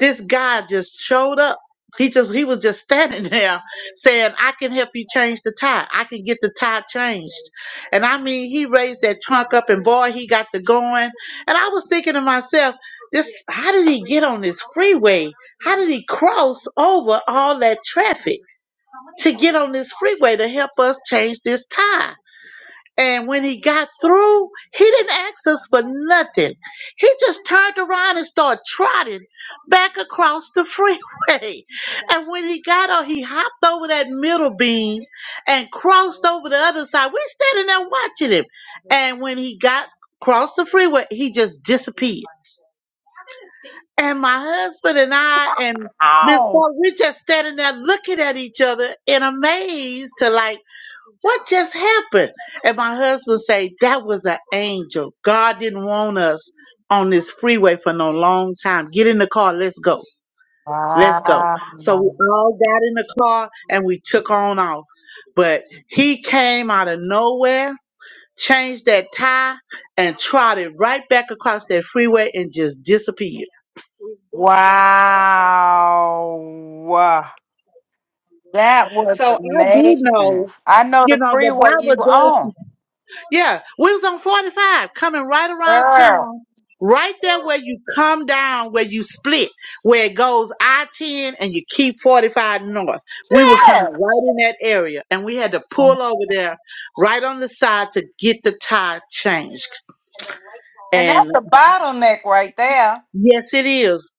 Speaker 11: this guy just showed up he just he was just standing [laughs] there saying i can help you change the tire i can get the tire changed and i mean he raised that trunk up and boy he got to going and i was thinking to myself this how did he get on this freeway how did he cross over all that traffic to get on this freeway to help us change this tire and when he got through, he didn't ask us for nothing. He just turned around and started trotting back across the freeway. [laughs] And when he got on, he hopped over that middle beam and crossed over the other side. We standing there watching him. And when he got across the freeway, he just disappeared. And my husband and I and Miss
Speaker 2: Wow.
Speaker 11: Paul, we just standing there looking at each other in amaze to like what just happened? And my husband say, that was an angel. God didn't want us on this freeway for no long time. Get in the car. Let's go. Let's go. So we all got in the car and we took on off. But he came out of nowhere, changed that tire, and trotted right back across that freeway and just disappeared.
Speaker 2: Wow. Wow. That was
Speaker 11: So I do
Speaker 2: amazing.
Speaker 11: know,
Speaker 2: I know
Speaker 11: you
Speaker 2: the
Speaker 11: know, the
Speaker 2: freeway you
Speaker 11: Bible
Speaker 2: were
Speaker 11: does.
Speaker 2: on,
Speaker 11: Yeah, we was on 45 coming right around
Speaker 2: girl.
Speaker 11: town, right there where you come down, where you split, where it goes I 10 and you keep 45 north. We were coming right
Speaker 2: Yes,
Speaker 11: in that area and we had to
Speaker 1: Oh my-
Speaker 11: pull over there right on the side to get the tire changed.
Speaker 2: and
Speaker 11: And
Speaker 2: that's a bottleneck right there.
Speaker 11: yes, it is.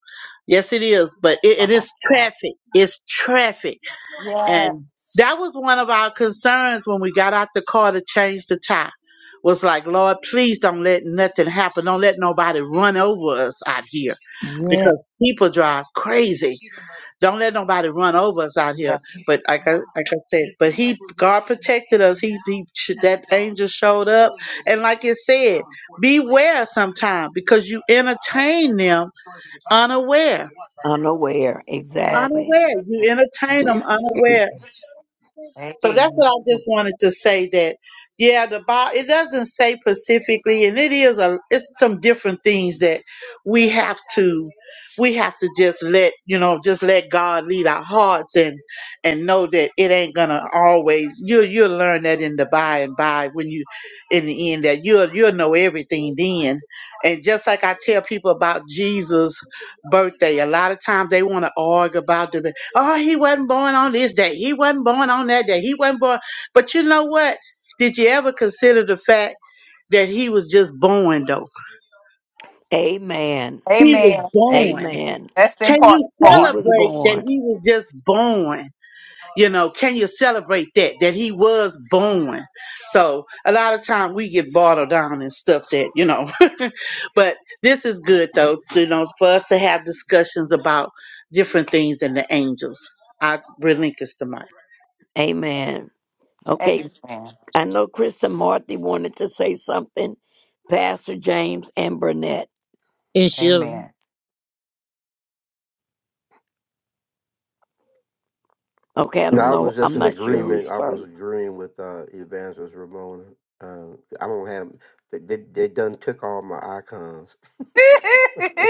Speaker 11: Yes, it is. But it, it
Speaker 2: [laughs]
Speaker 11: is traffic. It's traffic
Speaker 2: Wow.
Speaker 11: And that was one of our concerns when we got out the car to change the tire. Was like, Lord, please don't let nothing happen. Don't let nobody run over us out here
Speaker 1: yeah.
Speaker 11: because people drive crazy. Don't let nobody run over us out here.
Speaker 2: Yes.
Speaker 11: But like I, like I said, but he, God protected us. He, he, that angel showed up. And like it said, beware sometimes because you entertain them unaware.
Speaker 5: Unaware.
Speaker 2: Yes.
Speaker 5: Exactly.
Speaker 11: Unaware. You entertain them unaware. So that's
Speaker 2: Amen.
Speaker 11: what I just wanted to say that, yeah, the Bible, it doesn't say specifically, and it is a, it's some different things that we have to, we have to just let, you know, just let God lead our hearts and, and know that it ain't gonna always, you, you'll learn that in the by and by when you, in the end, that you'll, you'll know everything then. And just like I tell people about Jesus' birthday, a lot of times they wanna argue about it Oh, he wasn't born on this day. He wasn't born on that day. He wasn't born. But you know what? Did you ever consider the fact that he was just born, though?
Speaker 5: Amen.
Speaker 11: He was
Speaker 2: Amen. Amen.
Speaker 11: born.
Speaker 5: Amen.
Speaker 2: That's the
Speaker 11: Can you
Speaker 2: important
Speaker 5: He
Speaker 2: part.
Speaker 5: was
Speaker 11: celebrate that
Speaker 5: born.
Speaker 11: he was just born? You know, can you celebrate that, that he was born? So a lot of time we get bottled down and stuff that, you know, [laughs] but this is good though, you know, for us to have discussions about different things than the angels. I relinquish the mic.
Speaker 5: Amen. Okay.
Speaker 2: Amen.
Speaker 5: I know Chris and Marthy wanted to say something. Pastor James and Burnett.
Speaker 12: And she,
Speaker 2: Amen.
Speaker 5: Okay, I
Speaker 10: No,
Speaker 5: don't
Speaker 10: I was
Speaker 5: know.
Speaker 10: just
Speaker 5: I'm
Speaker 10: in
Speaker 5: not sure who's
Speaker 10: agreement. I was
Speaker 5: first.
Speaker 10: agreeing with uh, Evangelist Ramona. Um, I don't have they, they. They done took all my icons.
Speaker 2: [laughs]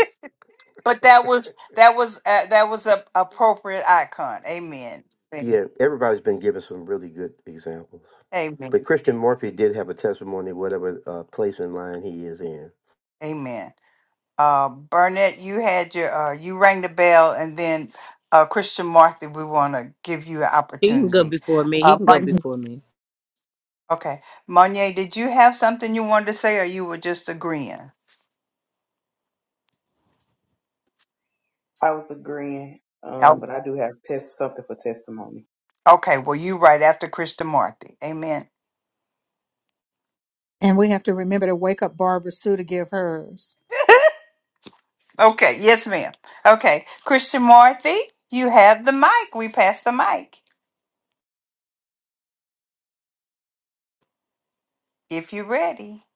Speaker 2: but that
Speaker 10: [laughs]
Speaker 2: was that was uh, that was a appropriate icon. Amen.
Speaker 10: yeah, everybody's been giving some really good examples.
Speaker 2: Amen.
Speaker 10: But Christian Murphy did have a testimony, whatever uh, place in line he is in.
Speaker 2: Amen. Uh, Burnett, you had your uh, you rang the bell, and then uh, Christian Marthy, we want to give you an
Speaker 12: he can go
Speaker 2: opportunity.
Speaker 12: before me. He
Speaker 2: Uh,
Speaker 12: can go
Speaker 2: Mon- Mhm.
Speaker 12: before me.
Speaker 2: okay, Monier, did you have something you wanted to say, or you were just agreeing?
Speaker 13: I was agreeing, um,
Speaker 2: Oh,
Speaker 13: but I do have test something for testimony.
Speaker 2: okay, well, you right after Christian Marthy. Amen.
Speaker 1: and we have to remember to wake up barbara sue to give hers
Speaker 2: Okay, yes, ma'am. Okay, Christian Marthy, you have the mic. We pass the mic if you're ready.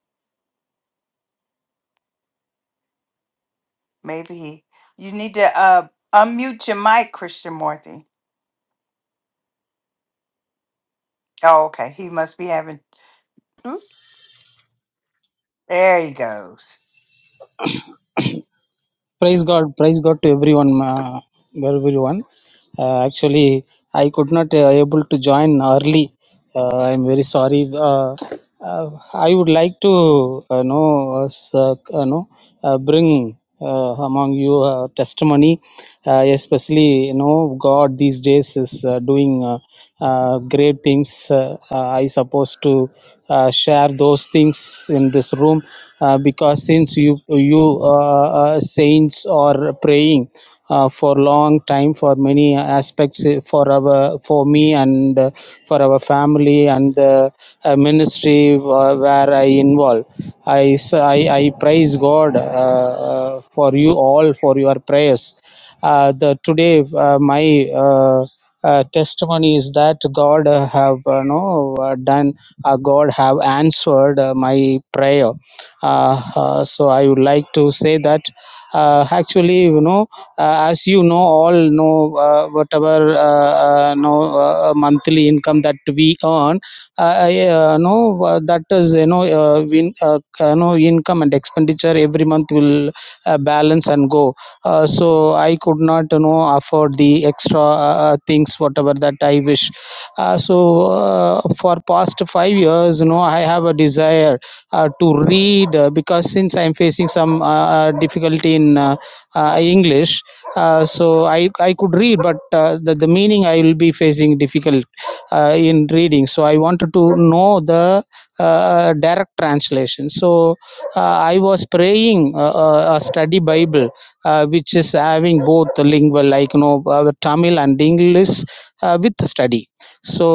Speaker 2: Maybe he, you need to uh, unmute your mic, Christian Marthy. Oh, okay, he must be having. There he goes.
Speaker 14: Praise God, praise God to everyone, ma- everyone. Uh, actually, I could not uh, able to join early. Uh, I'm very sorry. Uh, uh, I would like to uh, know, uh, s- uh, you know, uh, bring uh, among you uh, testimony, uh, especially you know, God these days is uh, doing. uh, uh, great things uh, uh, i suppose to uh, share those things in this room uh, because since you you uh, uh, saints are praying uh, for long time for many aspects uh, for our for me and uh, for our family and the uh, ministry uh, where i involve I, s- I I praise god uh, uh, for you all for your prayers uh, the today uh, my uh, uh, testimony is that god uh, have uh, no uh, done uh, god have answered uh, my prayer uh, uh, so i would like to say that uh, actually you know uh, as you know all know uh, whatever uh, uh, know uh, uh, monthly income that we earn uh, uh, no uh, that is you know uh, win, uh, you know income and expenditure every month will uh, balance and go uh, so i could not you know afford the extra uh, uh, things whatever that i wish uh, so uh, for past 5 years you know i have a desire uh, to read uh, because since i'm facing some uh, uh, difficulty in uh, uh, english uh, so i i could read but uh, the, the meaning i will be facing difficult uh, in reading so i wanted to know the uh, uh, direct translation so uh, i was praying uh, uh, a study bible uh, which is having both the lingual like you know uh, tamil and english uh, with study so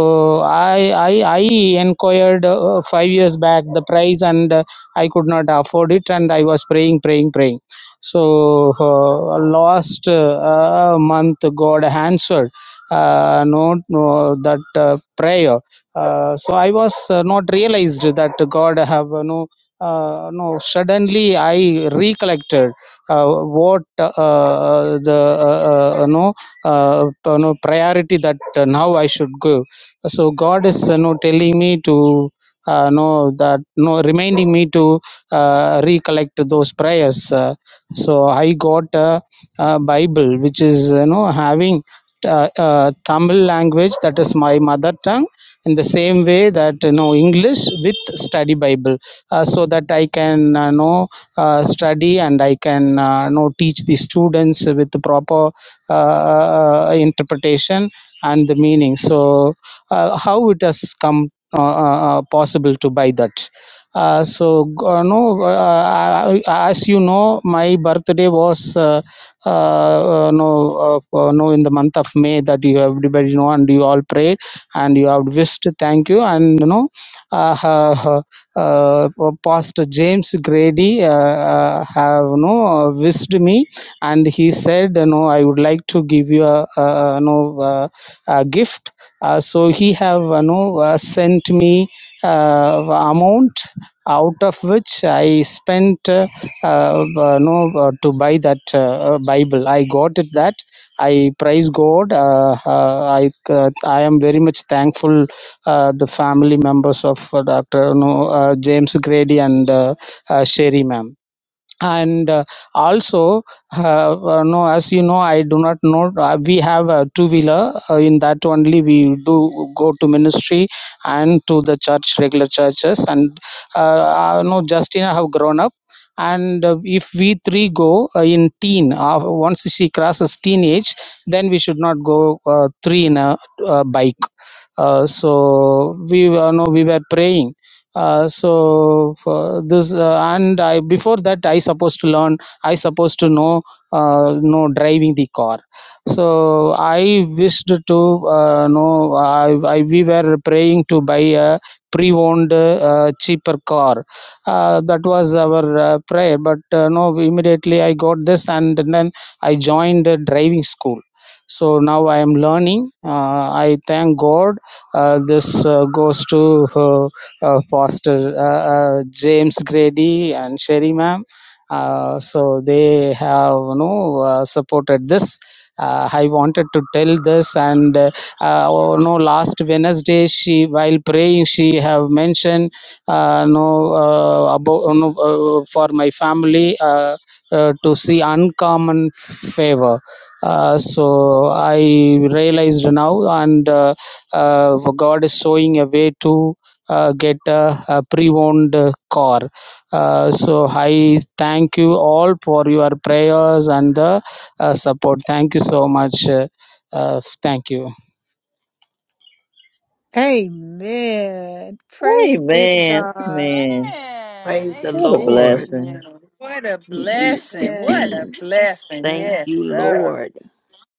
Speaker 14: i i i inquired uh, 5 years back the price and uh, i could not afford it and i was praying praying praying so uh, last uh, uh, month god answered uh, no, no that uh, prayer uh, so i was uh, not realized that god have uh, no uh, no suddenly i recollected uh, what uh, uh, the uh, uh, no uh, you priority that uh, now I should give. So God is you know, telling me to uh, know that no reminding me to uh, recollect those prayers. Uh, so I got a, a Bible which is you know having. Uh, uh, Tamil language that is my mother tongue in the same way that you know English with study Bible uh, so that I can uh, know uh, study and i can uh, know teach the students with the proper uh, uh, interpretation and the meaning so uh, how it has come uh, uh, uh, possible to buy that uh, so g- uh, no uh, I- I- as you know my birthday was uh, uh, uh, no uh, uh, no in the month of may that you everybody know and you all prayed and you have wished thank you and you know uh, uh, uh, uh, Pastor James Grady uh, uh, have no wished me, and he said, "You know, I would like to give you a, a no uh, a gift." Uh, so he have you know, uh, sent me uh, amount out of which I spent. uh, uh, uh, no uh, to buy that uh, uh, bible i got it that i praise god uh, uh, i uh, i am very much thankful uh, the family members of uh, dr no, uh, james grady and uh, uh, sherry ma'am and uh, also uh, uh, no as you know i do not know uh, we have a two wheeler uh, in that only we do go to ministry and to the church regular churches and uh, uh, no justina have grown up and uh, if we three go uh, in teen uh, once she crosses teenage then we should not go uh, three in a uh, bike uh, so we uh, no we were praying uh, so uh, this uh, and i before that i supposed to learn i supposed to know uh, know driving the car so i wished to uh, know I, I we were praying to buy a pre-owned uh, cheaper car uh, that was our uh, prayer but uh, no immediately i got this and then i joined the driving school so now i am learning uh, i thank god uh, this uh, goes to uh, uh, Foster, uh, uh, James Grady, and Sherry Ma'am. Uh, so they have you know uh, supported this. Uh, I wanted to tell this, and uh, uh, oh, no, last Wednesday she, while praying, she have mentioned uh, no uh, about you know, uh, for my family uh, uh, to see uncommon favor. Uh, so I realized now, and uh, uh, God is showing a way to uh, get a, a pre-owned uh, car uh, so i thank you all for your prayers and the uh, support thank you so much uh, uh, thank you
Speaker 1: Amen. Praise be to
Speaker 4: Amen.
Speaker 1: God.
Speaker 4: Amen.
Speaker 5: Praise the
Speaker 4: What
Speaker 2: Amen.
Speaker 4: a
Speaker 5: Lord.
Speaker 2: Amen.
Speaker 4: blessing.
Speaker 2: What a
Speaker 5: [clears throat] Thank
Speaker 2: blessing.
Speaker 1: Yes.
Speaker 2: What a
Speaker 5: you,
Speaker 2: blessing. Yes, sir.
Speaker 5: Lord.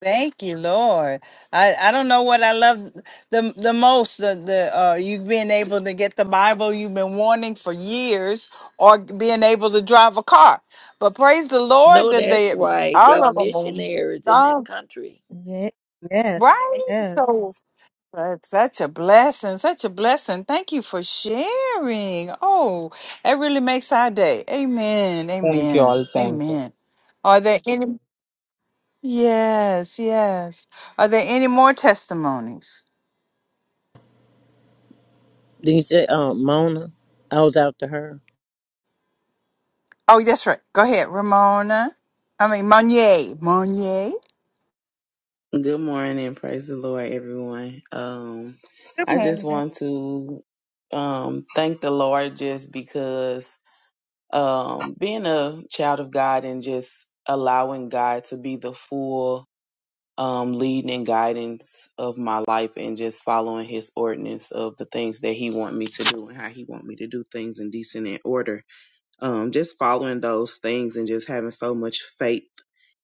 Speaker 2: Thank you, Lord. I, I don't know what I love the the most the, the uh you being able to get the Bible you've been wanting for years or being able to drive a car. But praise the Lord
Speaker 5: No,
Speaker 2: that
Speaker 5: that's
Speaker 2: they
Speaker 5: right.
Speaker 2: all
Speaker 5: They're
Speaker 2: of them are
Speaker 5: missionaries in
Speaker 1: Ye-
Speaker 5: that
Speaker 2: done,
Speaker 5: country
Speaker 1: Yes.
Speaker 2: right?
Speaker 1: Yes.
Speaker 2: So That's such a blessing, such a blessing. Thank you for sharing. Oh, that really makes our day. Amen.
Speaker 14: thank you
Speaker 2: Amen.
Speaker 14: all thank you
Speaker 2: Amen. Are there any Yes, yes. Are there any more testimonies?
Speaker 12: Then you said, um, Mona, I was after her.
Speaker 2: Oh, that's right. Go ahead, Ramona. I mean Monier. Monier.
Speaker 13: Good morning, praise the Lord, everyone. Um, I just want to um thank the Lord just because um being a child of God and just allowing God to be the full um leading and guidance of my life and just following his ordinance of the things that he want me to do and how he want me to do things in decent and order um, just following those things and just having so much faith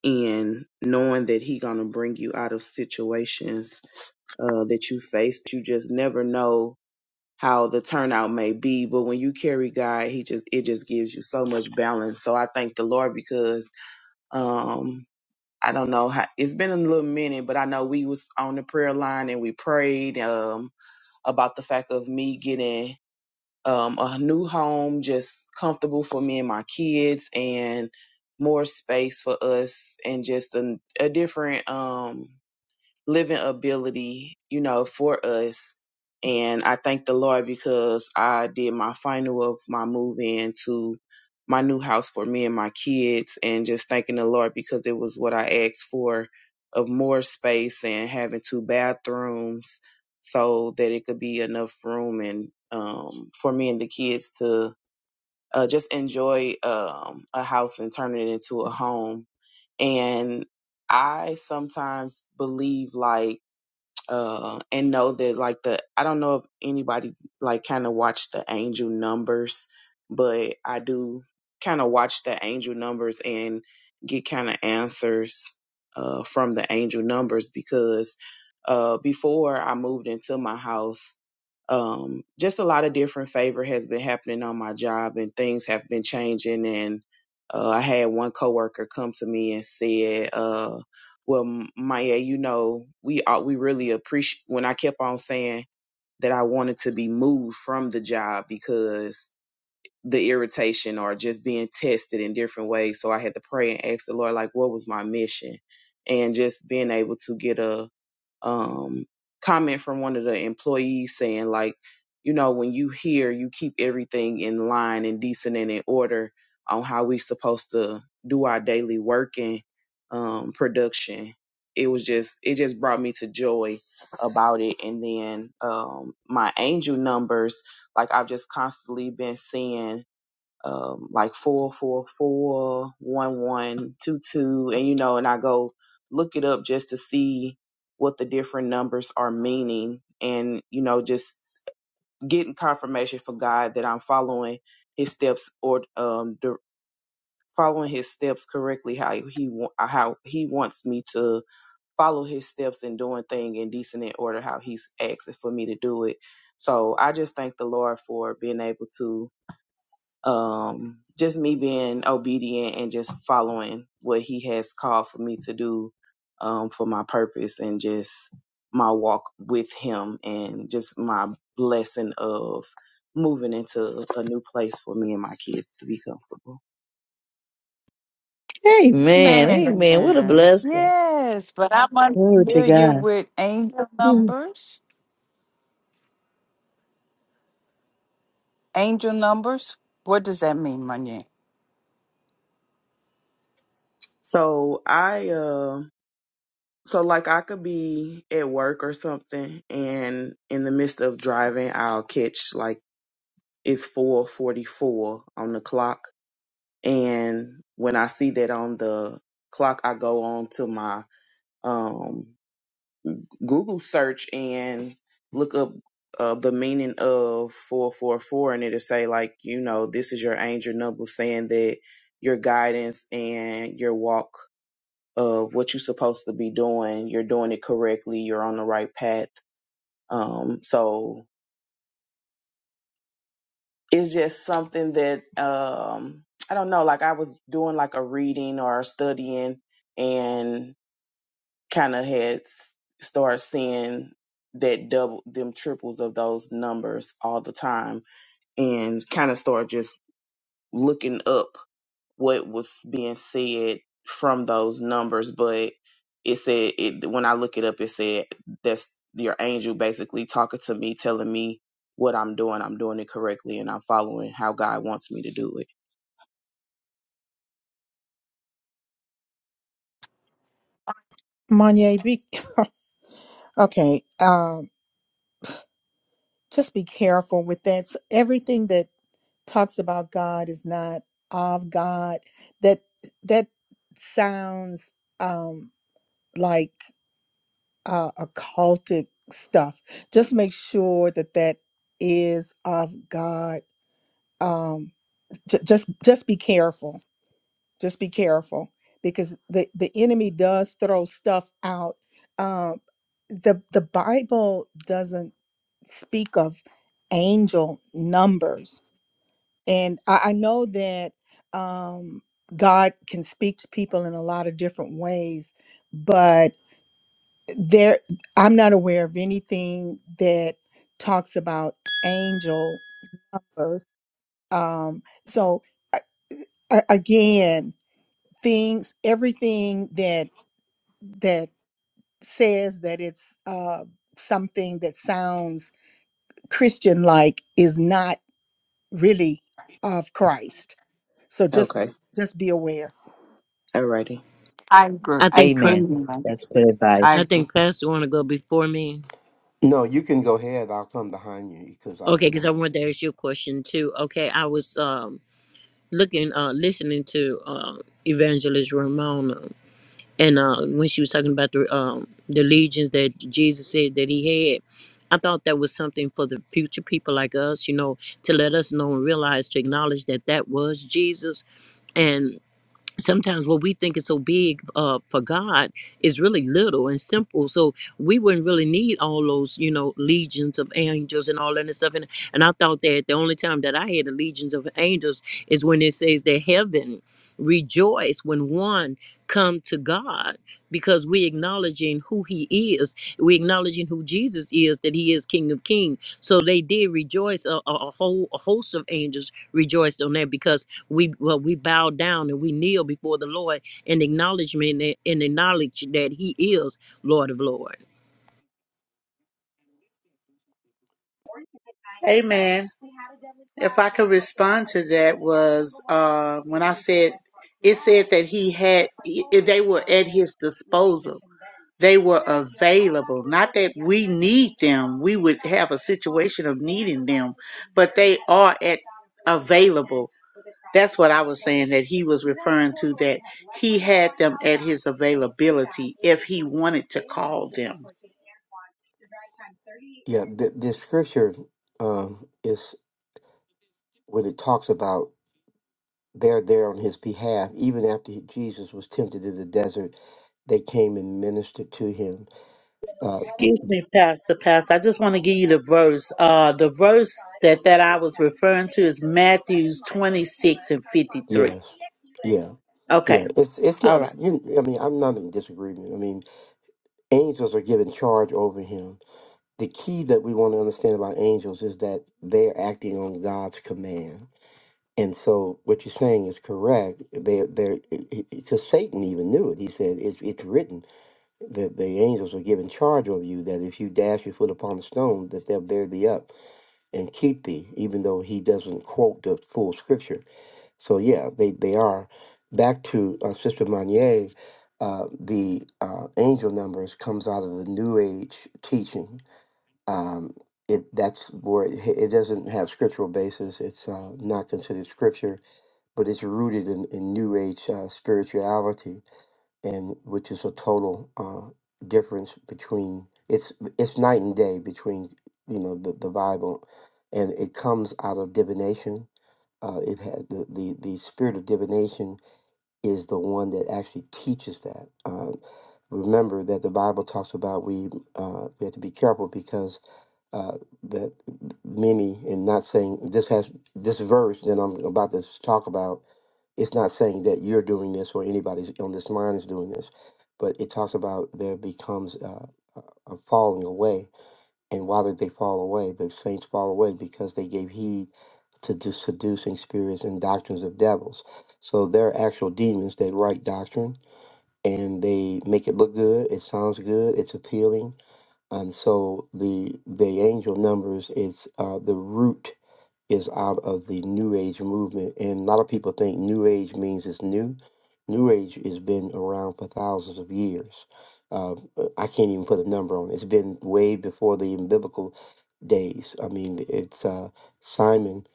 Speaker 13: in knowing that he gonna bring you out of situations uh, that you face. You just never know how the turnout may be, but when you carry God, he just it just gives you so much balance. So I thank the Lord because um, I don't know how it's been a little minute, but I know we was on the prayer line and we prayed um, about the fact of me getting um, a new home, just comfortable for me and my kids, and more space for us, and just a, a different. Um, living ability, you know, for us. And I thank the Lord because I did my final of my move in to my new house for me and my kids and just thanking the Lord because it was what I asked for of more space and having two bathrooms so that it could be enough room and um for me and the kids to uh, just enjoy um a house and turn it into a home. And I sometimes believe like uh, and know that like the I don't know if anybody like kind of watched the angel numbers, but I do kind of watch the angel numbers and get kind of answers uh, from the angel numbers because uh, before I moved into my house, um, just a lot of different favor has been happening on my job and things have been changing and uh, i had one coworker come to me and said uh, well maya you know we are, we really appreciate when i kept on saying that i wanted to be moved from the job because the irritation or just being tested in different ways so i had to pray and ask the lord like what was my mission and just being able to get a um, comment from one of the employees saying, like, you know, when you hear, you keep everything in line and decent and in order on how we supposed to do our daily work and um, production. It was just, it just brought me to joy about it. And then um, my angel numbers, like I've just constantly been seeing um, like four four four one one two two, and you know, and I go look it up just to see what the different numbers are meaning, and you know, just getting confirmation for God that I'm following His steps or um the, following His steps correctly, how He wa- how He wants me to follow His steps and doing thing in decent and order, how He's asking for me to do it. So I just thank the Lord for being able to um just me being obedient and just following what he has called for me to do um for my purpose and just my walk with him and just my blessing of moving into a new place for me and my kids to be comfortable.
Speaker 4: Amen.
Speaker 2: Man.
Speaker 4: Amen. What a blessing.
Speaker 2: Yes, but I'm
Speaker 4: Glory to
Speaker 2: unfamiliar
Speaker 4: God.
Speaker 2: with angel
Speaker 1: Mm.
Speaker 2: numbers. Angel numbers. What does that mean, Monier?
Speaker 13: So I uh so like I could be at work or something and in the midst of driving I'll catch like it's 4:44 on the clock And when I see that on the clock, I go on to my um, Google search and look up uh, the meaning of 444. And it'll say, like, you know, this is your angel number saying that your guidance and your walk of what you're supposed to be doing, you're doing it correctly, you're on the right path. Um, so it's just something that, um, I don't know, like I was doing like a reading or studying and. kind of had s- started seeing that double them triples of those numbers all the time and kind of started just looking up what was being said from those numbers but it said it when i look it up it said that's your angel basically talking to me telling me what i'm doing i'm doing it correctly and i'm following how god wants me to do it
Speaker 1: Monye, be [laughs] okay. Um, just be careful with that. S- everything that talks about God is not of God. That that sounds um like uh occultic stuff. Just make sure that that is of God. Um, j- just just be careful just be careful because the the enemy does throw stuff out um the the bible doesn't speak of angel numbers and i, I know that um god can speak to people in a lot of different ways but there i'm not aware of anything that talks about angel numbers um so a- a- again things everything that that says that it's uh, something that sounds Christian like is not really of Christ. So just
Speaker 13: okay
Speaker 1: Mm. just be aware.
Speaker 13: alrighty
Speaker 2: I agree.
Speaker 12: I
Speaker 2: I,
Speaker 12: think.
Speaker 4: Amen.
Speaker 2: amen.
Speaker 4: That's good
Speaker 2: I
Speaker 12: I
Speaker 4: advice.
Speaker 2: agree.
Speaker 12: think Pastor want to go before me.
Speaker 10: No, you can go ahead. I'll come behind you because I
Speaker 12: Okay,
Speaker 10: don't
Speaker 12: because I
Speaker 10: want.
Speaker 12: wanted to ask you a question too. Okay, I was um looking, uh, listening to uh, Evangelist Ramona, and uh, when she was talking about the um the legions that Jesus said that he had, I thought that was something for the future people like us, you know, to let us know and realize to acknowledge that that was Jesus, sometimes what we think is so big uh, for God is really little and simple. So we wouldn't really need all those, you know, legions of angels and all that and stuff. And, and I thought that the only time that I had the legions of angels is when it says that heaven rejoice when one come to God because we acknowledging who he is we acknowledging who jesus is that he is king of King. so they did rejoice a, a, a whole a host of angels rejoiced on that because we well we bow down and we kneel before the lord in acknowledgement and and acknowledge that he is lord of lord
Speaker 11: Amen. If I could respond to that was uh, when I said it said that he had i- they were at his disposal. They were available. Not that we need them. We would have a situation of needing them, but they are at available. That's what I was saying that he was referring to that he had them at his availability if he wanted to call them.
Speaker 10: Yeah, the, the scripture um, is what it talks about. they're there on his behalf. Even after he- Jesus was tempted in the desert, they came and ministered to him. Uh,
Speaker 11: Excuse me, Pastor, Pastor. I just want to give you the verse. Uh, the verse that, that I was referring to is Matthews 26 and 53.
Speaker 10: yes, yeah,
Speaker 11: Okay.
Speaker 10: yeah. It's it's
Speaker 11: All
Speaker 10: not.
Speaker 11: right.
Speaker 10: You, I mean, I'm not in disagreement. I mean, angels are given charge over him. The key that we want to understand about angels is that they're acting on God's command. And so, what you're saying is correct. They, they're because Satan even knew it. He said, "It's it's written." the, the angels were given charge over you that if you dash your foot upon the stone that they'll bear thee up and keep thee even though he doesn't quote the full scripture so yeah they, they are back to uh, sister Manier, uh, the uh, angel numbers comes out of the new age teaching um, it that's where it, it doesn't have scriptural basis it's uh, not considered scripture but it's rooted in, in new age uh, spirituality and which is a total uh, difference between it's it's night and day between you know the, the Bible, and it comes out of divination. Uh, it had the, the the spirit of divination is the one that actually teaches that. Uh, remember that the Bible talks about we uh, we have to be careful because uh, that many and not saying this has this verse that I'm about to talk about it's not saying that you're doing this or anybody on this line is doing this, but it talks about there becomes uh, a a falling away. And why did they fall away? The saints fall away because they gave heed to the seducing spirits and doctrines of devils. So they're actual demons that write doctrine and they make it look good. It sounds good. It's appealing. And so the the angel numbers is uh, the root is out of the New Age movement. And a lot of people think New Age means it's new. New Age has been around for thousands of years. Uh, I can't even put a number on it. It's been way before the biblical days. I mean, it's uh, Simon,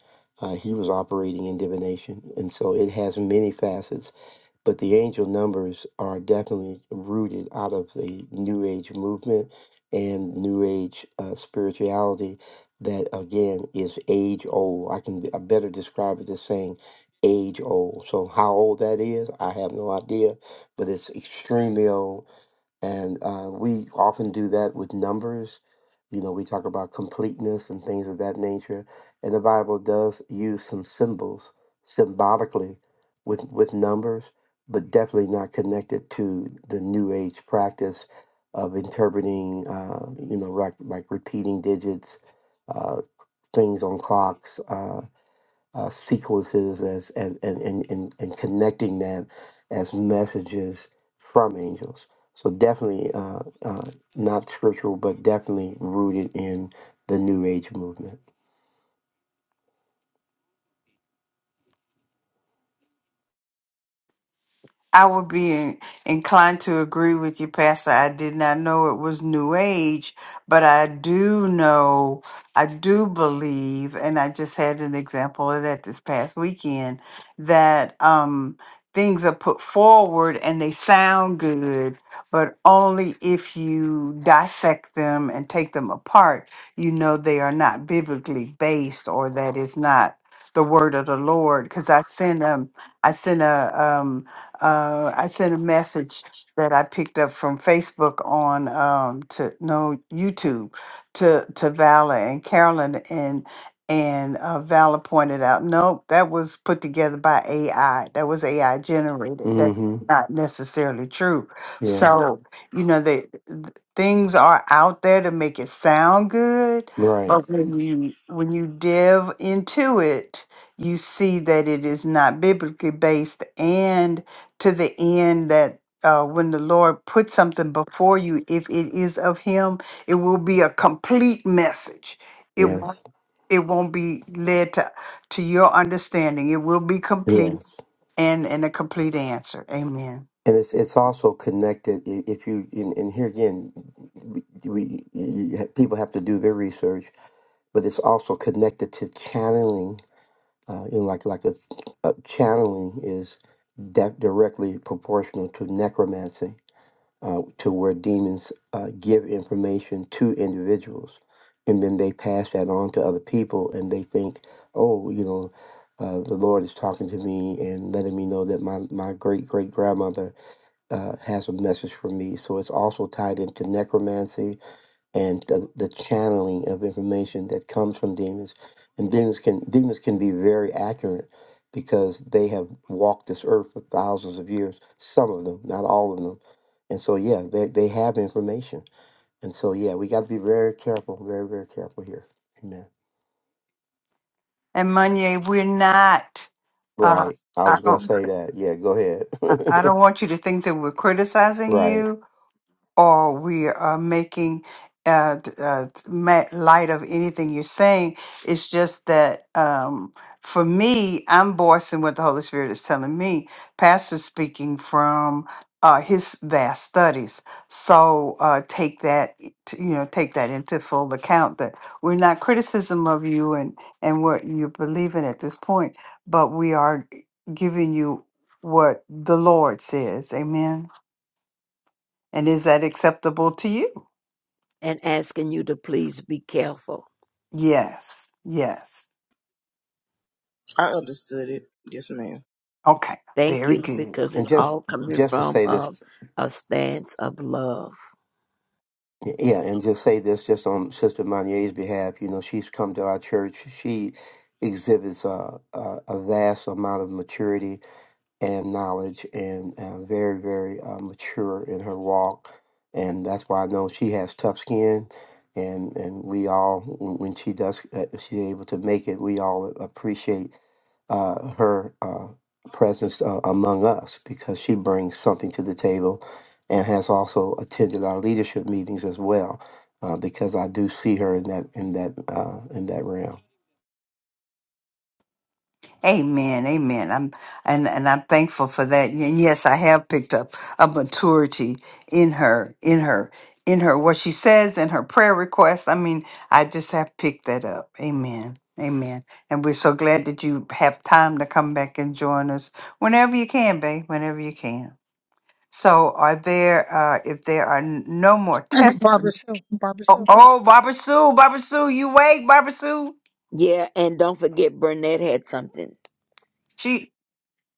Speaker 10: uh, he was operating in divination. And so it has many facets but the angel numbers are definitely rooted out of the new age movement and new age uh, spirituality that again is age old i can I better describe it as saying age old so how old that is i have no idea but it's extremely old and uh, we often do that with numbers. You know, we talk about completeness and things of that nature. And the Bible does use some symbols symbolically with, with numbers, but definitely not connected to the New Age practice of interpreting, uh, you know, like, like repeating digits, uh, things on clocks. uh, uh, sequences as, as and, and, and, and connecting that as messages from angels. So definitely uh, uh, not scriptural, but definitely rooted in the New Age movement.
Speaker 2: I would be in- inclined to agree with you, Pastor. I did not know it was New Age, but I do know, I do believe, and I just had an example of that this past weekend, that um, things are put forward and they sound good, but only if you dissect them and take them apart, you know they are not biblically based or that is not the word of the Lord. Because I sent um, I sent a um uh, I sent a message that I picked up from Facebook on um, to no YouTube to to Vala and Carolyn and and uh, Vala pointed out, nope, that was put together by AI. That was AI generated.
Speaker 10: mm
Speaker 2: That's
Speaker 10: hmm
Speaker 2: not necessarily true.
Speaker 10: Yeah.
Speaker 2: So you know they th- things are out there to make it sound good,
Speaker 10: Right.
Speaker 2: but when you when you delve into it, you see that it is not biblically based and to the end that uh, when the Lord puts something before you, if it is of Him, it will be a complete message. It won't,
Speaker 10: Yes.
Speaker 2: it won't be led to to your understanding. It will be complete
Speaker 10: Yes.
Speaker 2: and and a complete answer. Amen.
Speaker 10: And it's it's also connected. i- If you and, and here again, we, we you, you- people have to do their research, but it's also connected to channeling uh, you know, like like a, a channeling is that directly proportional to necromancy, uh, to where demons uh, give information to individuals, and then they pass that on to other people, and they think, oh, you know, uh, the Lord is talking to me and letting me know that my my great great grandmother uh, has a message for me. So it's also tied into necromancy and the, the channeling of information that comes from demons. And demons can demons can be very accurate because they have walked this earth for thousands of years. Some of them, not all of them. And so yeah, they, they have information. And so yeah, we got to be very careful, very, very careful here. Amen.
Speaker 2: And Monier, we're not. Uh,
Speaker 10: Right. I
Speaker 2: I
Speaker 10: was gonna
Speaker 2: don't.
Speaker 10: say that. Yeah, go
Speaker 2: I I
Speaker 10: ahead.
Speaker 2: don't want you to think that we're
Speaker 10: [laughs]
Speaker 2: criticizing
Speaker 10: right.
Speaker 2: you or we are making uh, d- uh, t- ma- light of anything you're saying. It's just that um, for me, I'm voicing what the Holy Spirit is telling me. Pastor's speaking from uh, his vast studies, so uh, take that i- t- you know take that into full account that we're not criticism of you and and what you're believing at this point, but we are g- giving you what the Lord says. Amen. And is that acceptable to you?
Speaker 5: and asking you to please be careful.
Speaker 2: Yes, yes.
Speaker 13: i understood it yes ma'am
Speaker 2: Okay,
Speaker 5: Thank
Speaker 2: very
Speaker 5: you
Speaker 2: good.
Speaker 5: because
Speaker 10: And
Speaker 5: it's
Speaker 10: just
Speaker 5: all coming
Speaker 10: just to
Speaker 5: from
Speaker 10: say
Speaker 5: a,
Speaker 10: this
Speaker 5: a stance of love.
Speaker 10: Yeah, and just say this just on Sister Monier's behalf. You know, she's come to our church. She exhibits a, a, a vast amount of maturity and knowledge and uh, very, very uh, mature in her walk. And that's why I know she has tough skin. And, and we all, when when she does, uh, she's able to make it, we all appreciate uh, her uh, presence uh, among us because she brings something to the table and has also attended our leadership meetings as well uh, because I do see her in that in that uh, in that realm.
Speaker 2: Amen, amen. I'm and and I'm thankful for that. And yes, I have picked up a maturity in her, in her, in her what she says in her prayer requests. I mean, I just have picked that up. Amen. Amen. And we're so glad that you have time to come back and join us whenever you can, babe, whenever you can. So, are there, uh, if there are n- no more
Speaker 1: [laughs]
Speaker 2: texts,
Speaker 1: Barbara Sue. Barbara Sue.
Speaker 2: oh, oh, Barbara Sue, Barbara Sue, you wake, Barbara Sue.
Speaker 5: Yeah, and don't forget Burnett had something.
Speaker 2: She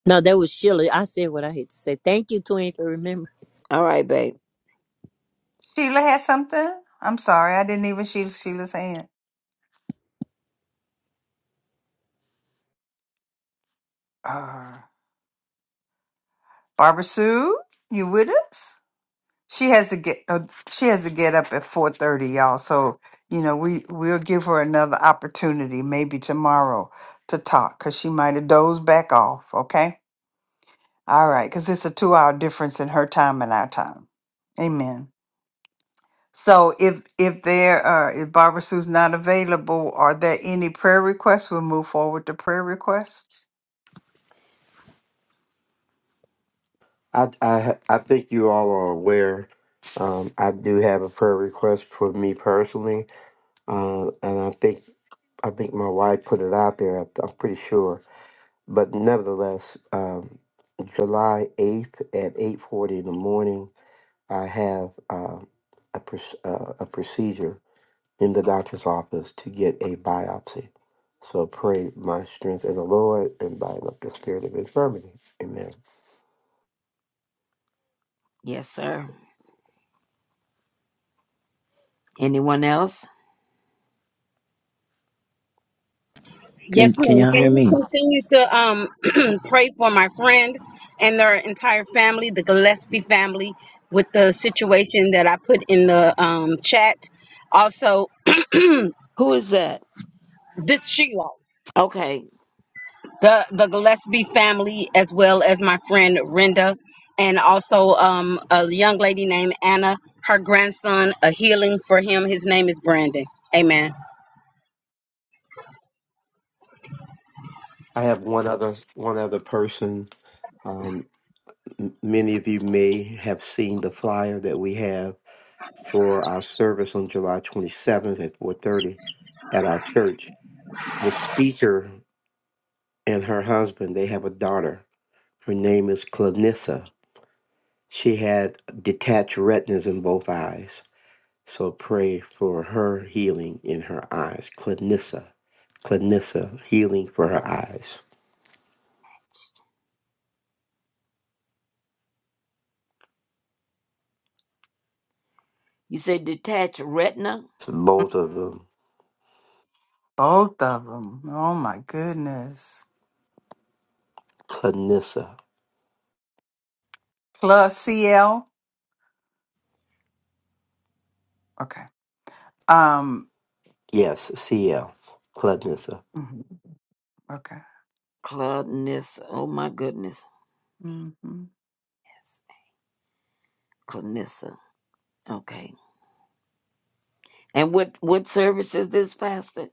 Speaker 12: No, that was Sheila. I said what I had to say. Thank you, Twin, for remembering.
Speaker 5: All right, babe.
Speaker 2: Sheila had something. I'm sorry, I didn't even see Sheila's hand. Uh, Barbara Sue, you with us? She has to get uh, she has to get up at four thirty, y'all. So you know we we'll give her another opportunity, maybe tomorrow, to talk because she might have dozed back off. Okay, all right, because it's a two hour difference in her time and our time. Amen. So if if there are if Barbara Sue's not available, are there any prayer requests? We'll move forward to prayer requests.
Speaker 10: I, I I think you all are aware. Um, I do have a prayer request for me personally, uh, and I think I think my wife put it out there. I, I'm pretty sure, but nevertheless, um, July eighth at eight forty in the morning. I have um, a, proc- uh, a procedure in the doctor's office to get a biopsy. So pray my strength in the Lord and bind up the spirit of infirmity. Amen.
Speaker 5: Yes, sir. Anyone else?
Speaker 15: Can,
Speaker 9: Yes,
Speaker 15: can
Speaker 9: ma'am.
Speaker 15: y'all hear
Speaker 9: Can you
Speaker 15: me?
Speaker 9: continue to um pray for my friend and their entire family, the Gillespie family, with the situation that I put in the um chat? Also, [clears throat]
Speaker 5: Who is that?
Speaker 9: this Sheila.
Speaker 5: Okay.
Speaker 9: the the Gillespie family, as well as my friend Renda, and also um, a young lady named Anna. Her grandson, a healing for him. His name is Brandon. Amen.
Speaker 10: I have one other one other person. Um, m- many of you may have seen the flyer that we have for our service on July 27th at 4:30 at our church. The speaker and her husband they have a daughter. Her name is Clanissa She had detached retinas in both eyes. So pray for her healing in her eyes. Clinissa. Clinissa, healing for her eyes.
Speaker 5: You said detached retina?
Speaker 10: So both of
Speaker 2: hmm
Speaker 10: them.
Speaker 2: Both of them. Oh my goodness.
Speaker 10: Clinissa.
Speaker 2: Plus CL. Okay. Um.
Speaker 10: Yes, CL. Clinissa.
Speaker 2: mhm, Okay.
Speaker 5: Clarnissa. Oh my goodness.
Speaker 2: hmm
Speaker 5: Yes. Clarnissa. Okay. And what what service is this, Pastor?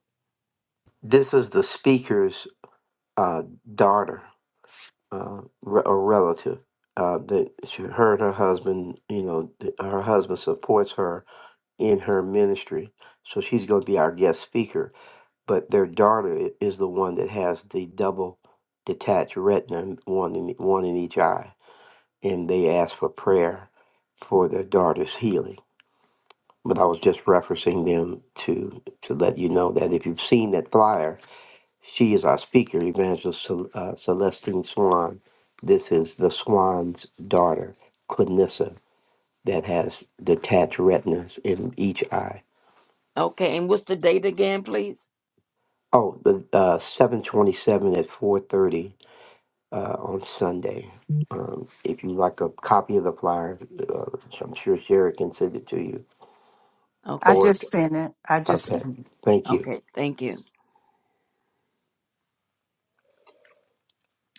Speaker 10: This is the speaker's uh, daughter uh, re- a relative. Uh, that she, her and her husband, you know, th- her husband supports her in her ministry. So she's going to be our guest speaker but their daughter i- is the one that has the double detached retina, one in e, one in each eye, and they asked for prayer for their daughter's healing. But I was just referencing them to to let you know that if you've seen that flyer, she is our speaker, Evangelist Cel- uh, Celestine Swan. This is the Swan's daughter, Clinissa, that has detached retinas in each eye.
Speaker 5: Okay, and what's the date again, please?
Speaker 10: Oh, the uh, seven twenty-seven at four thirty uh, on Sunday. Um, if you like a copy of the flyer, uh, I'm sure Sherry can send it to you.
Speaker 2: I
Speaker 5: Okay.
Speaker 10: Or
Speaker 2: just sent it. I just
Speaker 10: okay,
Speaker 2: sent it.
Speaker 10: thank you.
Speaker 5: Okay. Thank you.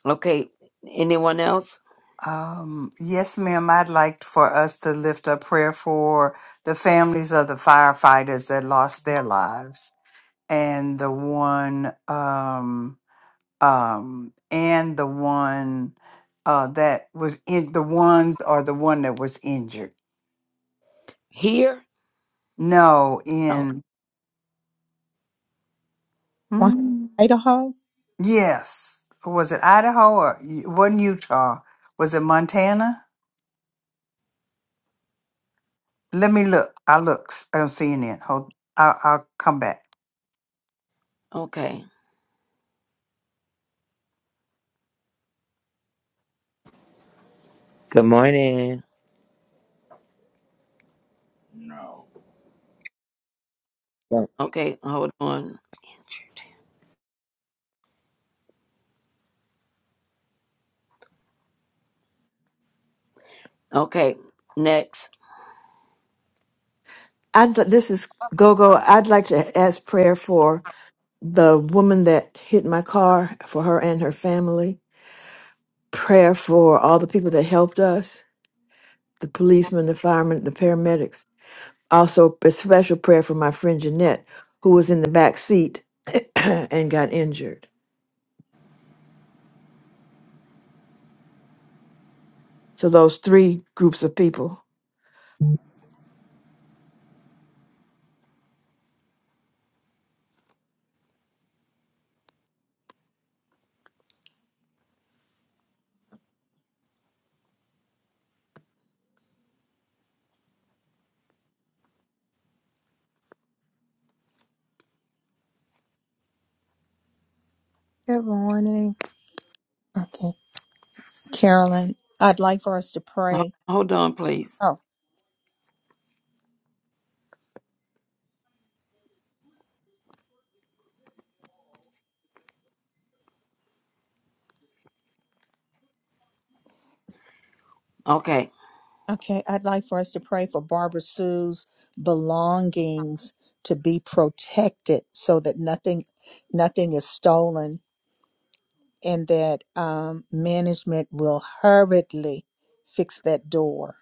Speaker 5: Okay. Anyone else?
Speaker 2: Um, yes, ma'am. I'd like for us to lift up prayer for the families of the firefighters that lost their lives, and the one, um, um, and the one uh, that was in the ones or the one that was injured.
Speaker 5: Here?
Speaker 2: No,
Speaker 5: Oh,
Speaker 2: in
Speaker 1: Once
Speaker 2: Mm.
Speaker 1: Idaho.
Speaker 2: Yes. Was it Idaho or it wasn't Utah? Was it Montana? Let me look. I look s- on CNN. Hold. I'll, I'll come back.
Speaker 5: okay.
Speaker 15: Good morning. Yeah.
Speaker 5: Okay. Hold on. Injured. Okay. Next.
Speaker 7: i this is Gogo. I'd like to ask prayer for the woman that hit my car, for her and her family. Prayer for all the people that helped us, the policemen, the firemen, the paramedics. Also, a special prayer for my friend Jeanette, who was in the back seat [clears throat] and got injured. So, those three groups of people.
Speaker 1: Good morning. Okay. Carolyn, I'd like for us to
Speaker 5: Ho-
Speaker 1: pray.
Speaker 5: Hold on, please.
Speaker 1: Oh,
Speaker 5: Okay.
Speaker 1: okay. I'd like for us to pray for Barbara Sue's belongings to be protected so that nothing nothing is stolen and that um, management will hurriedly fix that door.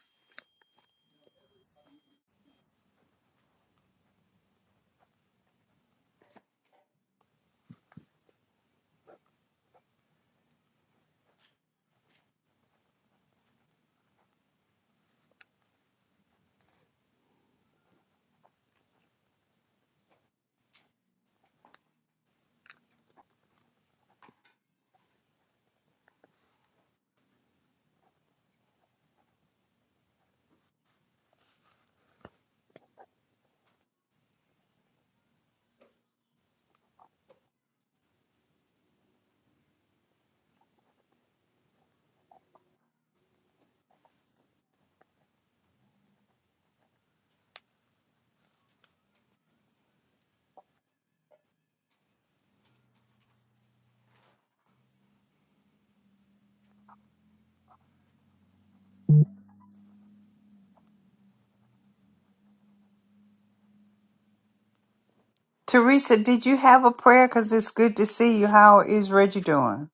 Speaker 2: Teresa, did you have a prayer? Cause it's good to see you. How is Reggie doing?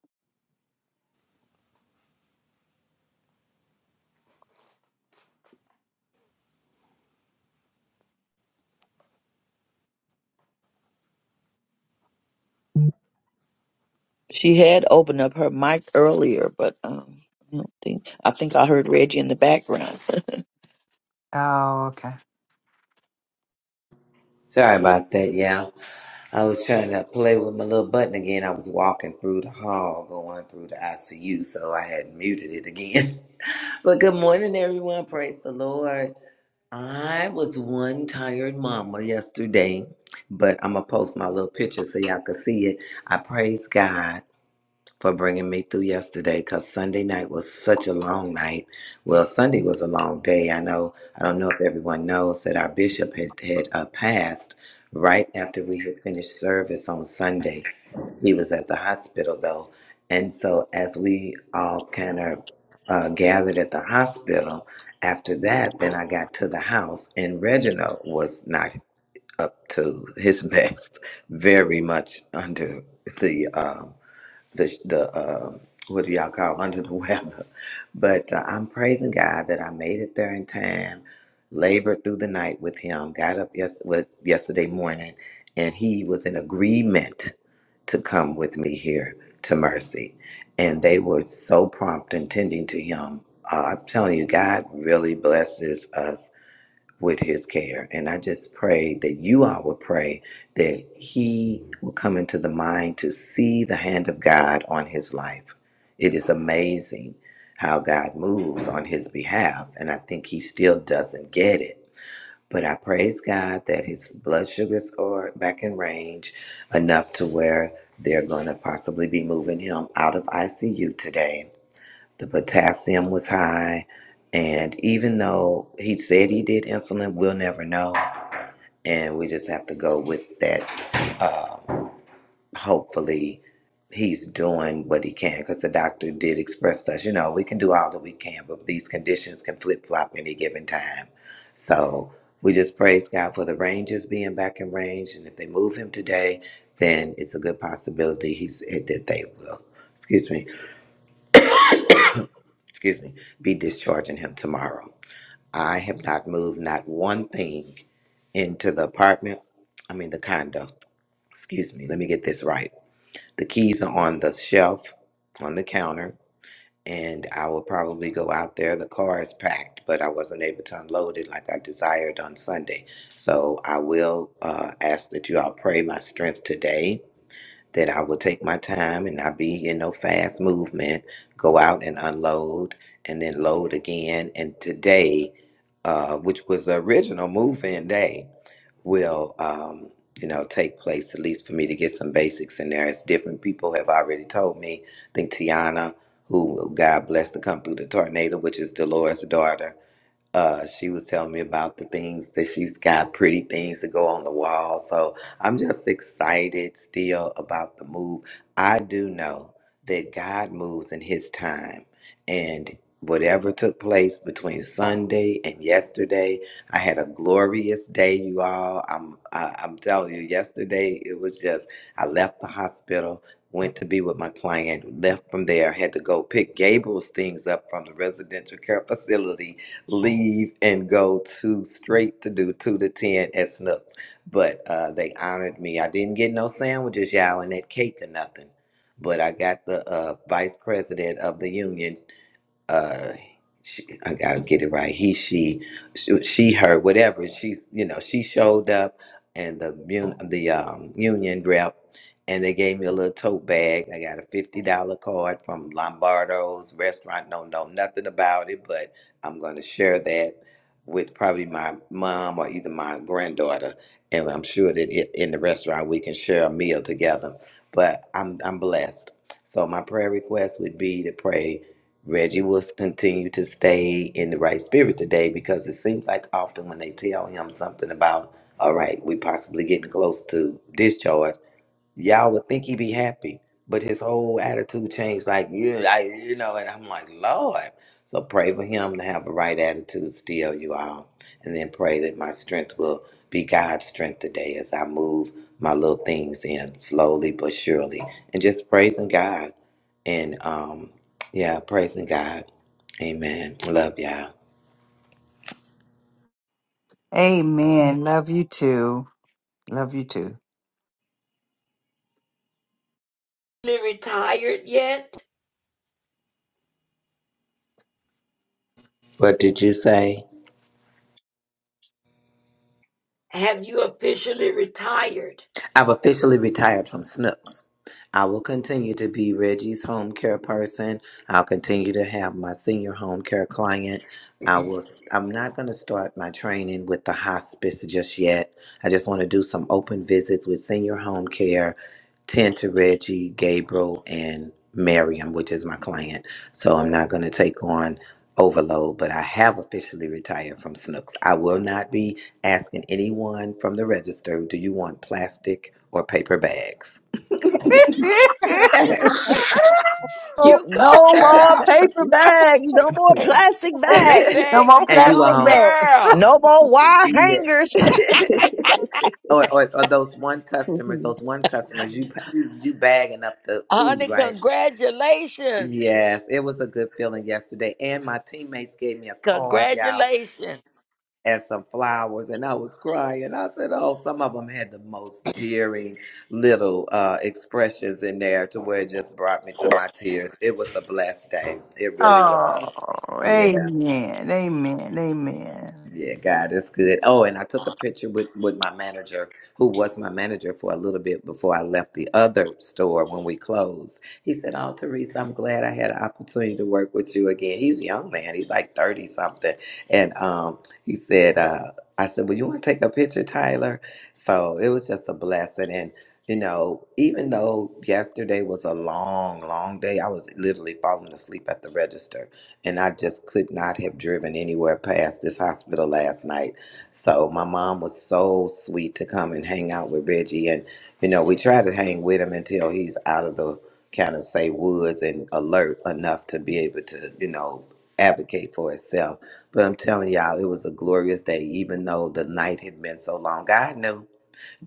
Speaker 4: She had opened up her mic earlier, but um, I don't think I think I heard Reggie in the background. [laughs]
Speaker 2: Oh, okay.
Speaker 15: Sorry about that, y'all. I was trying to play with my little button again. I was walking through the hall going through the ICU, so I had muted it again. [laughs] But good morning, everyone. Praise the Lord. I was one tired mama yesterday, but I'm going to post my little picture so y'all can see it. I praise God. for bringing me through yesterday because Sunday night was such a long night. Well, Sunday was a long day. I know, I don't know if everyone knows that our bishop had, had uh, passed right after we had finished service on Sunday. He was at the hospital though. And so, as we all kind of uh, gathered at the hospital after that, then I got to the house, and Reginald was not up to his [laughs] best, very much under the um, the the uh, what do y'all call under the [laughs] weather? But uh, I'm praising God that I made it there in time. Labored through the night with him. Got up yes with yesterday morning, and he was in agreement to come with me here to Mercy, and they were so prompt and tending to him. Uh, I'm telling you, God really blesses us with his care. And I just pray that you all will pray that he will come into the mind to see the hand of God on his life. It is amazing how God moves on his behalf. And I think he still doesn't get it. But I praise God that his blood sugars are back in range enough to where they're going to possibly be moving him out of ICU today the potassium was high and even though he said he did insulin we'll never know and we just have to go with that um, hopefully he's doing what he can because the doctor did express to us you know we can do all that we can but these conditions can flip-flop any given time so we just praise god for the rangers being back in range and if they move him today then it's a good possibility he's that they will excuse me excuse me be discharging him tomorrow I have not moved not one thing into the apartment. I mean, the condo. Excuse me. Let me get this right. The keys are on the shelf on the counter, and I will probably go out there. The car is packed, but I wasn't able to unload it like I desired on Sunday. So I will uh, ask that you all pray my strength today that I will take my time and not be in no fast movement, go out and unload and then load again. And today, uh, which was the original move in day, will, um, you know, take place at least for me to get some basics in there. As different people have already told me, I think Tiana, who God bless to come through the tornado, which is Dolores' daughter, uh, she was telling me about the things that she's got pretty things to go on the wall. So I'm just excited still about the move. I do know that God moves in His time. And whatever took place between Sunday and yesterday, I had a glorious day, you all. I'm, I, I'm telling you, yesterday it was just, I left the hospital. Went to be with my client, left from there, had to go pick Gabriel's things up from the residential care facility leave and go to straight to do two to ten at Snooks. But uh, they honored me. I didn't get no sandwiches, y'all, and that cake or nothing. But I got the uh, vice president of the union uh she, I gotta get it right. He, she, she, she, her, whatever. She's, you know, she showed up, and the mun- the um, union rep, and they gave me a little tote bag. I got a fifty dollar card from Lombardo's restaurant. Don't know nothing about it, but I'm gonna share that with probably my mom or either my granddaughter, and I'm sure that it, in the restaurant we can share a meal together. But I'm I'm blessed. So my prayer request would be to pray Reggie will continue to stay in the right spirit today because it seems like often when they tell him something about, all right, we possibly getting close to discharge, y'all would think he'd be happy, but his whole attitude changed. Like you, like you know, and I'm like, Lord. So pray for him to have the right attitude still, you all, and then pray that my strength will be God's strength today as I move my little things in slowly but surely, and just praising God, and um, yeah, praising God. Amen. Love y'all.
Speaker 2: Amen. Love you too. Love you too.
Speaker 5: officially retired yet?
Speaker 15: What did you say?
Speaker 5: Have you officially retired?
Speaker 15: I've officially retired from SNPS. I will continue to be Reggie's home care person. I'll continue to have my senior home care client. I will I'm not going to start my training with the hospice just yet. I just want to do some open visits with senior home care, tend to Reggie, Gabriel, and Miriam, which is my client. So I'm not going to take on overload, but I have officially retired from Snooks. I will not be asking anyone from the register, do you want plastic or paper bags? [laughs]
Speaker 1: [laughs]
Speaker 15: and
Speaker 4: Oh,
Speaker 5: You go,
Speaker 4: no
Speaker 5: girl!
Speaker 4: more paper bags. No more
Speaker 5: [clears throat]
Speaker 4: plastic bags.
Speaker 5: Baby, you
Speaker 2: More
Speaker 15: you
Speaker 5: go,
Speaker 2: plastic
Speaker 15: all,
Speaker 2: bags. [laughs]
Speaker 5: girl!
Speaker 4: No more wire
Speaker 15: yeah.
Speaker 4: hangers.
Speaker 15: [laughs] or, or, or those one customers, those one customers, you, pa- you you bagging up the
Speaker 5: Honey,
Speaker 15: food, right?
Speaker 5: congratulations!
Speaker 15: Yes, it was a good feeling yesterday. And my teammates gave me a card, y'all.
Speaker 5: Congratulations!
Speaker 15: and some flowers and I was crying. I said, Oh, some of them had the most dearing little uh, expressions in there to where it just brought me to my tears. It was a blessed day. It really
Speaker 2: Oh,
Speaker 15: was. Yeah.
Speaker 2: amen. Amen. Amen.
Speaker 15: Yeah, God is good. Oh, and I took a picture with with my manager, who was my manager for a little bit before I left the other store when we closed. He said, "Oh, Teresa, I'm glad I had an opportunity to work with you again." He's a young man; he's like thirty something, and um, he said, uh, "I said, well, you want to take a picture, Tyler?" So it was just a blessing, and you know, even though yesterday was a long, long day, I was literally falling asleep at the register and I just could not have driven anywhere past this hospital last night. So my mom was so sweet to come and hang out with Reggie, and you know we try to hang with him until he's out of the kind of say woods and alert enough to be able to you know advocate for itself. But I'm telling y'all, it was a glorious day, even though the night had been so long. God knew.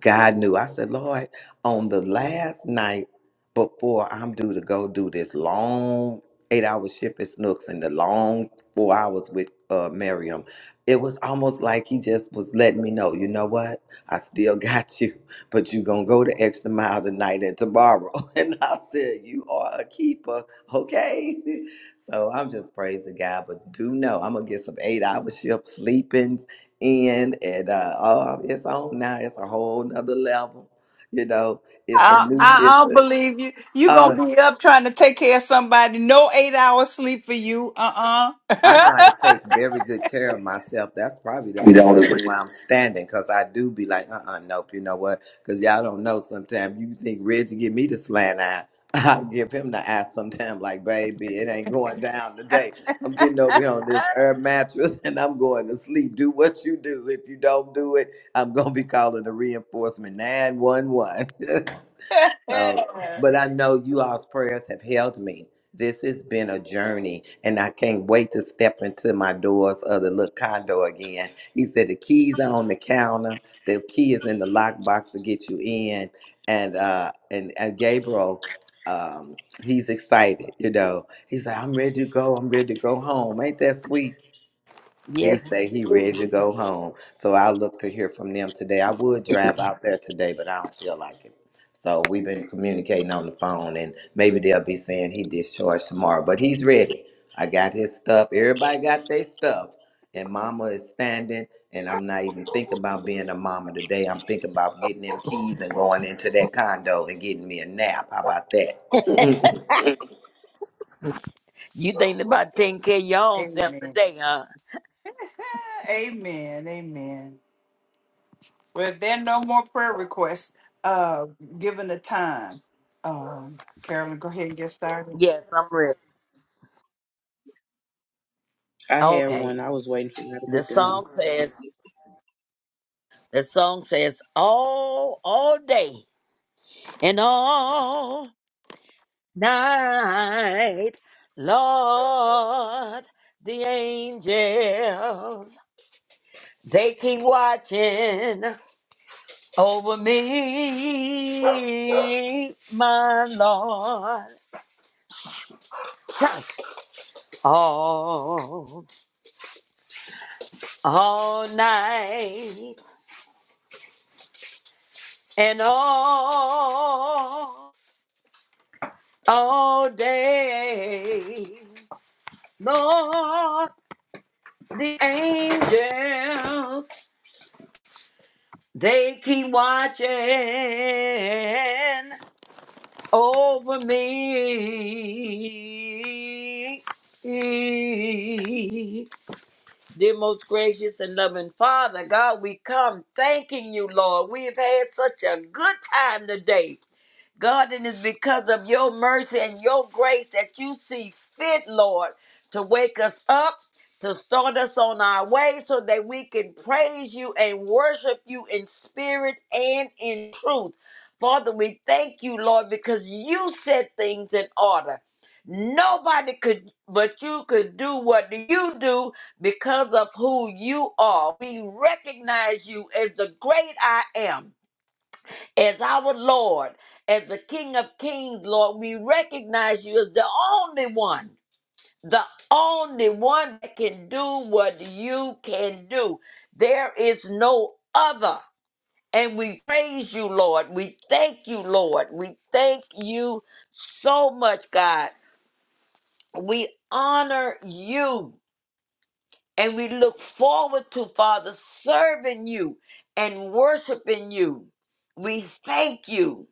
Speaker 15: God knew. I said, Lord, on the last night before I'm due to go do this long eight hour shift at Snooks and the long four hours with uh, Miriam, it was almost like he just was letting me know, you know what? I still [laughs] got you, but you going to go the extra mile tonight and tomorrow. [laughs] And I said, You are a keeper, okay? [laughs] So I'm just praising God, but do know I'm gonna get some eight hour shift sleeping, in and uh, um, it's on now. It's a whole nother level. You know, it's a
Speaker 2: I,
Speaker 15: new.
Speaker 2: I I
Speaker 15: It's
Speaker 2: don't
Speaker 15: a.
Speaker 2: believe you. You
Speaker 15: uh,
Speaker 2: gonna be up trying to take care of somebody. No eight hours sleep for you. Uh
Speaker 15: I know how
Speaker 2: uh
Speaker 15: to take very good care of myself. That's probably the
Speaker 2: [laughs] We
Speaker 15: only
Speaker 2: don't
Speaker 15: reason
Speaker 2: agree.
Speaker 15: why I'm standing, because I do be like, uh uh nope, you know what? Because y'all don't know sometimes. You think Reggie give me the slant eye. [laughs] I give him the eye sometimes, like, baby, it ain't going down today. I'm getting over here on this herb mattress [laughs] and I'm going to sleep. Do what you do. If you don't do it, I'm going to be calling the reinforcement 911. [laughs] Uh, but I know you all's prayers have held me. This has been a journey, and I can't wait to step into my doors of the little condo again. He said the keys are on the counter, the key is in the lockbox to get you in, and uh, and, and Gabriel, um, he's excited. You know, he's like, I'm ready to go. I'm ready to go home. Ain't that sweet? He
Speaker 5: Yes,
Speaker 15: say he ready
Speaker 5: indeed.
Speaker 15: to go home. So I look to hear from them today. I would drive out there today, but I don't feel like it. So we've been communicating on the phone and maybe they'll be saying he discharged tomorrow. But he's ready. I got his stuff. Everybody got their stuff. And mama is standing and I'm not even thinking about being a mama today. I'm thinking about getting them keys and going into that condo and getting me a nap. How about that?
Speaker 5: you thinking about taking care of your own self
Speaker 2: Amen.
Speaker 5: today, huh?
Speaker 2: [laughs] Amen. Amen. Well, if there are no more prayer requests, uh, given the time, um, Carolyn, go ahead and get started.
Speaker 5: Yes, I'm ready.
Speaker 13: i had
Speaker 5: Okay.
Speaker 13: one i was waiting for y'all to
Speaker 5: The
Speaker 13: get done
Speaker 5: song says, the song says, all, all day and all. night, Lord, the angels, they keep watching over me, my Lord, all, all night and all, all day, Lord, the angels They keep watching over me. Dear most gracious and loving Father, God, we come thanking you, Lord. We have had such a good time today. God, and it's because of your mercy and your grace that you see fit, Lord, to wake us up, to start us on our way so that we can praise you and worship you in spirit and in truth. Father, we thank you, Lord, because you set things in order. Nobody could but you could do what you do because of who you are. We recognize you as the great I am as our Lord, as the King of Kings, Lord. We recognize you as the only one, the only one that can do what you can do. There is no other. And we praise you, Lord. We thank you, Lord. We thank you so much, God. We honor you. And we look forward to, Father, serving you and worshiping you. We thank you.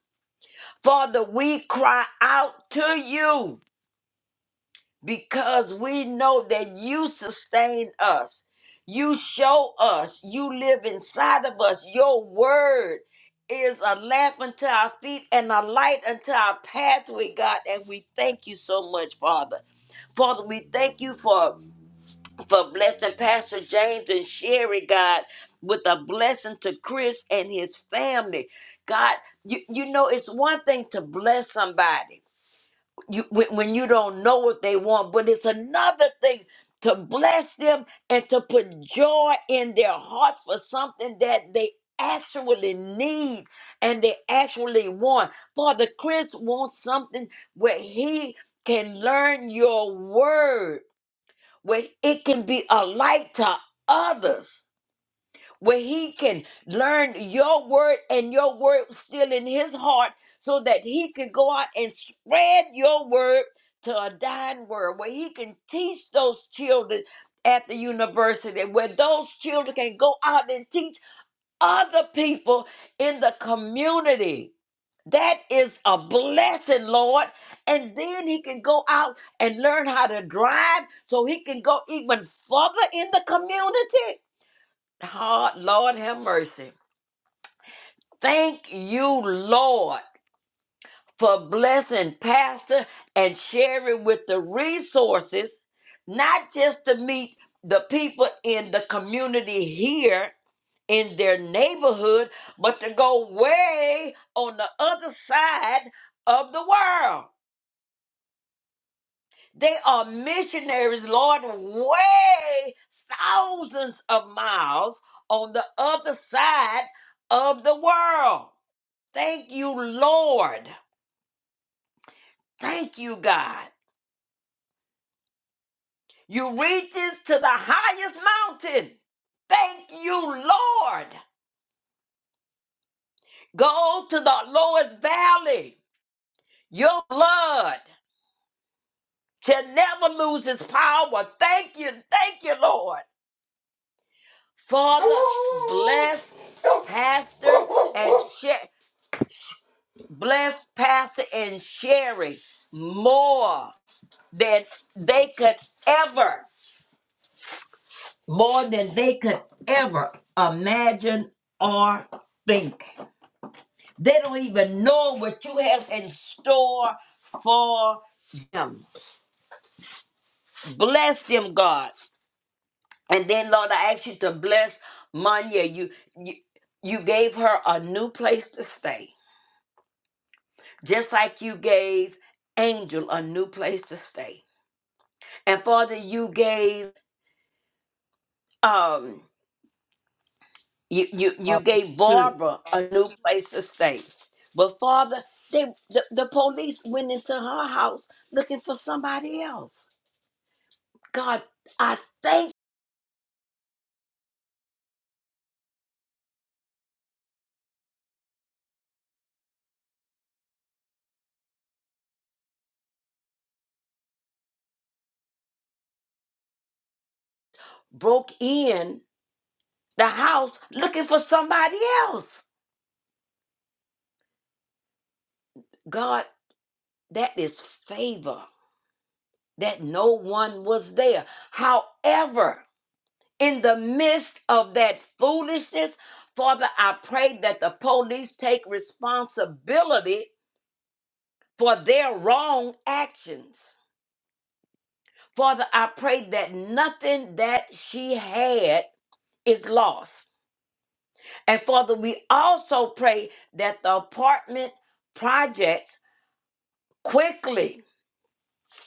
Speaker 5: Father, we cry out to you because we know that you sustain us. You show us. You live inside of us. Your word is a lamp unto our feet and a light unto our pathway, God. And we thank you so much, Father. Father, we thank you for, for blessing Pastor James and Sherry, God, with a blessing to Chris and his family. God, you, you know, it's one thing to bless somebody you when, when you don't know what they want but it's another thing to bless them and to put joy in their hearts for something that they actually need and they actually want father chris wants something where he can learn your word where it can be a light to others where he can learn your word and your word still in his heart so that he can go out and spread your word to a dying world where he can teach those children at the university where those children can go out and teach other people in the community that is a blessing lord and then he can go out and learn how to drive so he can go even further in the community Hard, Lord have mercy. Thank you, Lord, for blessing Pastor and sharing with the resources, not just to meet the people in the community here in their neighborhood, but to go way on the other side of the world. They are missionaries, Lord, way thousands of miles on the other side of the world. Thank you, Lord. Thank you, God. You reaches to the highest mountain. Thank you, Lord. Go to the lowest valley. Your blood shall never lose its power. Thank you, thank you, Lord. Father, bless Pastor and Sher- bless Pastor and Sherry more than they could ever. more than they could ever imagine or think. They don't even know what you have in store for them. Bless them, God. And then, Lord, I ask you to bless Manya. You, you, you gave her a new place to stay, just like you gave Angel a new place to stay. And Father, you gave um You you you
Speaker 2: Uh,
Speaker 5: gave
Speaker 2: shoot.
Speaker 5: Barbara a new place to stay. But Father, they the, the police went into her house looking for somebody else. God, I think broke in the house looking for somebody else. God, that is favor that no one was there. However, in the midst of that foolishness, Father, I pray that the police take responsibility for their wrong actions. Father, I pray that nothing that she had is lost. And Father, we also pray that the apartment projects quickly,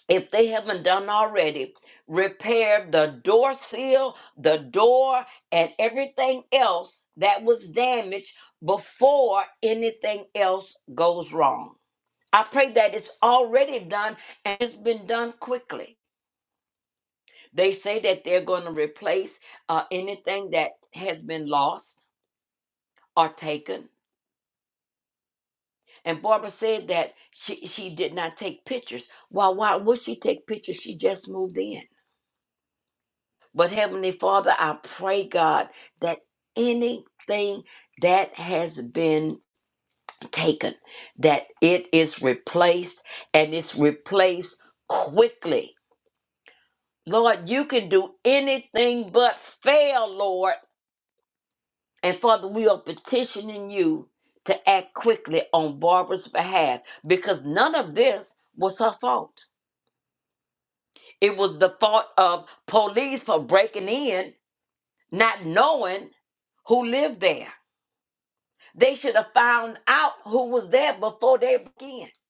Speaker 5: if they haven't done already, repair the door seal, the door, and everything else that was damaged before anything else goes wrong. I pray that it's already done and it's been done quickly. They say that they're going to replace uh, anything that has been lost or taken. And Barbara said that she, she did not take pictures. Well, why would she take pictures? She just moved in. But Heavenly Father, I pray, God, that anything that has been taken, that it is replaced and it's replaced quickly. Lord, you can do anything but fail, Lord. And Father, we are petitioning you to act quickly on Barbara's behalf because none of this was her fault. It was the fault of police for breaking in, not knowing who lived there. They should have found out who was there before they broke in. It's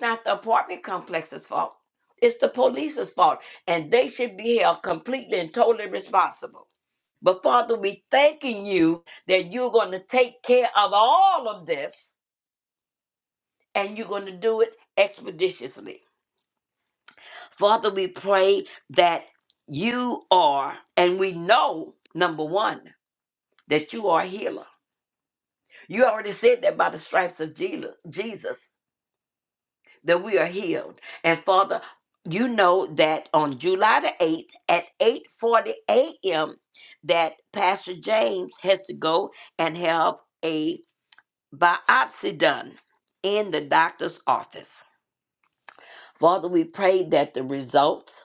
Speaker 5: not the apartment complex's fault. It's the police's fault. And they should be held completely and totally responsible. But Father, we thanking you that you're going to take care of all of this and you're going to do it expeditiously. Father, we pray that you are, and we know, number one, that you are a healer. You already said that by the stripes of Jela- Jesus, that we are healed. And Father, you know that on July the 8th at 8:40 a.m. that Pastor James has to go and have a biopsy done in the doctor's office. Father, we pray that the results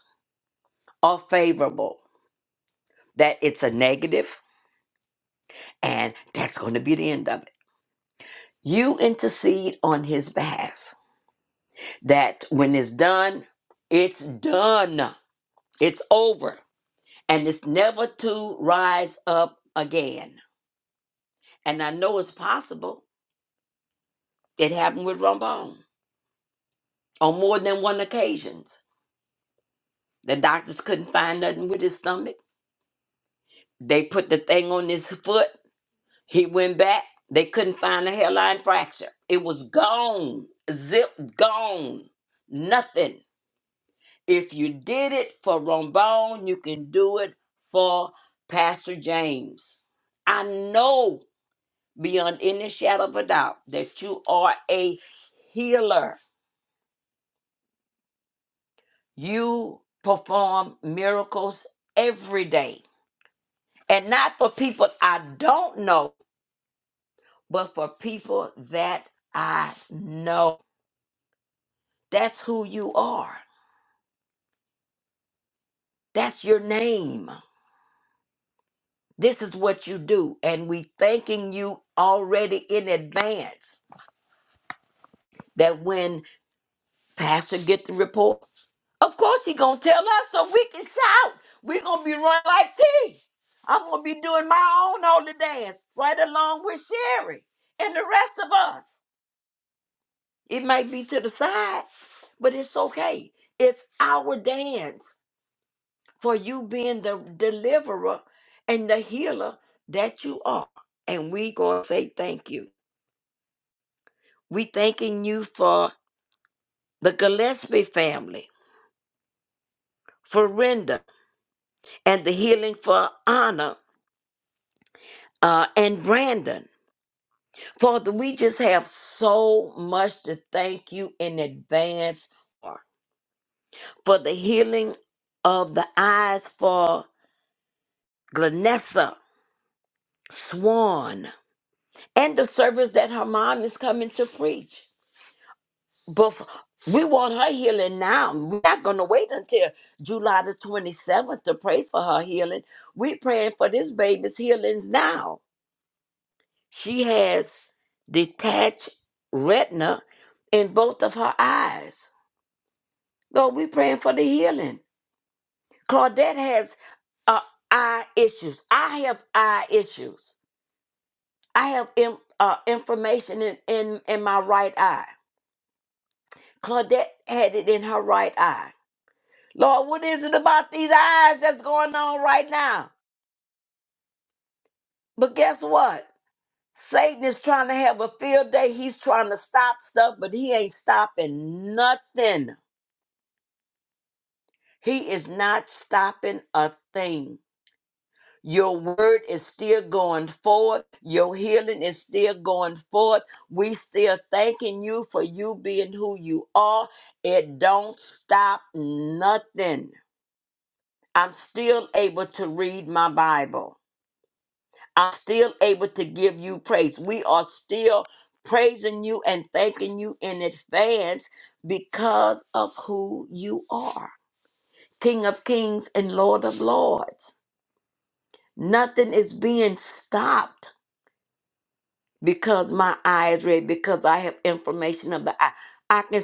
Speaker 5: or favorable, that it's a negative, and that's going to be the end of it. You intercede on his behalf, that when it's done, it's done, it's over, and it's never to rise up again. And I know it's possible. It happened with Rombone on more than one occasions. The doctors couldn't find nothing with his stomach. They put the thing on his foot He went back. They couldn't find the hairline fracture. It was gone. Zip gone. Nothing. If you did it for Rombone, you can do it for Pastor James. I know beyond any shadow of a doubt that you are a healer. You perform miracles every day. And not for people I don't know, but for people that I know. That's who you are. That's your name. This is what you do. And we thanking you already in advance that when Pastor get the report, of course he gonna tell us so we can shout. we gonna be running like tea. I'm gonna be doing my own holy dance right along with Sherry and the rest of us. It might be to the side, but it's okay. It's our dance. for you being the deliverer and the healer that you are. And we going to say thank you. We thanking you for the Gillespie family, for Renda, and the healing for Anna uh, and Brandon. Father, we just have so much to thank you in advance for, for the healing of the eyes for Glenessa Swan and the service that her mom is coming to preach. But we want her healing now. We're not going to wait until July the 27th to pray for her healing. We're praying for this baby's healings now. She has detached retina in both of her eyes. Lord, we're praying for the healing. Claudette has uh, eye issues. I have eye issues. I have in, uh, information in, in, in my right eye. Claudette had it in her right eye. Lord, what is it about these eyes that's going on right now? But guess what? Satan is trying to have a field day. He's trying to stop stuff, but he ain't stopping nothing. He is not stopping a thing. Your word is still going forward. Your healing is still going forward. We still thanking you for you being who you are. It don't stop nothing. I'm still able to read my Bible. I'm still able to give you praise. We are still praising you and thanking you in advance because of who you are King of Kings and Lord of Lords. Nothing is being stopped because my eye is read, because I have information of the eye. I can,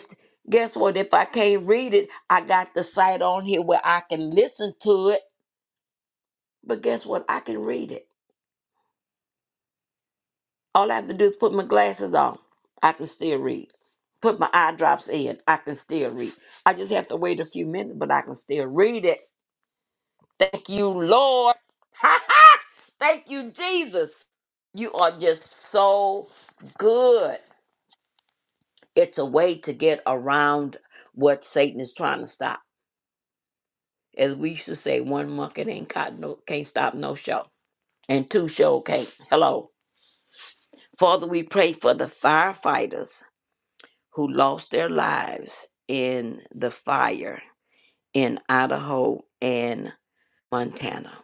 Speaker 5: guess what? If I can't read it, I got the site on here where I can listen to it. But guess what? I can read it. All I have to do is put my glasses on. I can still read. Put my eye drops in. I can still read. I just have to wait a few minutes, but I can still read it. Thank you, Lord. [laughs] Ha ha! Thank you, Jesus. You are just so good. It's a way to get around what Satan is trying to stop. As we used to say, one monkey ain't caught no can't stop no show. And two show can't. Hello. Father, we pray for the firefighters who lost their lives in the fire in Idaho and Montana.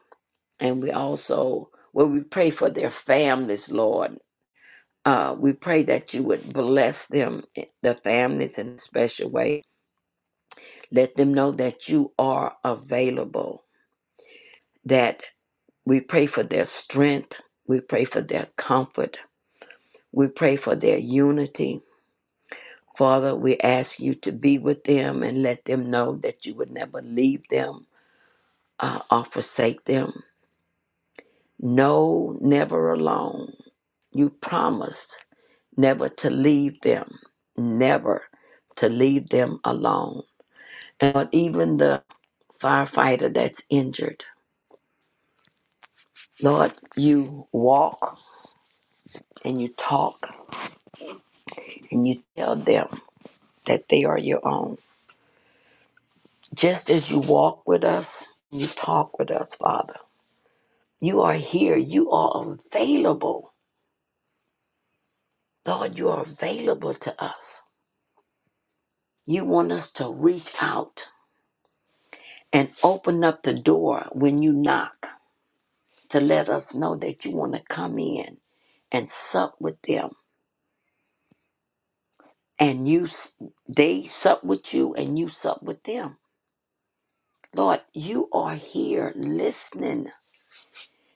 Speaker 5: And we also, well, we pray for their families, Lord. Uh, we pray that you would bless them, eh, the families, in a special way. Let them know that you are available, that we pray for their strength. We pray for their comfort. We pray for their unity. Father, we ask you to be with them and let them know that you would never leave them uh, or forsake them. No, never alone. You promised never to leave them, never to leave them alone. And Lord, even the firefighter that's injured, Lord, you walk and you talk and you tell them that they are your own. Just as you walk with us, you talk with us, Father. You are here. You are available. Lord, you are available to us. You want us to reach out and open up the door when you knock to let us know that you want to come in and sup with them. And you s- they sup with you and you sup with them. Lord, you are here listening.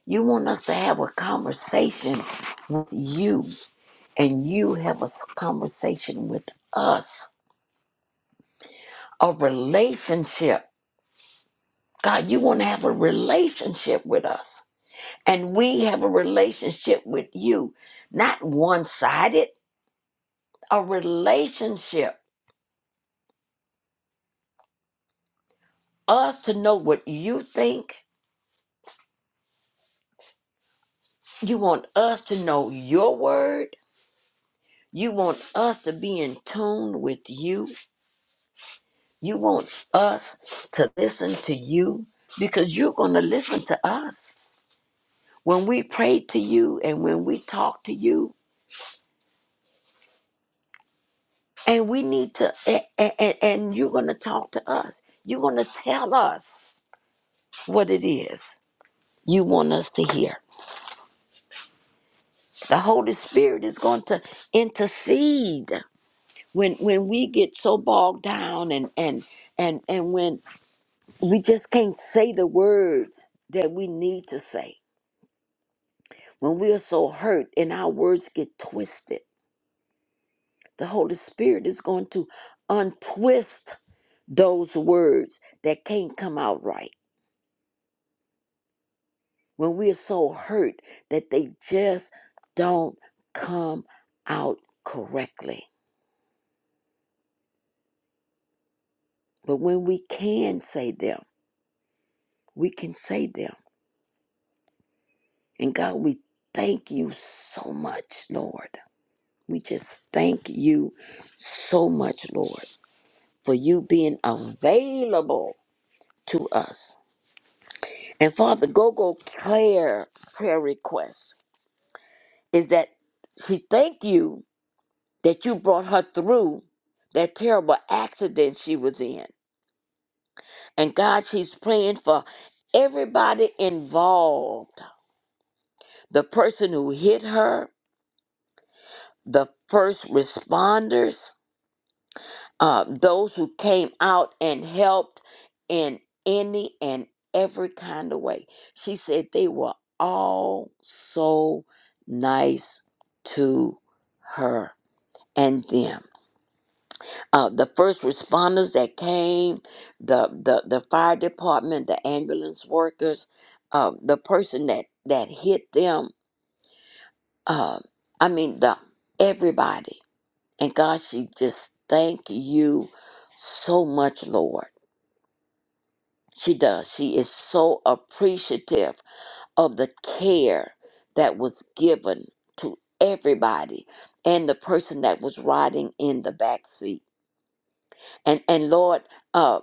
Speaker 5: You want us to have a conversation with you and you have a s- conversation with us. A relationship. God, you want to have a relationship with us. And we have a relationship with you, not one sided, a relationship. Us to know what you think. You want us to know your word. You want us to be in tune with you. You want us to listen to you because you're going to listen to us when we pray to you and when we talk to you. And we need to, and, and, and you're going to talk to us. You're going to tell us what it is. you want us to hear. The Holy Spirit is going to intercede when when we get so bogged down and and and and when we just can't say the words that we need to say. When we are so hurt and our words get twisted, the Holy Spirit is going to untwist those words that can't come out right. When we are so hurt that they just don't come out correctly. But when we can say them, we can say them. And God, we thank you so much, Lord. We just thank you so much, Lord, for you being available to us. And Father, go go Claire prayer request is that she thank you that you brought her through that terrible accident she was in. And God, she's praying for everybody involved. The person who hit her, the first responders, uh, those who came out and helped in any and every kind of way. She said they were all so nice to her and them. Uh, the first responders that came, the, the, the fire department, the ambulance workers, uh, the person that, that hit them, uh, I mean, the everybody And God, she just thank you so much, Lord. She does. She is so appreciative of the care that was given to everybody and the person that was riding in the back seat. And and Lord, uh,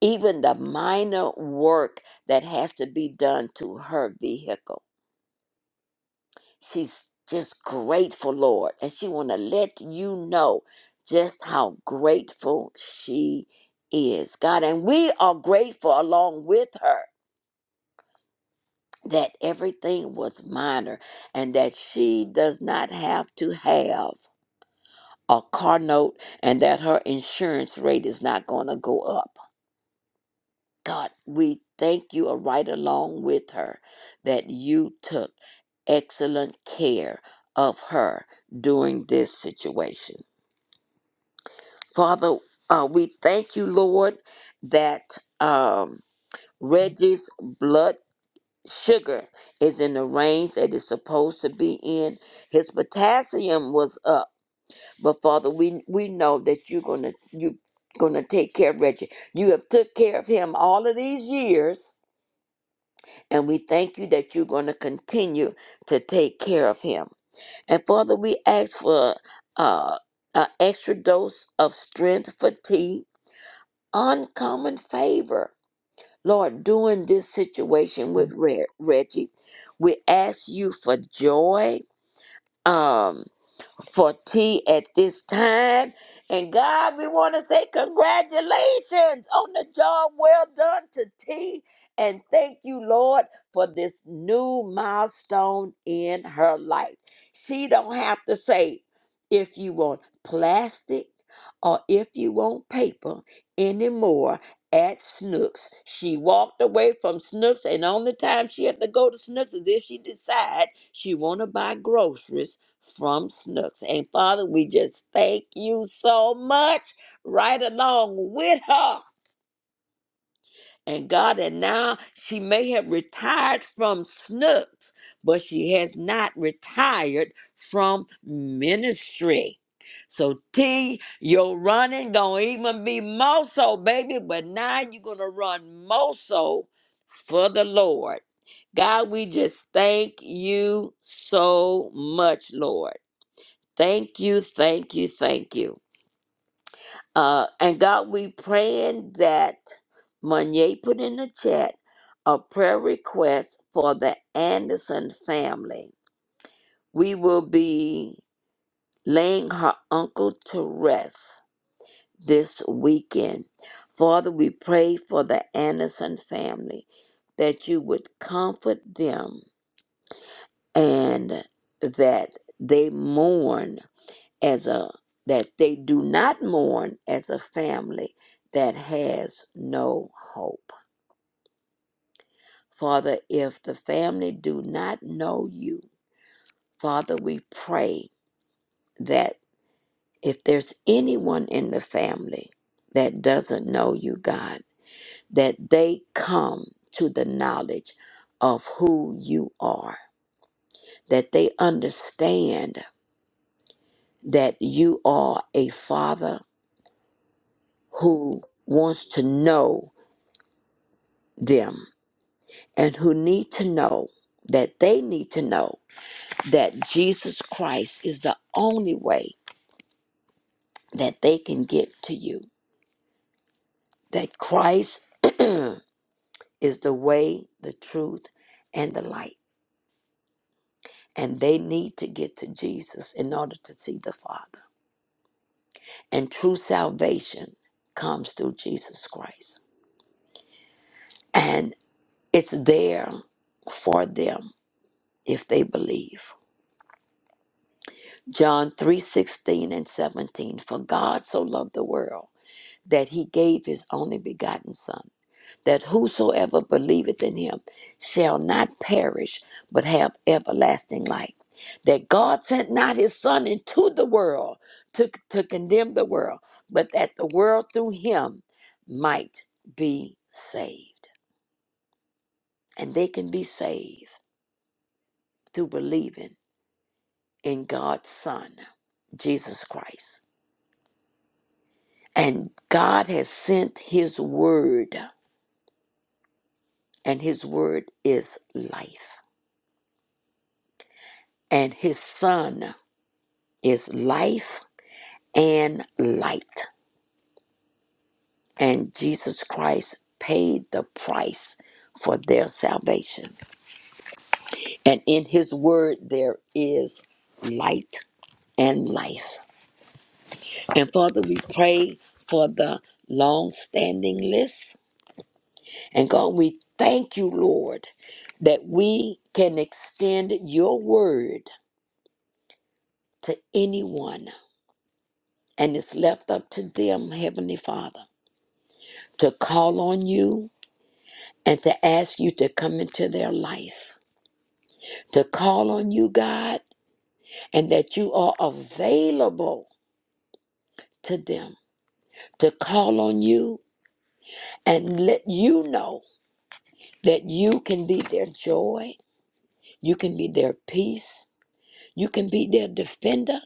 Speaker 5: even the minor work that has to be done to her vehicle. she's just grateful, Lord, and she want to let you know just how grateful she is, God. And we are grateful along with her that everything was minor and that she does not have to have a car note and that her insurance rate is not going to go up. God, we thank you are right along with her that you took excellent care of her during this situation. Father, uh, we thank you, Lord, that um, Reggie's blood sugar is in the range that it's supposed to be in. His potassium was up, but Father, we we know that you're gonna you gonna take care of Reggie. You have took care of him all of these years And we thank you that you're going to continue to take care of him. And Father, we ask for uh, an extra dose of strength, fatigue, uncommon favor. Lord, during this situation with Re- Reggie, we ask you for joy. Um, for tea at this time. And God, we want to say congratulations on the job well done to T. And thank you, Lord, for this new milestone in her life. She don't have to say if you want plastic or if you want paper anymore at Snooks. She walked away from Snooks, and only time she had to go to Snooks is if she decide she want to buy groceries from Snooks. And Father, we just thank you so much right along with her. And God, and now she may have retired from Snooks, but she has not retired from ministry. So T, your running gonna even be more so, baby, but now you're gonna run more so for the Lord. God, we just thank you so much, Lord. Thank you, thank you, thank you. Uh, and God, we praying that Monye put in the chat a prayer request for the Anderson family. We will be laying her uncle to rest this weekend. Father, we pray for the Anderson family that you would comfort them and that they mourn as a that they do not mourn as a family that has no hope. Father, if the family do not know you, Father, we pray that if there's anyone in the family that doesn't know you, God, that they come to the knowledge of who you are, that they understand that you are a father who wants to know them and who need to know that they need to know that Jesus Christ is the only way that they can get to you. That Christ [clears throat] is the way, the truth, and the light. And they need to get to Jesus in order to see the Father. And true salvation comes through Jesus Christ. And it's there for them if they believe. John 3 16 and 17. For God so loved the world that he gave his only begotten Son, that whosoever believeth in him shall not perish, but have everlasting life. That God sent not his Son into the world to, to condemn the world, but that the world through him might be saved. And they can be saved through believing in God's Son, Jesus Christ. And God has sent his word, and his word is life and his son is life and light. And Jesus Christ paid the price for their salvation. And in his word, there is light and life. And Father, we pray for the long standing list. And God, we thank you, Lord, that we can extend your word to anyone. And it's left up to them, Heavenly Father to call on you and to ask you to come into their life, to call on you, God, and that you are available to them, to call on you and let you know that you can be their joy, you can be their peace, you can be their defender.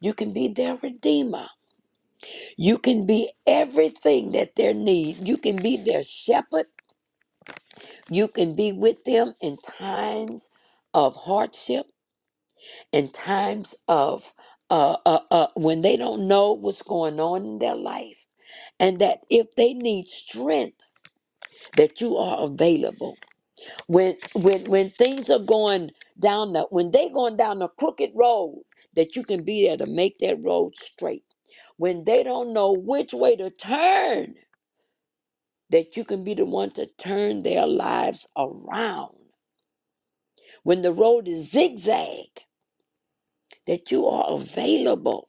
Speaker 5: You can be their redeemer. You can be everything that they need. You can be their shepherd. You can be with them in times of hardship. in times of uh, uh, uh, when they don't know what's going on in their life and that if they need strength that you are available when when when things are going down the when they going down the crooked road that you can be there to make that road straight when they don't know which way to turn that you can be the one to turn their lives around when the road is zigzag that you are available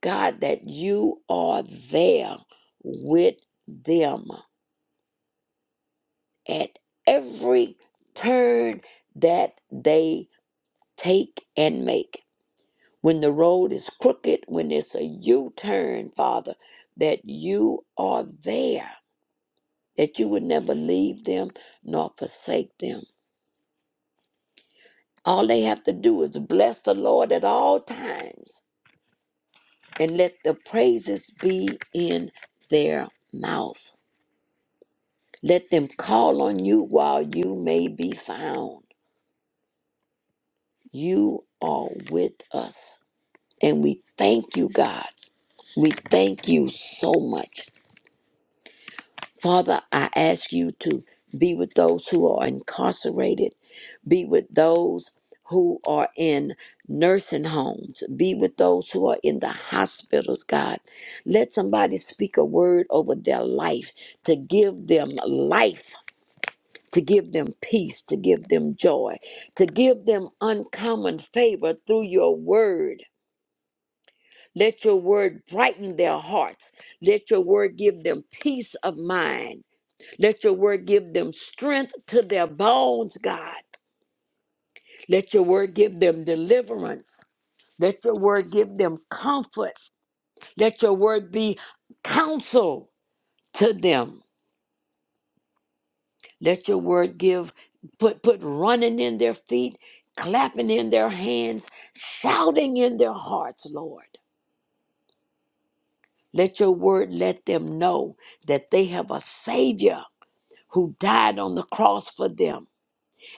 Speaker 5: God, that you are there with them at every turn that they take and make. When the road is crooked, when it's a U turn, Father, that you are there, that you would never leave them nor forsake them. All they have to do is bless the Lord at all times and let the praises be in their mouth. Let them call on you while you may be found. You are with us. And we thank you, God. We thank you so much. Father, I ask you to be with those who are incarcerated, be with those who are in nursing homes, be with those who are in the hospitals, God. Let somebody speak a word over their life to give them life to give them peace, to give them joy, to give them uncommon favor through your word. Let your word brighten their hearts. Let your word give them peace of mind. Let your word give them strength to their bones, God. Let your word give them deliverance. Let your word give them comfort. Let your word be counsel to them. Let your word give, put, put running in their feet, clapping in their hands, shouting in their hearts, Lord. Let your word let them know that they have a Savior who died on the cross for them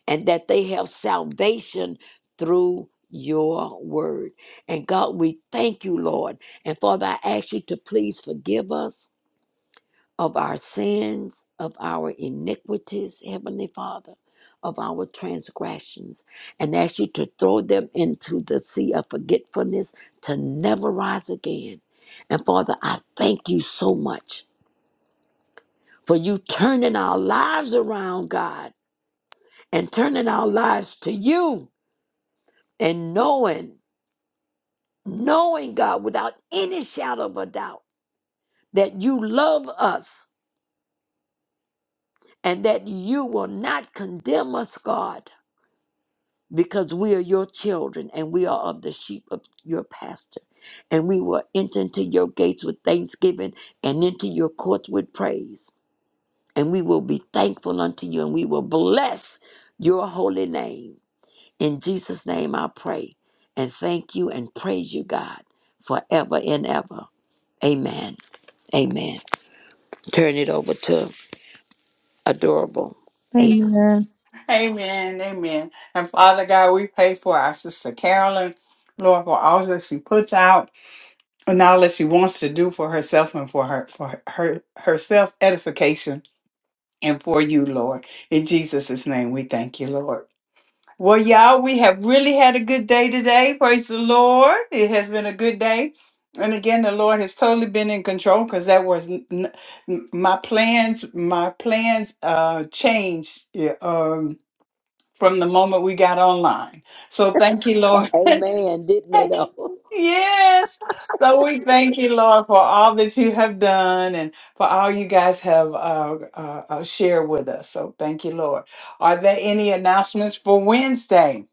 Speaker 5: and that they have salvation through your word. And God, we thank you, Lord. And Father, I ask you to please forgive us of our sins, of our iniquities, Heavenly Father, of our transgressions, and ask you to throw them into the sea of forgetfulness to never rise again. And Father, I thank you so much for you turning our lives around, God, and turning our lives to you and knowing, knowing, God, without any shadow of a doubt that you love us and that you will not condemn us, God because we are your children and we are of the sheep of your pasture, And we will enter into your gates with thanksgiving and into your courts with praise. And we will be thankful unto you and we will bless your holy name. In Jesus' name I pray and thank you and praise you, God, forever and ever. Amen. Amen. Turn it over to adorable. A-
Speaker 1: Amen.
Speaker 2: Amen. Amen. And Father God, we pray for our sister Carolyn, Lord, for all that she puts out. and all that she wants to do for herself and for her for her herself edification and for you, Lord. In Jesus' name, we thank you, Lord. Well, y'all, we have really had a good day today. Praise the Lord. It has been a good day. And again, the Lord has totally been in control because that was n- n- n- my plans. My plans uh, changed yeah, um, from the moment we got online. So thank you, Lord.
Speaker 5: Amen. Didn't
Speaker 2: [laughs]
Speaker 5: they though? [laughs]
Speaker 2: Yes. So we thank you, Lord, for all that you have done and for all you guys have uh, uh, uh, shared with us. So thank you, Lord. Are there any announcements for Wednesday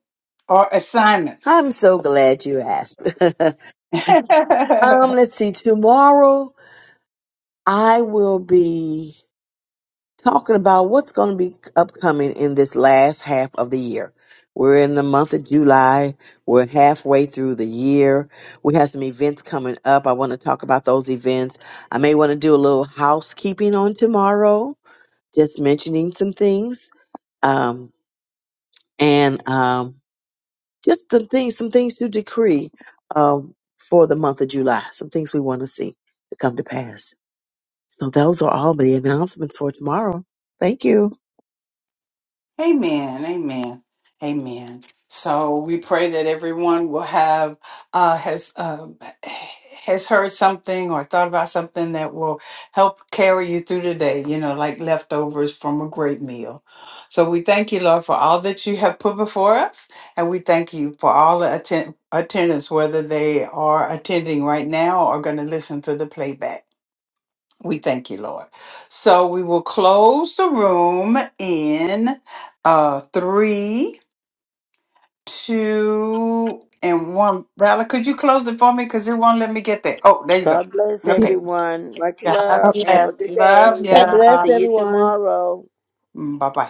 Speaker 2: or assignments?
Speaker 4: I'm so glad you asked. [laughs]
Speaker 2: [laughs]
Speaker 4: um, let's see. Tomorrow I will be. talking about what's going to be upcoming in this last half of the year. We're in the month of July. We're halfway through the year. We have some events coming up. I want to talk about those events. I may want to do a little housekeeping on tomorrow, just mentioning some things um, and um, just some things, some things to decree um, for the month of July, some things we want to see to come to pass. So those are all the announcements for tomorrow. Thank you.
Speaker 2: Amen. Amen. Amen. So we pray that everyone will have uh, has um, has heard something or thought about something that will help carry you through the day. You know, like leftovers from a great meal. So we thank you, Lord, for all that you have put before us, and we thank you for all the atten- attendants, whether they are attending right now or going to listen to the playback. We thank you, Lord. So we will close the room in uh three, two, and one. Rally, could you close it for me? Because it won't let me get there. Oh, there you go.
Speaker 5: God bless
Speaker 1: If-
Speaker 2: Okay.
Speaker 5: everyone. Much
Speaker 2: God
Speaker 5: love. Have a good
Speaker 2: love
Speaker 5: day.
Speaker 4: God bless
Speaker 2: ya.
Speaker 5: See you
Speaker 4: everyone.
Speaker 5: tomorrow.
Speaker 2: Bye bye.